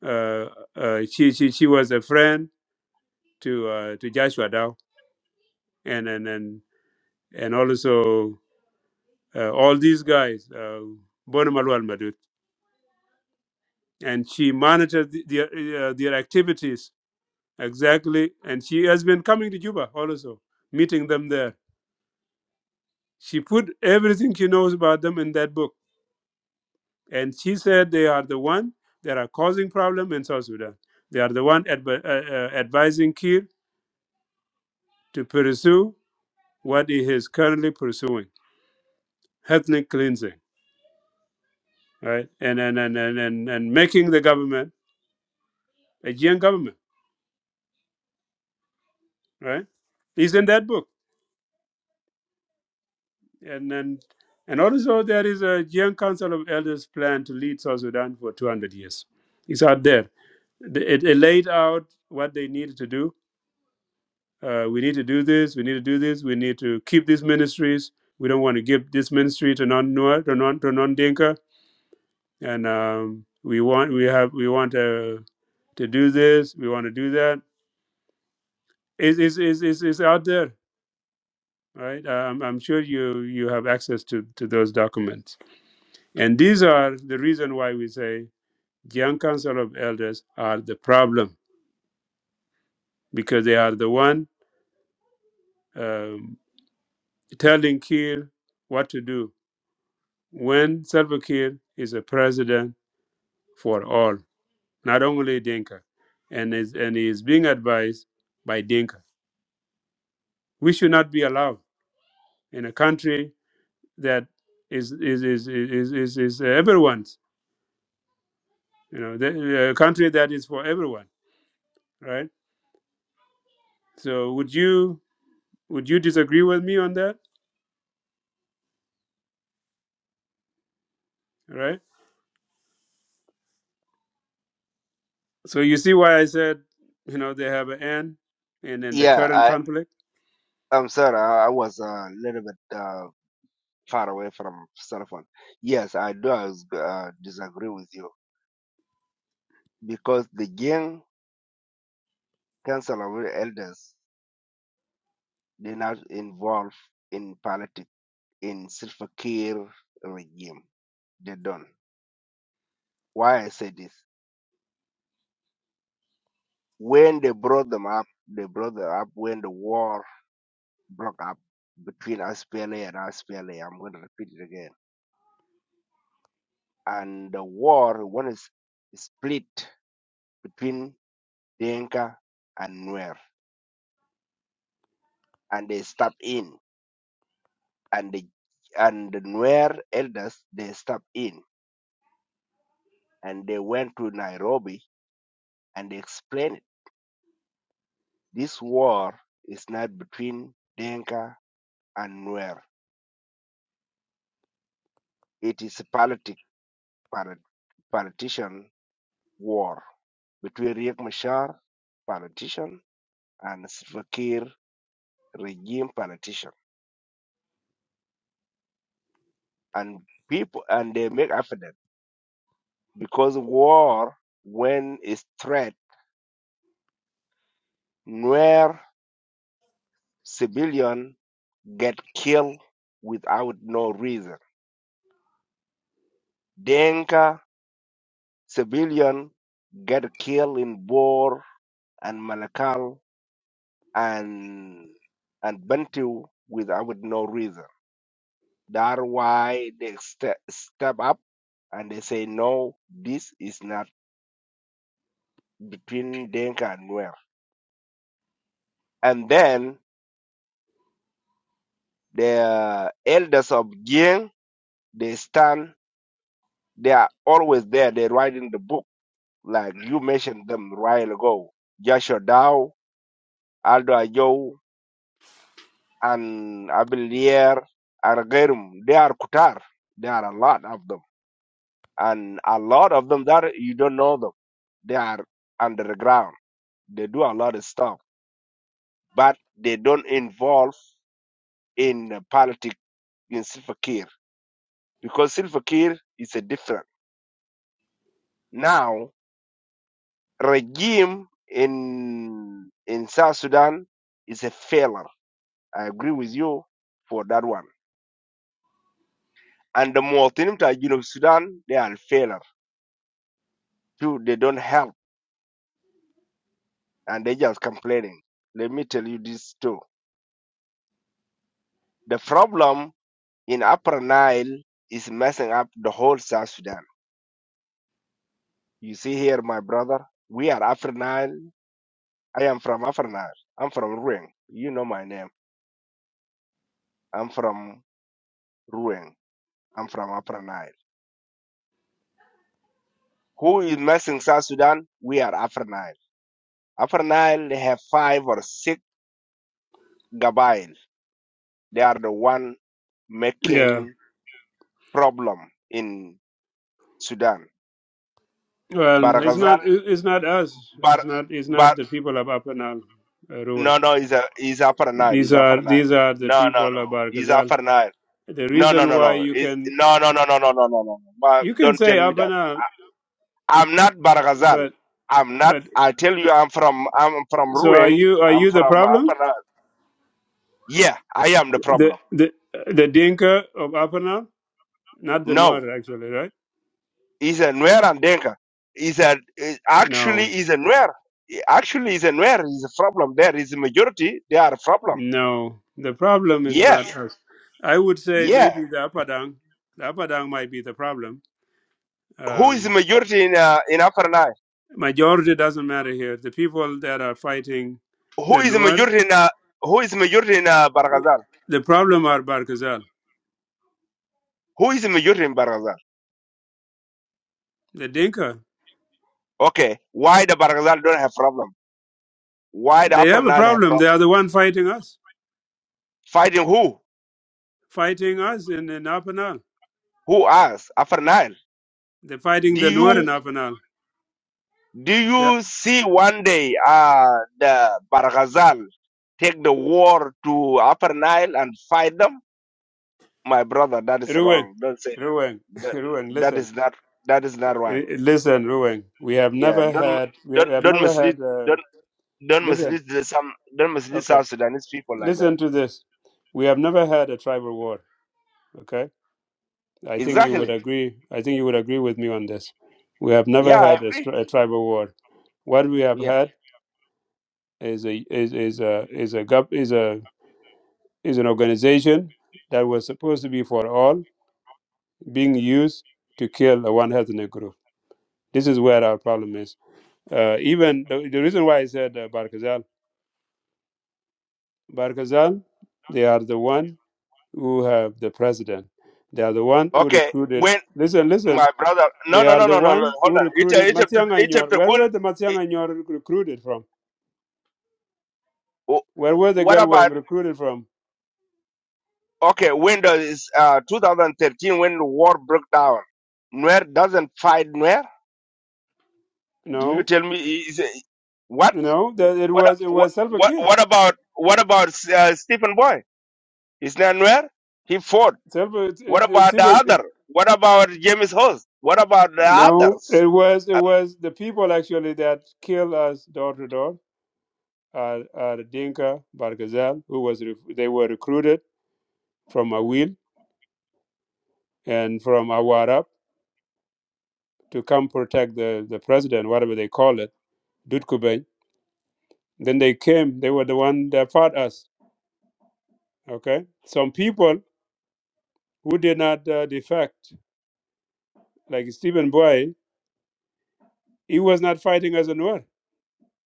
[SPEAKER 1] uh, uh, she she she was a friend to uh, to Joshua Dow and and and, and also uh, all these guys, uh, Bona Malwal Madut, and she monitored the, their uh, their activities exactly. And she has been coming to Juba also, meeting them there. She put everything she knows about them in that book, and she said they are the one that are causing problem in South Sudan. They are the one advi- uh, uh, advising Kir to pursue what he is currently pursuing, ethnic cleansing, right? And and and and and, and making the government Aegean government, right? It's in that book. And then, and also there is a Aegean Council of Elders plan to lead South Sudan for 200 years. It's out there. The- It, it laid out what they needed to do. Uh, we need to do this. We need to do this. We need to keep these ministries. We don't want to give this ministry to non Nuer to non to non Dinka. And um, we want we have we want to to do this. We want to do that. Is is is is is out there All right, um, I'm sure you you have access to to those documents, and these are the reason why we say young council of elders are the problem because they are the one um, telling Kir what to do when Salva Kiir is a president for all, not only Dinka, and is and he is being advised by Dinka. We should not be allowed in a country that is is is is is, is, everyone's. You know, the, a country that is for everyone right? So would you would you disagree with me on that, right? So you see why I said, you know, they have an end, and then the
[SPEAKER 7] Yeah.
[SPEAKER 1] current
[SPEAKER 7] I
[SPEAKER 1] conflict.
[SPEAKER 7] I'm sorry. I, I was a little bit uh, far away from cell phone. Yes, I do uh, disagree with you because the gang council of elders. They're not involved in politics in Silver Kiir regime. They don't. Why I say this? When they brought them up, they brought them up when the war broke up between SPLA and SPLA. I'm going to repeat it again. And the war when is split between Denka and Nuer, and they step in, and the and the Nuer elders they step in, and they went to Nairobi and they explained. it. This war is not between Denka and Nuer. It is a politic, polit, politician war between Riek Machar, politician, and Salva Kiir regime politician. And people, and they make evident because war, when it's threat, Nuer civilian get killed without no reason. Denka civilian get killed in Bor and Malakal and and Bantu without no reason. That's why they ste- step up and they say no, this is not between Denka and Nuer. And then the elders of Jing, they stand, they are always there. They write in the book, like you mentioned them a while ago. Joshua Dow, Aldo Ajo, and Abilier, and Gerum. They are Kutar. There are a lot of them and a lot of them that you don't know them they are underground they do a lot of stuff but they don't involve in uh, politics in Silva Kiir because Silva Kiir is a different now regime in in South Sudan is a failure I agree with you for that one and the Mu'tinim Tajin of Sudan they are a failure too they don't help and they just complaining let me tell you this too the problem in Upper Nile is messing up the whole South Sudan. You see here, my brother, we are Upper Nile. I am from Upper Nile. I'm from Ruang. You know my name. I'm from Ruang. I'm from Upper Nile. Who is messing South Sudan? We are Upper Nile. Upper Nile, they have five or six Gabail. They are the one
[SPEAKER 1] Yeah.
[SPEAKER 7] making problem in Sudan.
[SPEAKER 1] Well, it's
[SPEAKER 7] Barghazal,
[SPEAKER 1] not it- it's not us. It's not it's
[SPEAKER 7] Bar,
[SPEAKER 1] not the people of Apenal, uh, Ruwan.
[SPEAKER 7] No, no, he's a he's up nine.
[SPEAKER 1] These
[SPEAKER 7] He's up
[SPEAKER 1] are
[SPEAKER 7] nine.
[SPEAKER 1] these are the
[SPEAKER 7] No, no,
[SPEAKER 1] people of
[SPEAKER 7] no. He's up
[SPEAKER 1] Barkazal.
[SPEAKER 7] nine.
[SPEAKER 1] The
[SPEAKER 7] No, no,
[SPEAKER 1] reason
[SPEAKER 7] no,
[SPEAKER 1] why
[SPEAKER 7] no.
[SPEAKER 1] you
[SPEAKER 7] It's,
[SPEAKER 1] can
[SPEAKER 7] no, no, no, no, no, no, no, no. no. Ma,
[SPEAKER 1] you can
[SPEAKER 7] don't
[SPEAKER 1] say
[SPEAKER 7] tell me that.
[SPEAKER 1] Apenal,
[SPEAKER 7] I'm not Baragazal.
[SPEAKER 1] but
[SPEAKER 7] I'm not.
[SPEAKER 1] but
[SPEAKER 7] I tell you, I'm from. I'm from
[SPEAKER 1] so are
[SPEAKER 7] Ruang.
[SPEAKER 1] you are
[SPEAKER 7] I'm
[SPEAKER 1] you the
[SPEAKER 7] from
[SPEAKER 1] problem?
[SPEAKER 7] Aparna. Yeah, I am the
[SPEAKER 1] The
[SPEAKER 7] problem.
[SPEAKER 1] the the Dinka of Apenal, not the
[SPEAKER 7] No,
[SPEAKER 1] Nuer, actually, right?
[SPEAKER 7] he's a Nuer and Denka. He's a he- actually
[SPEAKER 1] No.
[SPEAKER 7] he's a Nuer. He- Actually, he's a Nuer. He's a problem. There is a majority. They are a problem.
[SPEAKER 1] No, the problem is
[SPEAKER 7] Yes,
[SPEAKER 1] not us. I would say
[SPEAKER 7] yeah.
[SPEAKER 1] maybe the Apadang, the Apadang might be the problem.
[SPEAKER 7] Who is the
[SPEAKER 1] Um,
[SPEAKER 7] majority in uh, in Upper Nile?
[SPEAKER 1] majority doesn't matter here. The people that are fighting
[SPEAKER 7] Who
[SPEAKER 1] the
[SPEAKER 7] is
[SPEAKER 1] Nuer,
[SPEAKER 7] Majorina? Who is Majorina Baragazal?
[SPEAKER 1] the problem are Barkazal,
[SPEAKER 7] Who is Majorin Baragazal?
[SPEAKER 1] the Dinka.
[SPEAKER 7] Okay, why the Baragazal don't have problem? Why the
[SPEAKER 1] They
[SPEAKER 7] Upper
[SPEAKER 1] have a
[SPEAKER 7] Nile have
[SPEAKER 1] problem. They
[SPEAKER 7] problem?
[SPEAKER 1] are the one fighting us,
[SPEAKER 7] Fighting who?
[SPEAKER 1] fighting us in, in Apanal.
[SPEAKER 7] Who us? Upper Nile?
[SPEAKER 1] They're fighting
[SPEAKER 7] Do
[SPEAKER 1] the Nuer in
[SPEAKER 7] you
[SPEAKER 1] Apanal.
[SPEAKER 7] do
[SPEAKER 1] Yeah.
[SPEAKER 7] you see one day uh the Baragazal take the war to Upper Nile and fight them? My brother, that is
[SPEAKER 1] Ruweng,
[SPEAKER 7] wrong. Don't say that.
[SPEAKER 1] Ruweng,
[SPEAKER 7] That
[SPEAKER 1] Ruweng,
[SPEAKER 7] that
[SPEAKER 1] listen.
[SPEAKER 7] is not that is not right.
[SPEAKER 1] R- Listen, Ruweng, we have
[SPEAKER 7] Yeah,
[SPEAKER 1] never
[SPEAKER 7] don't
[SPEAKER 1] had, we
[SPEAKER 7] don't
[SPEAKER 1] have
[SPEAKER 7] don't
[SPEAKER 1] never
[SPEAKER 7] mislead.
[SPEAKER 1] had, uh,
[SPEAKER 7] Don't
[SPEAKER 1] listen,
[SPEAKER 7] mislead the- some. Don't mislead
[SPEAKER 1] okay.
[SPEAKER 7] South Sudanese people like that.
[SPEAKER 1] Listen to this. We have never had a tribal war. Okay, I think you would
[SPEAKER 7] Exactly.
[SPEAKER 1] agree. I think you would agree with me on this. We have never
[SPEAKER 7] Yeah, I
[SPEAKER 1] had a,
[SPEAKER 7] agree.
[SPEAKER 1] stri- a tribal war. What we have
[SPEAKER 7] Yeah.
[SPEAKER 1] had is a is is a is a gov- is a is an organization that was supposed to be for all being used to kill a one ethnic group. This is where our problem is. Uh, even the, the reason why I said uh, Barkazal, Barkazal, they are the one who have the president. They are the one who
[SPEAKER 7] Okay.
[SPEAKER 1] recruited.
[SPEAKER 7] When
[SPEAKER 1] Listen, listen.
[SPEAKER 7] my brother. No,
[SPEAKER 1] They
[SPEAKER 7] no,
[SPEAKER 1] are
[SPEAKER 7] no,
[SPEAKER 1] the
[SPEAKER 7] no, no. no.
[SPEAKER 1] one
[SPEAKER 7] Hold
[SPEAKER 1] who
[SPEAKER 7] on. It,
[SPEAKER 1] recruited
[SPEAKER 7] it, it,
[SPEAKER 1] Matiang
[SPEAKER 7] it,
[SPEAKER 1] Anyor. Where
[SPEAKER 7] good.
[SPEAKER 1] were the Matiang
[SPEAKER 7] it,
[SPEAKER 1] Anyor rec- recruited from? Where were
[SPEAKER 7] wh-
[SPEAKER 1] the
[SPEAKER 7] what about
[SPEAKER 1] Gelwang recruited from?
[SPEAKER 7] okay? When does uh 2013 when the war broke down? Nuer doesn't fight Nuer. Do you
[SPEAKER 1] No,
[SPEAKER 7] tell me? Is it? what?
[SPEAKER 1] no. That it
[SPEAKER 7] What?
[SPEAKER 1] was it
[SPEAKER 7] What?
[SPEAKER 1] was Salva
[SPEAKER 7] What?
[SPEAKER 1] Kiir.
[SPEAKER 7] What about? What about uh, Stephen Boy? Is that Nuer? He fought.
[SPEAKER 1] Salva. It,
[SPEAKER 7] What
[SPEAKER 1] it- it's
[SPEAKER 7] about the
[SPEAKER 1] even it-
[SPEAKER 7] other? What about James Host? What about the
[SPEAKER 1] no.
[SPEAKER 7] others?
[SPEAKER 1] It was it was the people actually that killed us door to door. Are are Dinka Barghazal, who was rec- they were recruited from Awil and from Awarab to come protect the, the president, whatever they call it, Dutkubey. Then they came, they were the one that fought us. Okay? Some people who did not uh, defect, like Stephen Boy, he was not fighting as a Nuer,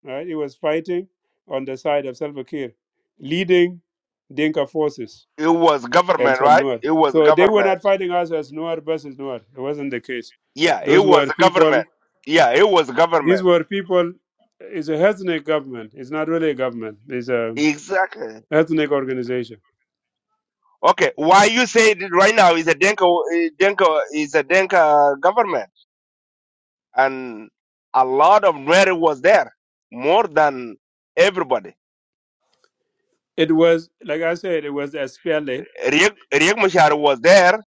[SPEAKER 1] right? He was fighting on the side of Salva Kiir, leading Dinka forces
[SPEAKER 7] It was
[SPEAKER 1] and
[SPEAKER 7] government,
[SPEAKER 1] some
[SPEAKER 7] right?
[SPEAKER 1] Nuer.
[SPEAKER 7] It was
[SPEAKER 1] So they were
[SPEAKER 7] government.
[SPEAKER 1] not fighting us as Nuer versus Nuer. It wasn't the case.
[SPEAKER 7] Yeah, it
[SPEAKER 1] Those
[SPEAKER 7] was
[SPEAKER 1] were people,
[SPEAKER 7] government. Yeah, it was
[SPEAKER 1] these
[SPEAKER 7] government.
[SPEAKER 1] were people, it's a ethnic government. It's not really a government. It's a.
[SPEAKER 7] Exactly.
[SPEAKER 1] ethnic organization.
[SPEAKER 7] Okay, why you say it right now is a Denka, eh, Denka is a Denka government, and a lot of Nuer was there, more than everybody.
[SPEAKER 1] It was, like I said, it was SPLA
[SPEAKER 7] Riek Riek Machar was there,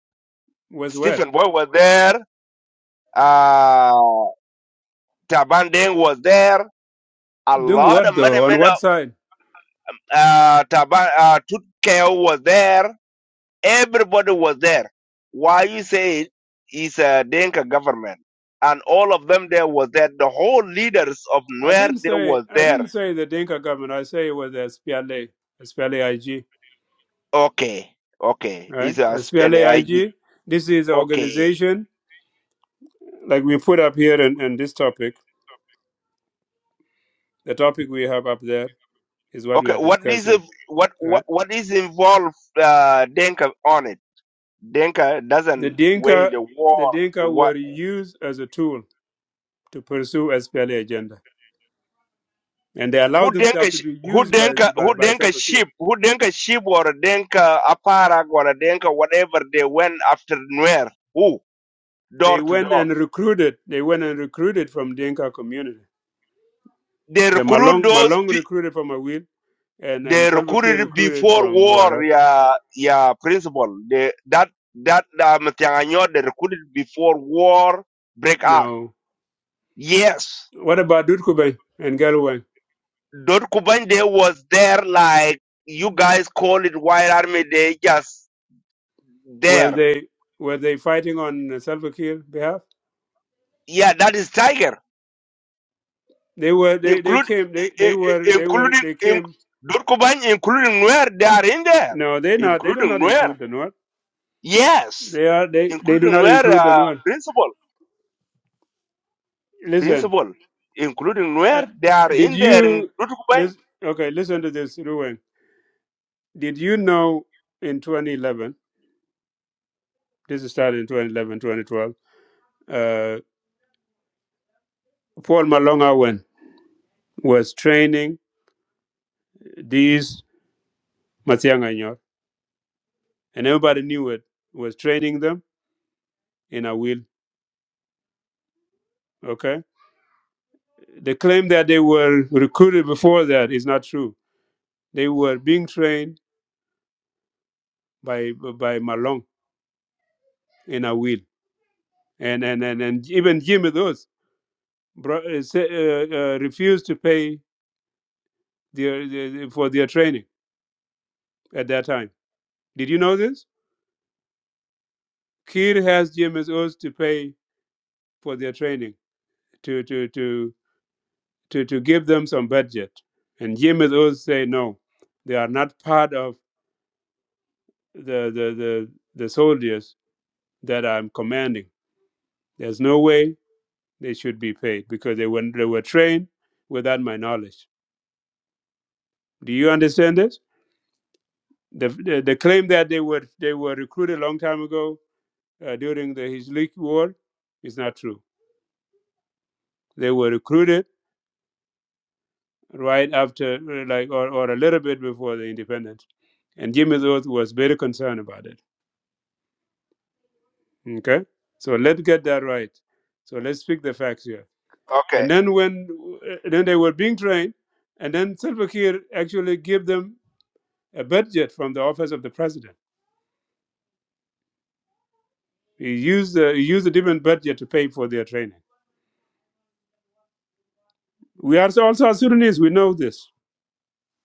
[SPEAKER 1] was where?
[SPEAKER 7] Stephen Boy was there, uh, Taban Deng was there, a
[SPEAKER 1] Doing
[SPEAKER 7] lot of
[SPEAKER 1] what
[SPEAKER 7] many
[SPEAKER 1] though? On
[SPEAKER 7] men.
[SPEAKER 1] what side?
[SPEAKER 7] uh, Taba, uh, Tutkeo was there. Everybody was there. Why you say it is a Denka government. And all of them there was there. The whole leaders of
[SPEAKER 1] I
[SPEAKER 7] Nuer,
[SPEAKER 1] didn't
[SPEAKER 7] they
[SPEAKER 1] say,
[SPEAKER 7] was
[SPEAKER 1] I
[SPEAKER 7] there.
[SPEAKER 1] didn't say the Dinka government. I say it was SPLA, SPLA IG,
[SPEAKER 7] Okay. Okay. It's
[SPEAKER 1] right?
[SPEAKER 7] a spell
[SPEAKER 1] SPLAIG.
[SPEAKER 7] IG.
[SPEAKER 1] This is an
[SPEAKER 7] Okay.
[SPEAKER 1] organization, like we put up here in, in this topic. The topic we have up there is what we
[SPEAKER 7] Okay.
[SPEAKER 1] are
[SPEAKER 7] What is, it-
[SPEAKER 1] discussing,
[SPEAKER 7] what,
[SPEAKER 1] right?
[SPEAKER 7] what, what is involved, uh, Denka on it? Denka
[SPEAKER 1] The
[SPEAKER 7] doesn't wage
[SPEAKER 1] Dinka,
[SPEAKER 7] the
[SPEAKER 1] the Dinka
[SPEAKER 7] war.
[SPEAKER 1] were used as a tool to pursue SPLA agenda. And they
[SPEAKER 7] who
[SPEAKER 1] allowed
[SPEAKER 7] denka
[SPEAKER 1] themselves to
[SPEAKER 7] sh-
[SPEAKER 1] be
[SPEAKER 7] who
[SPEAKER 1] used by,
[SPEAKER 7] denka
[SPEAKER 1] by,
[SPEAKER 7] who
[SPEAKER 1] by
[SPEAKER 7] denka
[SPEAKER 1] Salva Kiir.
[SPEAKER 7] sheep who denka sheep or denka aparag or denka whatever they went after Nuer who
[SPEAKER 1] They
[SPEAKER 7] door to
[SPEAKER 1] went
[SPEAKER 7] door
[SPEAKER 1] and recruited. They went and recruited from Dinka community.
[SPEAKER 7] they
[SPEAKER 1] The
[SPEAKER 7] recruit
[SPEAKER 1] Malong
[SPEAKER 7] those
[SPEAKER 1] Malong
[SPEAKER 7] pe-
[SPEAKER 1] recruited from Awil, and
[SPEAKER 7] they
[SPEAKER 1] and Salva Kiir
[SPEAKER 7] recruited
[SPEAKER 1] recruited
[SPEAKER 7] before
[SPEAKER 1] from
[SPEAKER 7] war
[SPEAKER 1] Wara.
[SPEAKER 7] yeah yeah principal they that that uh, Matianganyot, they recruited before war break out
[SPEAKER 1] Now,
[SPEAKER 7] yes
[SPEAKER 1] what about Dutkubay and Galway?
[SPEAKER 7] Dot Kubande was there like you guys call it white army they just
[SPEAKER 1] Were
[SPEAKER 7] there
[SPEAKER 1] they were they fighting on Salva Kiir behalf?
[SPEAKER 7] yeah that is tiger
[SPEAKER 1] They were. They, they
[SPEAKER 7] include
[SPEAKER 1] came. They, they
[SPEAKER 7] i- i-
[SPEAKER 1] were. They were.
[SPEAKER 7] including
[SPEAKER 1] They
[SPEAKER 7] in,
[SPEAKER 1] came.
[SPEAKER 7] Durkubany, including where they are in there,
[SPEAKER 1] No, they not. They do
[SPEAKER 7] including
[SPEAKER 1] not
[SPEAKER 7] where
[SPEAKER 1] include the North.
[SPEAKER 7] yes,
[SPEAKER 1] They are. They they do
[SPEAKER 7] including
[SPEAKER 1] not
[SPEAKER 7] where
[SPEAKER 1] include the
[SPEAKER 7] uh,
[SPEAKER 1] North.
[SPEAKER 7] principal
[SPEAKER 1] Listen.
[SPEAKER 7] principal, including
[SPEAKER 1] Uh,
[SPEAKER 7] where they are
[SPEAKER 1] did
[SPEAKER 7] in there in
[SPEAKER 1] you
[SPEAKER 7] Durkubany.
[SPEAKER 1] listen? Okay, listen to this, Ruwen. Did you know in 2011? This started in 2011, 2012. Uh, Paul Malonga when was training these Matianganyor, and everybody knew it, was training them in a will. Okay? The claim that they were recruited before that is not true. They were being trained by by Malong in a will. And, and, and, and even Jimmy those bro- uh, sa- uh, uh, refused to pay their, their, for their training at that time. Did you know this? Kir has Jimmy's oath to pay for their training to to to to, to give them some budget. And Yemen also say no, they are not part of the the, the the soldiers that I'm commanding. There's no way they should be paid because they were they were trained without my knowledge. Do you understand this? The the, the claim that they were they were recruited a long time ago uh, during the Hizlik war is not true. They were recruited right after, uh, like, or, or a little bit before the independence. And Jimmy Lewis was very concerned about it. Okay, so let's get that right. So let's speak the facts here.
[SPEAKER 7] Okay,
[SPEAKER 1] And then when then they were being trained, and then Salva Kiir actually gave them a budget from the office of the president. He used the, he used a different budget to pay for their training. We are also South Sudanese. We know this,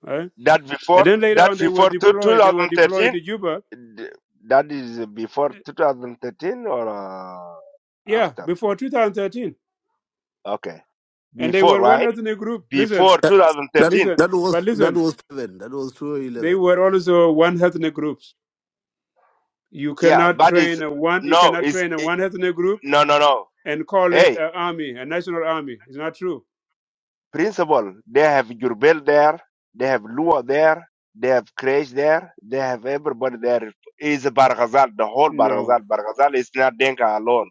[SPEAKER 1] right?
[SPEAKER 7] that before
[SPEAKER 1] And then later
[SPEAKER 7] that
[SPEAKER 1] on, they were
[SPEAKER 7] before two,
[SPEAKER 1] deployed. They were deployed
[SPEAKER 7] 2013,
[SPEAKER 1] to Juba.
[SPEAKER 7] th- that is before 2013 or uh,
[SPEAKER 1] Yeah,
[SPEAKER 7] after.
[SPEAKER 1] before 2013,
[SPEAKER 7] Okay,
[SPEAKER 1] and they
[SPEAKER 7] before
[SPEAKER 1] were one
[SPEAKER 7] right
[SPEAKER 1] ethnic group. Listen,
[SPEAKER 7] before
[SPEAKER 3] That, that
[SPEAKER 7] 2013.
[SPEAKER 1] listen,
[SPEAKER 3] that
[SPEAKER 1] but
[SPEAKER 3] was that
[SPEAKER 1] listen,
[SPEAKER 3] was eleven. That was two
[SPEAKER 1] they
[SPEAKER 3] eleven.
[SPEAKER 1] were also one ethnic group. You
[SPEAKER 7] Yeah,
[SPEAKER 1] cannot
[SPEAKER 7] but it's
[SPEAKER 1] train a one. You
[SPEAKER 7] no,
[SPEAKER 1] cannot
[SPEAKER 7] it's
[SPEAKER 1] train a
[SPEAKER 7] it,
[SPEAKER 1] one ethnic group
[SPEAKER 7] no no no.
[SPEAKER 1] and call it
[SPEAKER 7] Hey,
[SPEAKER 1] an army, a national army. It's not true.
[SPEAKER 7] principal, they have Jurbel there, they have Lua there, they have Crash there, they have everybody there. Is Barghazal, the whole
[SPEAKER 1] No.
[SPEAKER 7] Barghazal. Barghazal is not Denka alone.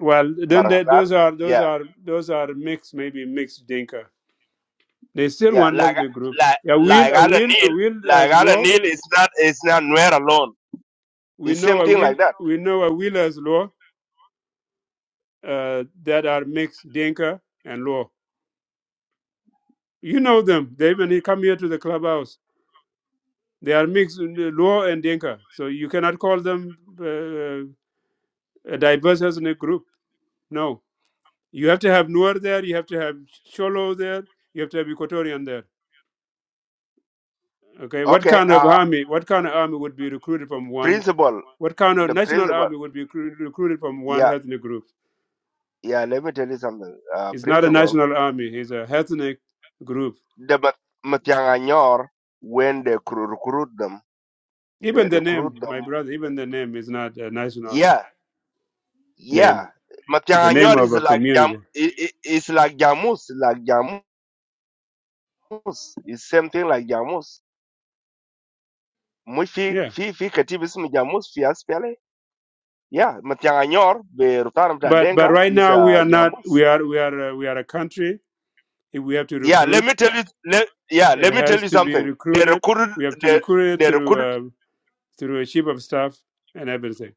[SPEAKER 1] Well, then the,
[SPEAKER 7] Barghazal,
[SPEAKER 1] those are those
[SPEAKER 7] yeah,
[SPEAKER 1] are those are mixed, maybe mixed Dinka. They still
[SPEAKER 7] yeah.
[SPEAKER 1] one
[SPEAKER 7] Like,
[SPEAKER 1] ethnic group.
[SPEAKER 7] like,
[SPEAKER 1] A will,
[SPEAKER 7] like
[SPEAKER 1] a
[SPEAKER 7] Alan
[SPEAKER 1] will,
[SPEAKER 7] Neil,
[SPEAKER 1] a will
[SPEAKER 7] like
[SPEAKER 1] as
[SPEAKER 7] Alan
[SPEAKER 1] law.
[SPEAKER 7] Neil is not, is not Nuer alone.
[SPEAKER 1] We
[SPEAKER 7] It's
[SPEAKER 1] know
[SPEAKER 7] same
[SPEAKER 1] a
[SPEAKER 7] thing
[SPEAKER 1] will.
[SPEAKER 7] like that.
[SPEAKER 1] We know a will as law uh, that are mixed Dinka and law. You know them. They even come here to the clubhouse. They are mixed uh, law and Dinka, so you cannot call them uh, a diverse ethnic group. No. You have to have Nuer there, you have to have Sholo there, you have to have Equatorian there. Okay, what
[SPEAKER 7] Okay,
[SPEAKER 1] kind of
[SPEAKER 7] uh,
[SPEAKER 1] army, what kind of army would be recruited from one,
[SPEAKER 7] principal,
[SPEAKER 1] what kind of
[SPEAKER 7] the
[SPEAKER 1] national
[SPEAKER 7] principal,
[SPEAKER 1] army would be recru- recruited from one
[SPEAKER 7] yeah,
[SPEAKER 1] ethnic group?
[SPEAKER 7] yeah, let me tell you something. Uh,
[SPEAKER 1] It's not a
[SPEAKER 7] principal,
[SPEAKER 1] national army, it's a ethnic group.
[SPEAKER 7] the Mat- Matianganyor, when they cr- recruit them, they
[SPEAKER 1] Even the name,
[SPEAKER 7] recruit
[SPEAKER 1] my
[SPEAKER 7] them
[SPEAKER 1] brother, even the name is not a national
[SPEAKER 7] Yeah,
[SPEAKER 1] name.
[SPEAKER 7] yeah.
[SPEAKER 1] It's the name
[SPEAKER 7] Matianganyor
[SPEAKER 1] of
[SPEAKER 7] is
[SPEAKER 1] a
[SPEAKER 7] like jam.
[SPEAKER 1] community.
[SPEAKER 7] i- i- It's like jamus, like jamus. It's same thing like jamus. Muy fi
[SPEAKER 1] Yeah.
[SPEAKER 7] fi fi katibu ismu jamus fi aspele. Yeah, Matianganyor be rutanam ta
[SPEAKER 1] But but
[SPEAKER 7] denka
[SPEAKER 1] right
[SPEAKER 7] is
[SPEAKER 1] now we
[SPEAKER 7] uh,
[SPEAKER 1] are not
[SPEAKER 7] jamus.
[SPEAKER 1] we are we are uh, we are a country. If we have to
[SPEAKER 7] Yeah, let me
[SPEAKER 1] recruit,
[SPEAKER 7] tell you. Let, yeah,
[SPEAKER 1] it
[SPEAKER 7] let me tell
[SPEAKER 1] has
[SPEAKER 7] you
[SPEAKER 1] to be
[SPEAKER 7] something. They
[SPEAKER 1] recruited
[SPEAKER 7] recruited.
[SPEAKER 1] we have to
[SPEAKER 7] They
[SPEAKER 1] recruit it
[SPEAKER 7] they
[SPEAKER 1] through
[SPEAKER 7] recruited.
[SPEAKER 1] uh, through a chief of staff and everything.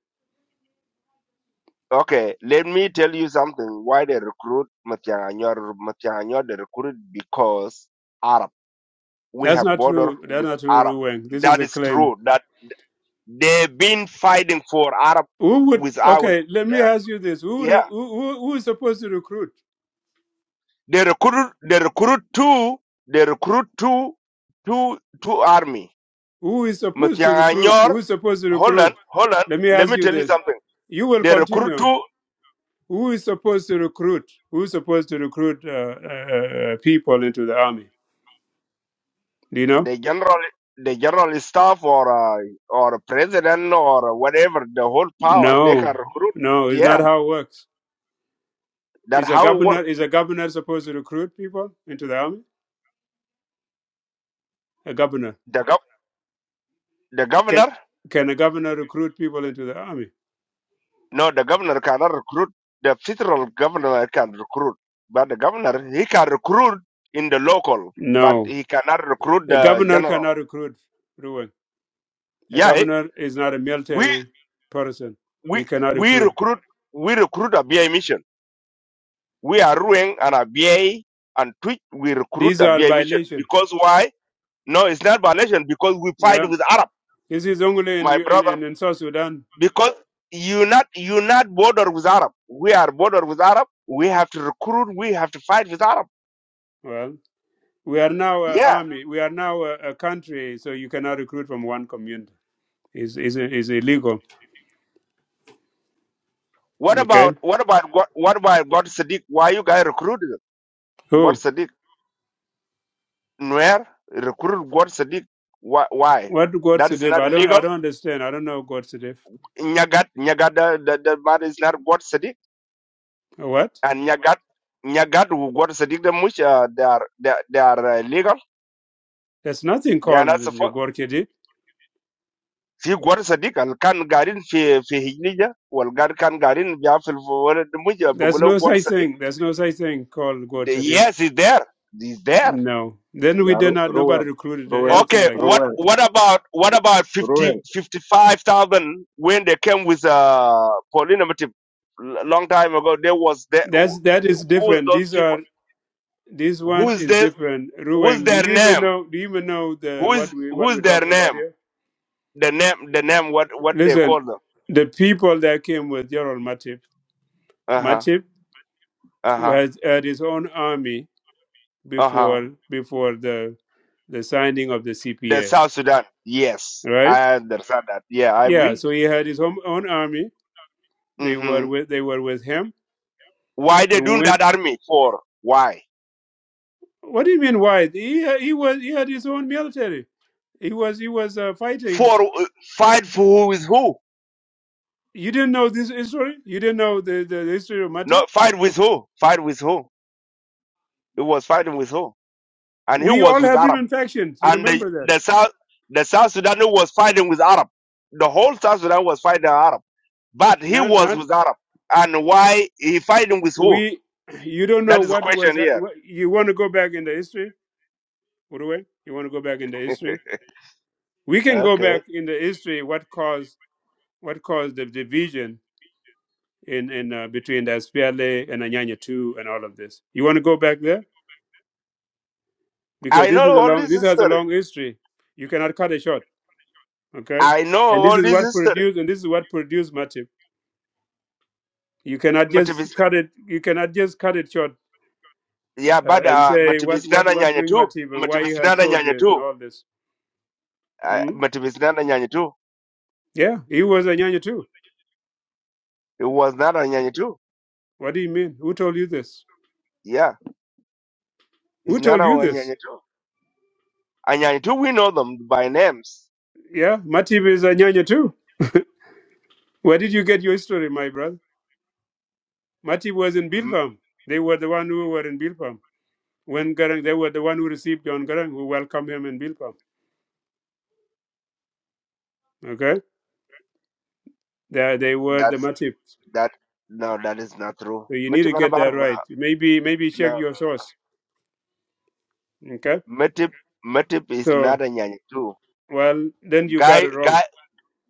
[SPEAKER 7] Okay, let me tell you something. Why they recruit Matianganyor? Matianganyor they recruited because Arab. we
[SPEAKER 1] That's
[SPEAKER 7] have
[SPEAKER 1] not
[SPEAKER 7] border
[SPEAKER 1] true. That's
[SPEAKER 7] with
[SPEAKER 1] not true,
[SPEAKER 7] Arab.
[SPEAKER 1] Ru Wang. This is
[SPEAKER 7] That
[SPEAKER 1] a
[SPEAKER 7] is
[SPEAKER 1] claim.
[SPEAKER 7] true. That they've been fighting for Arab
[SPEAKER 1] Who would?
[SPEAKER 7] without.
[SPEAKER 1] Okay, let me
[SPEAKER 7] Uh,
[SPEAKER 1] ask you this: Who re-
[SPEAKER 7] yeah,
[SPEAKER 1] who who who is supposed to recruit?
[SPEAKER 7] they recruit. They recruit two. They recruit two, two, two army.
[SPEAKER 1] Who is supposed to recruit?
[SPEAKER 7] Matianganyor,
[SPEAKER 1] Who is supposed to
[SPEAKER 7] Holland,
[SPEAKER 1] recruit?
[SPEAKER 7] Holland.
[SPEAKER 1] Let me
[SPEAKER 7] Let
[SPEAKER 1] ask
[SPEAKER 7] me
[SPEAKER 1] you
[SPEAKER 7] tell you
[SPEAKER 1] this:
[SPEAKER 7] something.
[SPEAKER 1] You will
[SPEAKER 7] They recruit
[SPEAKER 1] continue.
[SPEAKER 7] two.
[SPEAKER 1] Who is supposed to recruit? Who is supposed to recruit uh, uh, uh, people into the army? Do you know?
[SPEAKER 7] The general, the general staff, or uh, or president, or whatever. The whole power they can
[SPEAKER 1] No,
[SPEAKER 7] recruit.
[SPEAKER 1] no, it's not
[SPEAKER 7] Yeah,
[SPEAKER 1] how it works.
[SPEAKER 7] that
[SPEAKER 1] Is a
[SPEAKER 7] how it
[SPEAKER 1] governor
[SPEAKER 7] works.
[SPEAKER 1] is a governor supposed to recruit people into the army? A governor.
[SPEAKER 7] The gov- the governor
[SPEAKER 1] Can can a governor recruit people into the army?
[SPEAKER 7] No, the governor cannot recruit. The federal governor can recruit, but the governor he can recruit in the local, but
[SPEAKER 1] No,
[SPEAKER 7] he cannot recruit
[SPEAKER 1] a
[SPEAKER 7] the
[SPEAKER 1] governor
[SPEAKER 7] general.
[SPEAKER 1] cannot recruit. Ruwan. A
[SPEAKER 7] Yeah, eh,
[SPEAKER 1] governor is not a
[SPEAKER 7] we
[SPEAKER 1] military person.
[SPEAKER 7] we
[SPEAKER 1] He cannot
[SPEAKER 7] we
[SPEAKER 1] recruit.
[SPEAKER 7] recruit we recruit a BI mission. We are doing an a B I and tweet. We recruit
[SPEAKER 1] These
[SPEAKER 7] a
[SPEAKER 1] are
[SPEAKER 7] BI mission
[SPEAKER 1] violations.
[SPEAKER 7] because why? No, it's not violation because we fight
[SPEAKER 1] Yeah,
[SPEAKER 7] with Arab,
[SPEAKER 1] this is only in
[SPEAKER 7] my
[SPEAKER 1] U- in,
[SPEAKER 7] brother.
[SPEAKER 1] in, in South Sudan.
[SPEAKER 7] Because you not you not border with Arab. We are border with Arab. We have to recruit. We have to fight with Arab.
[SPEAKER 1] Well, we are now an
[SPEAKER 7] Yeah,
[SPEAKER 1] army. We are now a, a country, so you cannot recruit from one community. Is is is illegal.
[SPEAKER 7] What about
[SPEAKER 1] Okay.
[SPEAKER 7] what about God, what about God Sadiq? Why you guys recruited God
[SPEAKER 1] Who?
[SPEAKER 7] Sadiq? Where recruit God Sadiq? Why? why?
[SPEAKER 1] What God
[SPEAKER 7] That is
[SPEAKER 1] Sedif?
[SPEAKER 7] not
[SPEAKER 1] I don't
[SPEAKER 7] illegal.
[SPEAKER 1] I don't understand. I don't know God Sedif.
[SPEAKER 7] Nyagat Nyagat the the, the man is not God Sadiq
[SPEAKER 1] What?
[SPEAKER 7] and Nyagat Nyagat who God Sadiq the mush uh, they are they, they are uh, illegal.
[SPEAKER 1] There's nothing
[SPEAKER 7] They are
[SPEAKER 1] called
[SPEAKER 7] not
[SPEAKER 1] the
[SPEAKER 7] supposed.
[SPEAKER 1] God Sedif.
[SPEAKER 7] في قوار صديق اللي كان قاعدين في في هجنية والقار كان قاعدين بيعرف الولد the بقول
[SPEAKER 1] There's
[SPEAKER 7] له
[SPEAKER 1] no
[SPEAKER 7] قوار
[SPEAKER 1] such
[SPEAKER 7] صديق
[SPEAKER 1] thing. There's no such thing called Gorchadit.
[SPEAKER 7] yes there. He's there is there
[SPEAKER 1] No. Then we
[SPEAKER 8] Ya
[SPEAKER 1] did
[SPEAKER 8] Ro-
[SPEAKER 1] not. Nobody
[SPEAKER 8] Roel,
[SPEAKER 1] recruited or
[SPEAKER 8] Roel,
[SPEAKER 1] anything
[SPEAKER 7] Okay,
[SPEAKER 1] like that.
[SPEAKER 7] what
[SPEAKER 8] Roel,
[SPEAKER 7] what about what about
[SPEAKER 8] Roel.
[SPEAKER 7] 50 55,000 when they came with uh polynomial long time ago? There was there
[SPEAKER 1] That's that is
[SPEAKER 7] who's
[SPEAKER 1] different.
[SPEAKER 7] those
[SPEAKER 1] These
[SPEAKER 7] people?
[SPEAKER 1] are this one
[SPEAKER 7] Who's
[SPEAKER 1] is
[SPEAKER 7] this?
[SPEAKER 1] different.
[SPEAKER 7] Who's
[SPEAKER 1] Ruang, do
[SPEAKER 7] their
[SPEAKER 1] you even
[SPEAKER 7] name?
[SPEAKER 1] know? Do you even know the what
[SPEAKER 7] Who's
[SPEAKER 1] we what
[SPEAKER 7] who's
[SPEAKER 1] we're
[SPEAKER 7] their
[SPEAKER 1] talking about
[SPEAKER 7] name?
[SPEAKER 1] here?
[SPEAKER 7] The name the name what what they
[SPEAKER 1] Listen,
[SPEAKER 7] call them?
[SPEAKER 1] the people that came with General Matip.
[SPEAKER 7] Uh huh.
[SPEAKER 1] Matip
[SPEAKER 7] Uh huh.
[SPEAKER 1] was at his own army
[SPEAKER 7] Uh huh.
[SPEAKER 1] before before the the signing of the
[SPEAKER 7] The
[SPEAKER 1] CPA.
[SPEAKER 7] South Sudan. Yes,
[SPEAKER 1] Right?
[SPEAKER 7] I understand that. Yeah, I
[SPEAKER 1] Yeah.
[SPEAKER 7] agree.
[SPEAKER 1] So he had his own, own army. They were
[SPEAKER 7] Mm-hmm.
[SPEAKER 1] with they were with him.
[SPEAKER 7] Why they
[SPEAKER 1] and
[SPEAKER 7] doing
[SPEAKER 1] when
[SPEAKER 7] that army for? Why
[SPEAKER 1] What do you mean why? He ha- he was he had his own military. He was he was uh, fighting.
[SPEAKER 7] for uh, fight for who is who?
[SPEAKER 1] You didn't know this history. You didn't know the, the, the history of
[SPEAKER 7] No,
[SPEAKER 1] Matip.
[SPEAKER 7] fight with who? Fight with who? He was fighting with who? And he
[SPEAKER 1] We
[SPEAKER 7] was
[SPEAKER 1] all
[SPEAKER 7] with
[SPEAKER 1] have
[SPEAKER 7] Arab.
[SPEAKER 1] different factions. You
[SPEAKER 7] And the,
[SPEAKER 1] remember that?
[SPEAKER 7] the South the South Sudan was fighting with Arab. The whole South Sudan was fighting Arab. But he
[SPEAKER 1] Not
[SPEAKER 7] was
[SPEAKER 1] not
[SPEAKER 7] with Arab. And why he fighting with who?
[SPEAKER 1] we. You don't know
[SPEAKER 7] That is the
[SPEAKER 1] what
[SPEAKER 7] question
[SPEAKER 1] was.
[SPEAKER 7] here.
[SPEAKER 1] What, you want to go back in the history, Uruwe? You want to go back in the history? We can go
[SPEAKER 7] Okay.
[SPEAKER 1] back in the history. What caused what caused the division in in uh, between the Aspiale and Anyanya two and all of this? You want to go back there? because
[SPEAKER 7] I
[SPEAKER 1] this is
[SPEAKER 7] know
[SPEAKER 1] a
[SPEAKER 7] all
[SPEAKER 1] long
[SPEAKER 7] this
[SPEAKER 1] this has a
[SPEAKER 7] history.
[SPEAKER 1] long history. You cannot cut it short. Okay,
[SPEAKER 7] I know
[SPEAKER 1] and this
[SPEAKER 7] all
[SPEAKER 1] is
[SPEAKER 7] this
[SPEAKER 1] what
[SPEAKER 7] history.
[SPEAKER 1] produced and this is what produced Matip. You cannot
[SPEAKER 7] Mativis-
[SPEAKER 1] just cut it. You cannot just cut it short
[SPEAKER 7] Yeah,
[SPEAKER 1] uh,
[SPEAKER 7] but
[SPEAKER 1] and
[SPEAKER 7] uh,
[SPEAKER 1] say what what
[SPEAKER 7] Mativisinana
[SPEAKER 1] what
[SPEAKER 7] Nyanya
[SPEAKER 1] bring
[SPEAKER 7] too.
[SPEAKER 1] Matip and why he has
[SPEAKER 7] Mativisinana Nyanya
[SPEAKER 1] soldiers and
[SPEAKER 7] too.
[SPEAKER 1] all this.
[SPEAKER 7] Uh,
[SPEAKER 1] Mm?
[SPEAKER 7] Mativisinana Nyanya too.
[SPEAKER 1] Yeah, he was a nyanya too.
[SPEAKER 7] It was not a Nyanya too.
[SPEAKER 1] What do you mean? Who told you this?
[SPEAKER 7] Yeah,
[SPEAKER 1] Who
[SPEAKER 7] it's not
[SPEAKER 1] told
[SPEAKER 7] a
[SPEAKER 1] you this?
[SPEAKER 7] Nyanya too. And I do we know them by names.
[SPEAKER 1] Yeah, Matip is a nyanya too. Where did you get your story, my brother? Matip was in
[SPEAKER 7] Mm,
[SPEAKER 1] Bilfam. They were the one who were in Bilfam. When Garang, they were the one who received John Garang, who welcomed him in Bilfam. Okay, they they were the
[SPEAKER 7] That's
[SPEAKER 1] motive.
[SPEAKER 7] that. No, that is not true.
[SPEAKER 1] So you need
[SPEAKER 7] Metip
[SPEAKER 1] to
[SPEAKER 7] and
[SPEAKER 1] get that
[SPEAKER 7] Barba.
[SPEAKER 1] right. Maybe maybe
[SPEAKER 7] No,
[SPEAKER 1] check
[SPEAKER 7] no,
[SPEAKER 1] your
[SPEAKER 7] no.
[SPEAKER 1] source. Okay,
[SPEAKER 7] no. Metip is not
[SPEAKER 1] so
[SPEAKER 7] a Nyanyatu.
[SPEAKER 1] well then you got
[SPEAKER 7] Guy,
[SPEAKER 1] it wrong.
[SPEAKER 7] guy,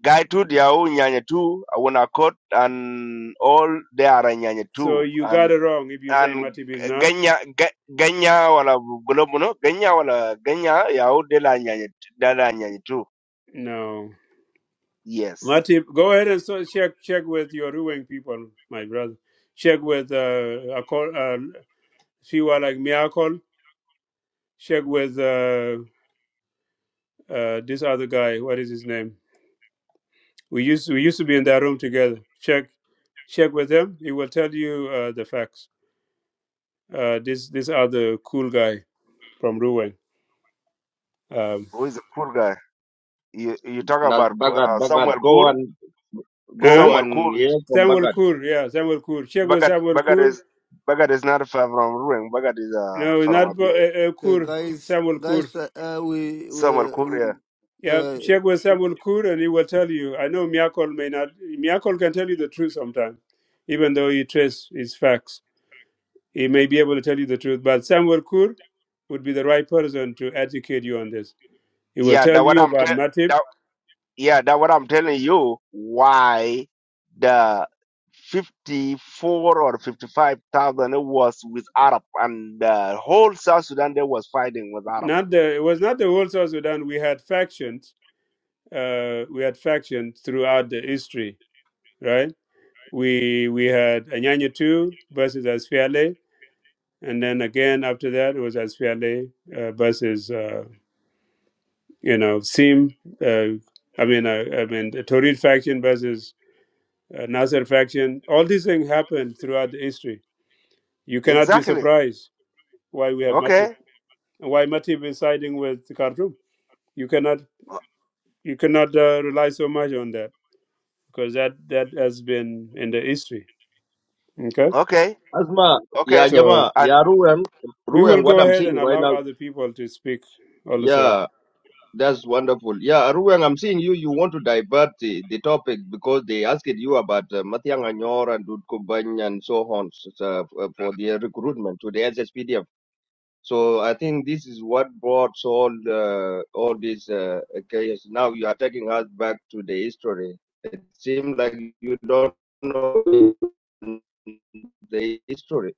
[SPEAKER 7] guy too. They are all Nyanyatu. I wanna quote and all they are a
[SPEAKER 1] So
[SPEAKER 7] Nyanyatu
[SPEAKER 1] you got
[SPEAKER 7] and.
[SPEAKER 1] it wrong if you say
[SPEAKER 7] And
[SPEAKER 1] motive is not.
[SPEAKER 7] Ganya, Ga- Ganya, wala Golobuno, Ganya, wala Ganya, Yao de la Nyanyatu, They are Nyanyatu.
[SPEAKER 1] No,
[SPEAKER 7] Yes.
[SPEAKER 1] motive. Go ahead and so check check with your Ruang people, my brother. Check with uh, a call, uh Siwa like Miracle. Check with uh, uh, this other guy. What is his name? We used we used to be in that room together. Check check with him. He will tell you uh, the facts. Uh, this this other cool guy from Ruwan. Um,
[SPEAKER 7] Who is a poor guy? You, you talk
[SPEAKER 8] Nas
[SPEAKER 7] about Ku-
[SPEAKER 8] Bagat,
[SPEAKER 7] uh,
[SPEAKER 8] Bagat,
[SPEAKER 7] Samuel
[SPEAKER 8] go
[SPEAKER 7] Kur?
[SPEAKER 8] and go
[SPEAKER 1] huh?
[SPEAKER 7] Samuel
[SPEAKER 8] and
[SPEAKER 7] Kur
[SPEAKER 8] hear from
[SPEAKER 1] Samuel
[SPEAKER 8] Bagat.
[SPEAKER 1] Kur, yeah, Samuel Kur. Check with
[SPEAKER 7] Bagat
[SPEAKER 1] Samuel
[SPEAKER 7] Bagat
[SPEAKER 1] Kur.
[SPEAKER 7] is Bagat is not far from Ruang. Bagat is uh,
[SPEAKER 1] No,
[SPEAKER 7] from
[SPEAKER 1] not uh,
[SPEAKER 7] Abia.
[SPEAKER 1] uh,
[SPEAKER 3] Okay,
[SPEAKER 1] Kur.
[SPEAKER 3] guys,
[SPEAKER 1] Samuel Kur.
[SPEAKER 3] guys, uh, uh, we
[SPEAKER 7] Somewhere
[SPEAKER 3] we, we
[SPEAKER 7] Korea.
[SPEAKER 1] Yeah,
[SPEAKER 3] uh,
[SPEAKER 1] check with Samuel Kur, and he will tell you. I know Miyakol may not. Miyakol can tell you the truth sometimes, even though he trace his facts. He may be able to tell you the truth, but Samuel Kur would be the right person to educate you on this. He will
[SPEAKER 7] Yeah, Yeah, that
[SPEAKER 1] tell
[SPEAKER 7] what
[SPEAKER 1] you
[SPEAKER 7] I'm
[SPEAKER 1] about
[SPEAKER 7] tell.
[SPEAKER 1] Matip.
[SPEAKER 7] That, yeah, that what I'm telling you. Why the fifty-four or fifty-five thousand it was with Arab and the whole South Sudan they was fighting with Arab.
[SPEAKER 1] Not the. It was not the whole South Sudan. We had factions uh, we had factions throughout the history, right? We we had Anyanya two versus Asfiale, and then again after that it was Asfiale uh, versus uh, you know Sim. Uh, I mean, uh, I mean the Torid faction versus uh, Nasser faction. All these things happened throughout the history. You cannot be
[SPEAKER 7] Exactly.
[SPEAKER 1] surprised why we have Matip
[SPEAKER 7] Okay.
[SPEAKER 1] and why Matip is siding with Khartoum. You cannot you cannot uh, rely so much on that because that that has been in the history. Okay.
[SPEAKER 7] Okay.
[SPEAKER 8] Asma, yeah,
[SPEAKER 7] Okay.
[SPEAKER 1] So
[SPEAKER 8] Jama,
[SPEAKER 7] And
[SPEAKER 8] yeah, Ruang,
[SPEAKER 1] we will
[SPEAKER 8] Ruang, what
[SPEAKER 1] go
[SPEAKER 8] I'm
[SPEAKER 1] ahead
[SPEAKER 8] seeing
[SPEAKER 1] and
[SPEAKER 8] right
[SPEAKER 1] allow
[SPEAKER 8] now,
[SPEAKER 1] other people to speak also.
[SPEAKER 8] yeah, that's wonderful. Yeah, Ruang, I'm seeing you. You want to divert the, the topic because they asked you about uh, Matiang Anyor and Dudkubany and so on so, uh, f- uh, for their recruitment to the SSPDF. So I think this is what brought all uh, all this uh, chaos. Now you are taking us back to the history. It seems like you don't know the history.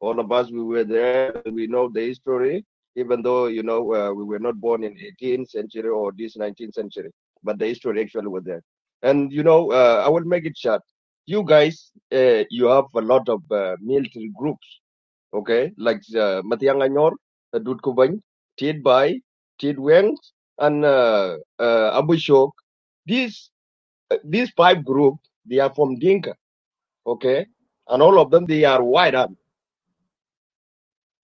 [SPEAKER 8] All of us, we were there. We know the history, even though you know uh, we were not born in 18th century or this 19th century. But the history actually was there. And you know, uh, I will make it short. You guys, uh, you have a lot of uh, military groups okay, like uh, Matiang Anyor, uh, Dut Kubany, Tiet Bai, Tiet Weng, and uh, uh, Abu Shok. These, uh, these five groups, they are from Dinka, okay? And all of them, they are white army.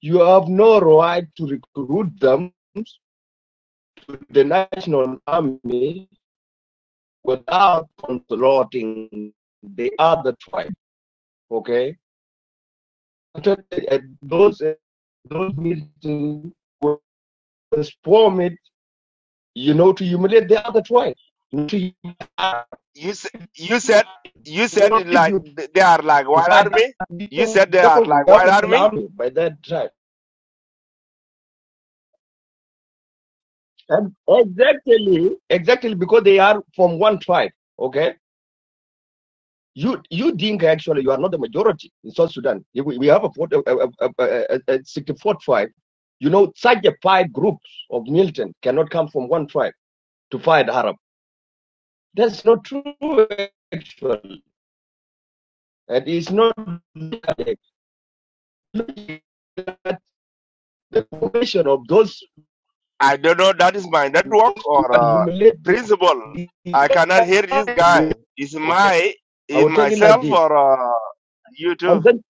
[SPEAKER 8] You have no right to recruit them to the national army without consulting the other tribe, okay? Uh, Those, uh, those meetings were formed you know, to humiliate the other tribe. To I
[SPEAKER 7] you s- you said you said it
[SPEAKER 8] won't
[SPEAKER 7] like th- they are like
[SPEAKER 8] to
[SPEAKER 7] white
[SPEAKER 8] find out
[SPEAKER 7] army.
[SPEAKER 8] you
[SPEAKER 7] You said they are like
[SPEAKER 8] we have
[SPEAKER 7] white
[SPEAKER 8] an
[SPEAKER 7] army.
[SPEAKER 8] army by that tribe. And exactly, exactly because they are from one tribe. Okay, you you think actually you are not the majority in South Sudan. If We we have a, fort- a, a, a, a, a a 64 tribe. You know, such a five groups of militant cannot come from one tribe to fight Arab. That's not true actually, and it's not the formation of those
[SPEAKER 7] I don't know. That is my network
[SPEAKER 8] to
[SPEAKER 7] or uh,
[SPEAKER 8] humiliate the,
[SPEAKER 7] principal.
[SPEAKER 8] the
[SPEAKER 7] I cannot hear this guy. Is
[SPEAKER 8] okay.
[SPEAKER 7] my
[SPEAKER 8] I
[SPEAKER 7] is
[SPEAKER 8] will take it like
[SPEAKER 7] myself
[SPEAKER 8] this.
[SPEAKER 7] or uh, you
[SPEAKER 8] And
[SPEAKER 7] too?
[SPEAKER 8] then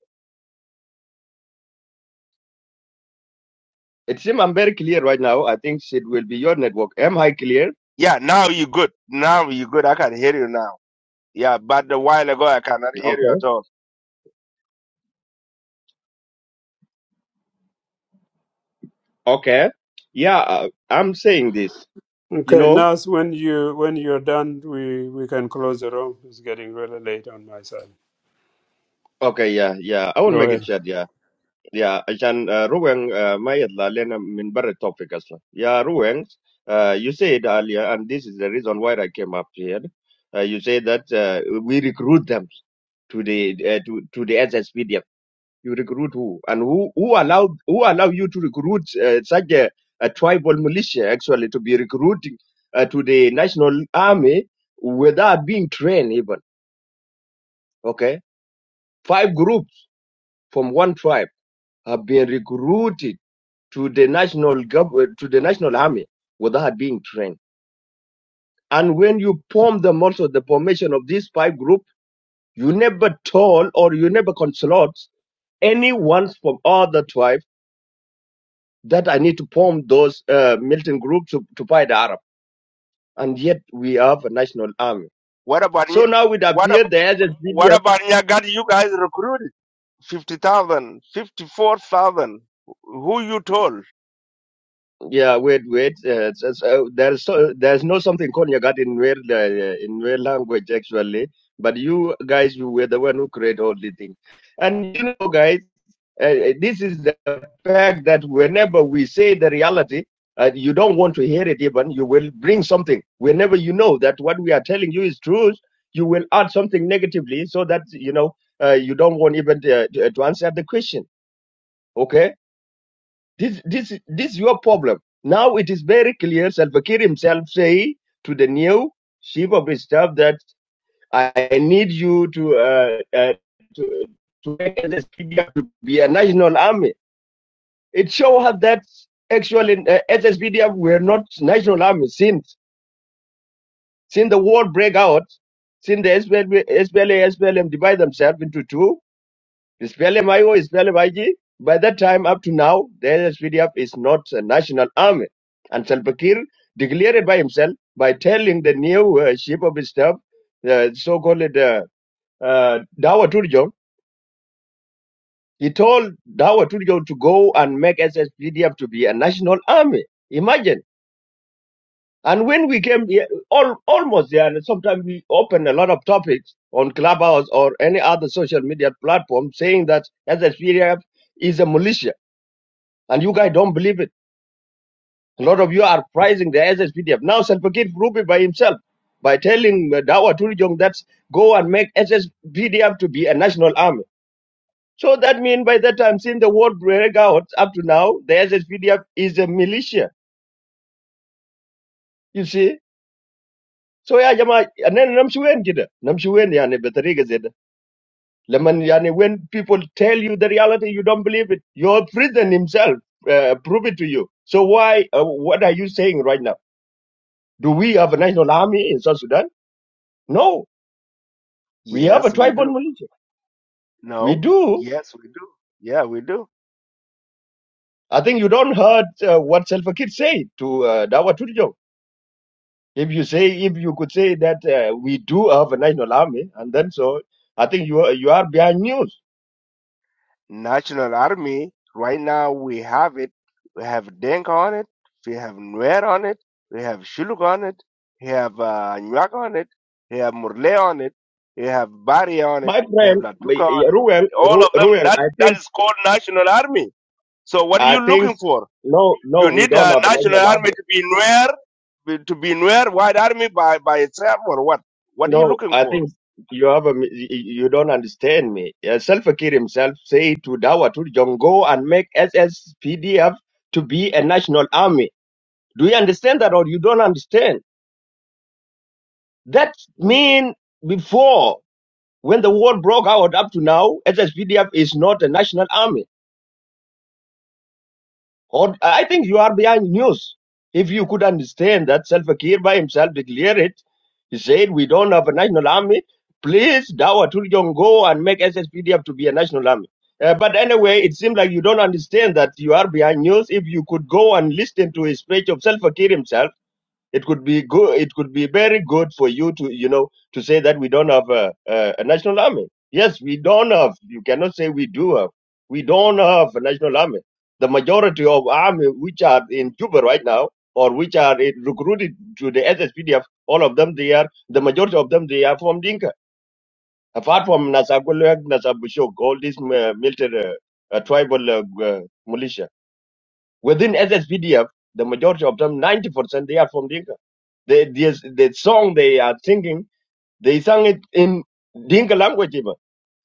[SPEAKER 8] it seems I'm very clear right now. I think it will be your network. Am I clear?
[SPEAKER 7] Yeah, now you good. Now you good. I can hear you now. Yeah, but a while ago I cannot hear you
[SPEAKER 8] Okay.
[SPEAKER 7] at all.
[SPEAKER 8] Okay. Yeah, uh, I'm saying this. You
[SPEAKER 1] Okay,
[SPEAKER 8] know.
[SPEAKER 1] Nas, when you when you're done, we we can close the room. It's getting really late on my side.
[SPEAKER 8] Okay. Yeah. Yeah. I will
[SPEAKER 1] Go
[SPEAKER 8] make it
[SPEAKER 1] ahead.
[SPEAKER 8] short. Yeah. Yeah, عشان uh, Ruweng uh, ما يطلع لنا من برا التوبيك أصلا. Yeah, Ruweng, uh, you said earlier, and this is the reason why I came up here. Uh, you said that uh, we recruit them to the uh, to to the SSPDF. You recruit who and who who allowed who allow you to recruit uh, such a, a tribal militia actually to be recruiting uh, to the national army without being trained even. Okay, five groups from one tribe have been recruited to the national gov- uh, to the national army without being trained. And when you form them also the formation of these five group, you never told or you never consult anyone from other tribe that I need to form those uh, militant groups to, to fight the Arab. And yet we have a national army.
[SPEAKER 7] What about Ny-
[SPEAKER 8] So now it
[SPEAKER 7] what
[SPEAKER 8] appears
[SPEAKER 7] about
[SPEAKER 8] the SSPDF
[SPEAKER 7] what about you? Got you guys recruited? Fifty thousand, fifty-four thousand. Who you told?
[SPEAKER 8] Yeah, wait, wait. Uh, so, so there is so, there's no something called Nyagat in real uh, in real language actually, but you guys you were the one who created all the thing, and you know, guys, uh, uh, this is the fact that whenever we say the reality, uh, you don't want to hear it even. You will bring something. Whenever you know that what we are telling you is truth, you will add something negatively so that you know uh, you don't want even to, to to answer the question. Okay this this this is your problem. Now it is very clear. Salva Kiir himself say to the new chief of his staff that I need you to uh, uh to to make SSPDF to be a national army. It shows us that actually uh, SSPDF were not national army since since the war break out, since the SPLA, SPLA SPLM divide themselves into two. SPLM IO, SPLM IG, by that time up to now, the SPDF is not a national army. And Salva Kiir declared it by himself by telling the new uh, chief of his staff, the so-called uh, uh, Dawa Turjo, he told Dawa Turjo to go and make SSPDF to be a national army. Imagine. And when we came here, all, almost there, and sometimes we open a lot of topics on Clubhouse or any other social media platform saying that SSPDF is a militia And you guys don't believe it. A lot of you are praising the SSPDF. Now Salpakir proved it by himself by telling uh, Dawa Turijong that go and make SSPDF to be a national army. So that means by that time, since the war break out up to now, the SSPDF is a militia. You see? So yeah, jama, and then namshuwen kida, namshuwen yani betariga zeda. Lemon yani when people tell you the reality, you don't believe it. Your president himself uh, prove it to you. So why? Uh, what are you saying right now? Do we have a national army in South Sudan? No. We have a
[SPEAKER 7] Yes, we
[SPEAKER 8] tribal
[SPEAKER 7] do.
[SPEAKER 8] militia. We
[SPEAKER 7] No.
[SPEAKER 8] do.
[SPEAKER 7] Yes, we do. Yeah, we do.
[SPEAKER 8] I think you don't heard uh, what Salva Kiir said to uh, Dawa Turjo. If you say, if you could say that uh, we do have a national army, and then so, I think you are, you are behind news.
[SPEAKER 7] National Army, right now we have it. We have Denk on it. We have Nuer on it. We have Shuluk on it. We have uh, Nyak on it. We have Murle on it. We have Bari on it.
[SPEAKER 8] My
[SPEAKER 7] We have
[SPEAKER 8] friend, my-
[SPEAKER 7] Latuka on it.
[SPEAKER 8] Ruel,
[SPEAKER 7] All of
[SPEAKER 8] Ru-
[SPEAKER 7] them,
[SPEAKER 8] Ruel,
[SPEAKER 7] that,
[SPEAKER 8] I
[SPEAKER 7] that
[SPEAKER 8] think,
[SPEAKER 7] is called National Army. So what are
[SPEAKER 8] I
[SPEAKER 7] you
[SPEAKER 8] think,
[SPEAKER 7] looking for?
[SPEAKER 8] no, no,
[SPEAKER 7] You
[SPEAKER 8] we
[SPEAKER 7] need
[SPEAKER 8] don't
[SPEAKER 7] a
[SPEAKER 8] have a
[SPEAKER 7] National
[SPEAKER 8] national
[SPEAKER 7] Army
[SPEAKER 8] army.
[SPEAKER 7] to be Nuer, to be Nuer White Army by, by itself or what? What are you
[SPEAKER 8] No,
[SPEAKER 7] looking
[SPEAKER 8] I
[SPEAKER 7] for?
[SPEAKER 8] think you have a, mi- you don't understand me. Uh, Salva Kiir himself say to Dawa to John, go and make SSPDF to be a national army. Do you understand that or you don't understand? That mean before when the war broke out up to now, SSPDF is not a national army. Or uh, I think you are behind news. If you could understand that Salva Kiir by himself declared it, he said, "We don't have a national army. Please, Dawa Tuljong, go and make SSPDF to be a national army." Uh, but anyway, it seems like you don't understand that you are behind news. If you could go and listen to his speech of Salva Kiir himself it could be good it could be very good for you to you know to say that we don't have a, a, a national army yes we don't have you cannot say we do have we don't have a national army the majority of army which are in juba right now or which are eh, recruited to the sspdf all of them they are the majority of them they are from dinka apart from nasagulak nasabushok all these uh, military uh, uh, tribal uh, uh, militia Within SSPDF, the majority of them, 90%, they are from Dinka. They, the the song they are singing, they sang it in Dinka language even.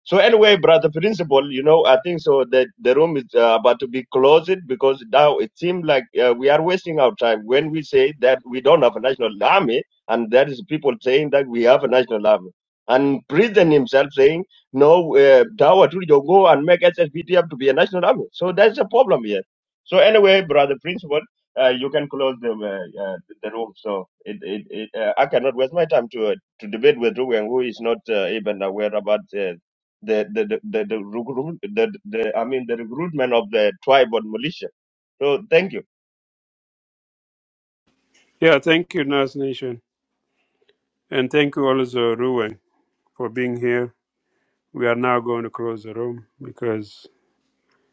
[SPEAKER 8] So anyway, brother principal, you know, I think so that the room is uh, about to be closed because now it seems like uh, we are wasting our time when we say that we don't have a national army, and there is people saying that we have a national army, and president himself saying no, uh, Dawa Tulijo go and make SSPTF to be a national army. So that's a problem here. So anyway, brother principal, uh, you can close the uh, uh, the room. So it, it, it, uh, I cannot waste my time to uh, to debate with Ruben, who is not uh, even aware about. Uh, the the the the, the, recruit, the, the I mean the recruitment of the tribe and militia. So thank you.
[SPEAKER 1] Yeah, thank you, Nas Nation, and thank you also Ruwen for being here. We are now going to close the room because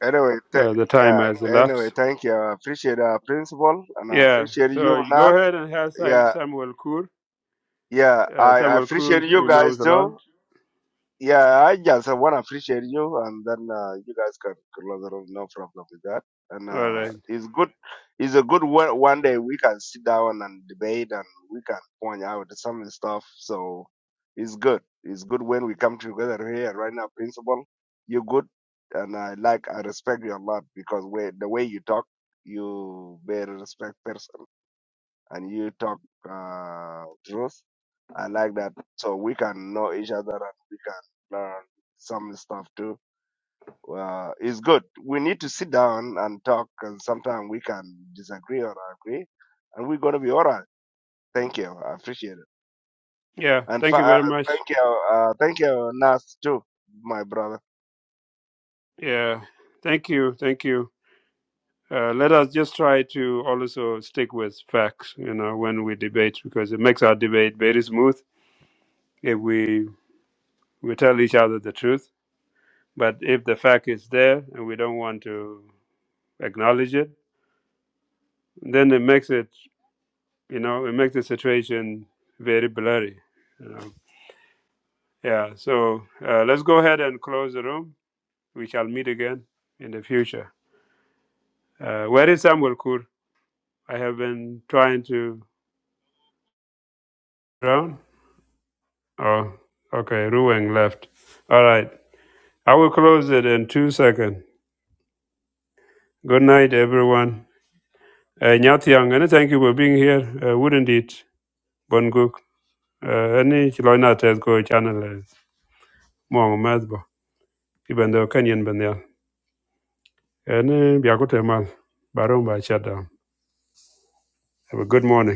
[SPEAKER 7] Anyway, th-
[SPEAKER 1] uh, the time has
[SPEAKER 7] yeah. Anyway,
[SPEAKER 1] elapsed.
[SPEAKER 7] thank you. I appreciate uh, principal, and I
[SPEAKER 1] Yeah,
[SPEAKER 7] appreciate you,
[SPEAKER 1] so you go
[SPEAKER 7] Nath.
[SPEAKER 1] ahead and have Sam,
[SPEAKER 7] Yeah,
[SPEAKER 1] Samuel Kur.
[SPEAKER 7] yeah.
[SPEAKER 1] Uh,
[SPEAKER 7] I, I
[SPEAKER 1] Samuel Kur
[SPEAKER 7] appreciate you
[SPEAKER 1] he
[SPEAKER 7] guys
[SPEAKER 1] knows a
[SPEAKER 7] too.
[SPEAKER 1] lot.
[SPEAKER 7] Yeah, I just uh, want to appreciate you, and then uh, you guys can close it. room. No problem with that. And
[SPEAKER 1] All
[SPEAKER 7] uh,
[SPEAKER 1] right.
[SPEAKER 7] it's good. It's a good one. One day we can sit down and debate, and we can point out some stuff. So it's good. It's good when we come together here right now, principal. You're good, and I like. I respect you a lot because way, the way you talk, you very respect person and you talk uh, truth. I like that. So we can know each other and we can learn some stuff too. Uh, it's good. We need to sit down and talk, and sometimes we can disagree or agree, and we're gonna be alright. Thank you. I appreciate it.
[SPEAKER 1] Yeah,
[SPEAKER 7] And
[SPEAKER 1] thank you
[SPEAKER 7] fa- uh,
[SPEAKER 1] very much.
[SPEAKER 7] thank you. Uh, thank you, Nas, too, my brother.
[SPEAKER 1] Yeah, thank you, thank you. Uh, let us just try to also stick with facts, you know, when we debate, because it makes our debate very smooth if we, we tell each other the truth. But if the fact is there and we don't want to acknowledge it, then it makes it, you know, it makes the situation very blurry. You know? Yeah, so uh, let's go ahead and close the room. We shall meet again in the future. Uh, where is Samuel Kur? I have been trying to. drown. Oh, okay. Ruang left. All right. I will close it in two seconds. Good night, everyone. Uh, Nyathiang, and thank you for being here. Uh, wouldn't it? Bonguk. Uh, any chiloina test go channel is mong madbo. Even though Kenyan banyal. Any biakutemal. Barong by shutdown. Have a good morning.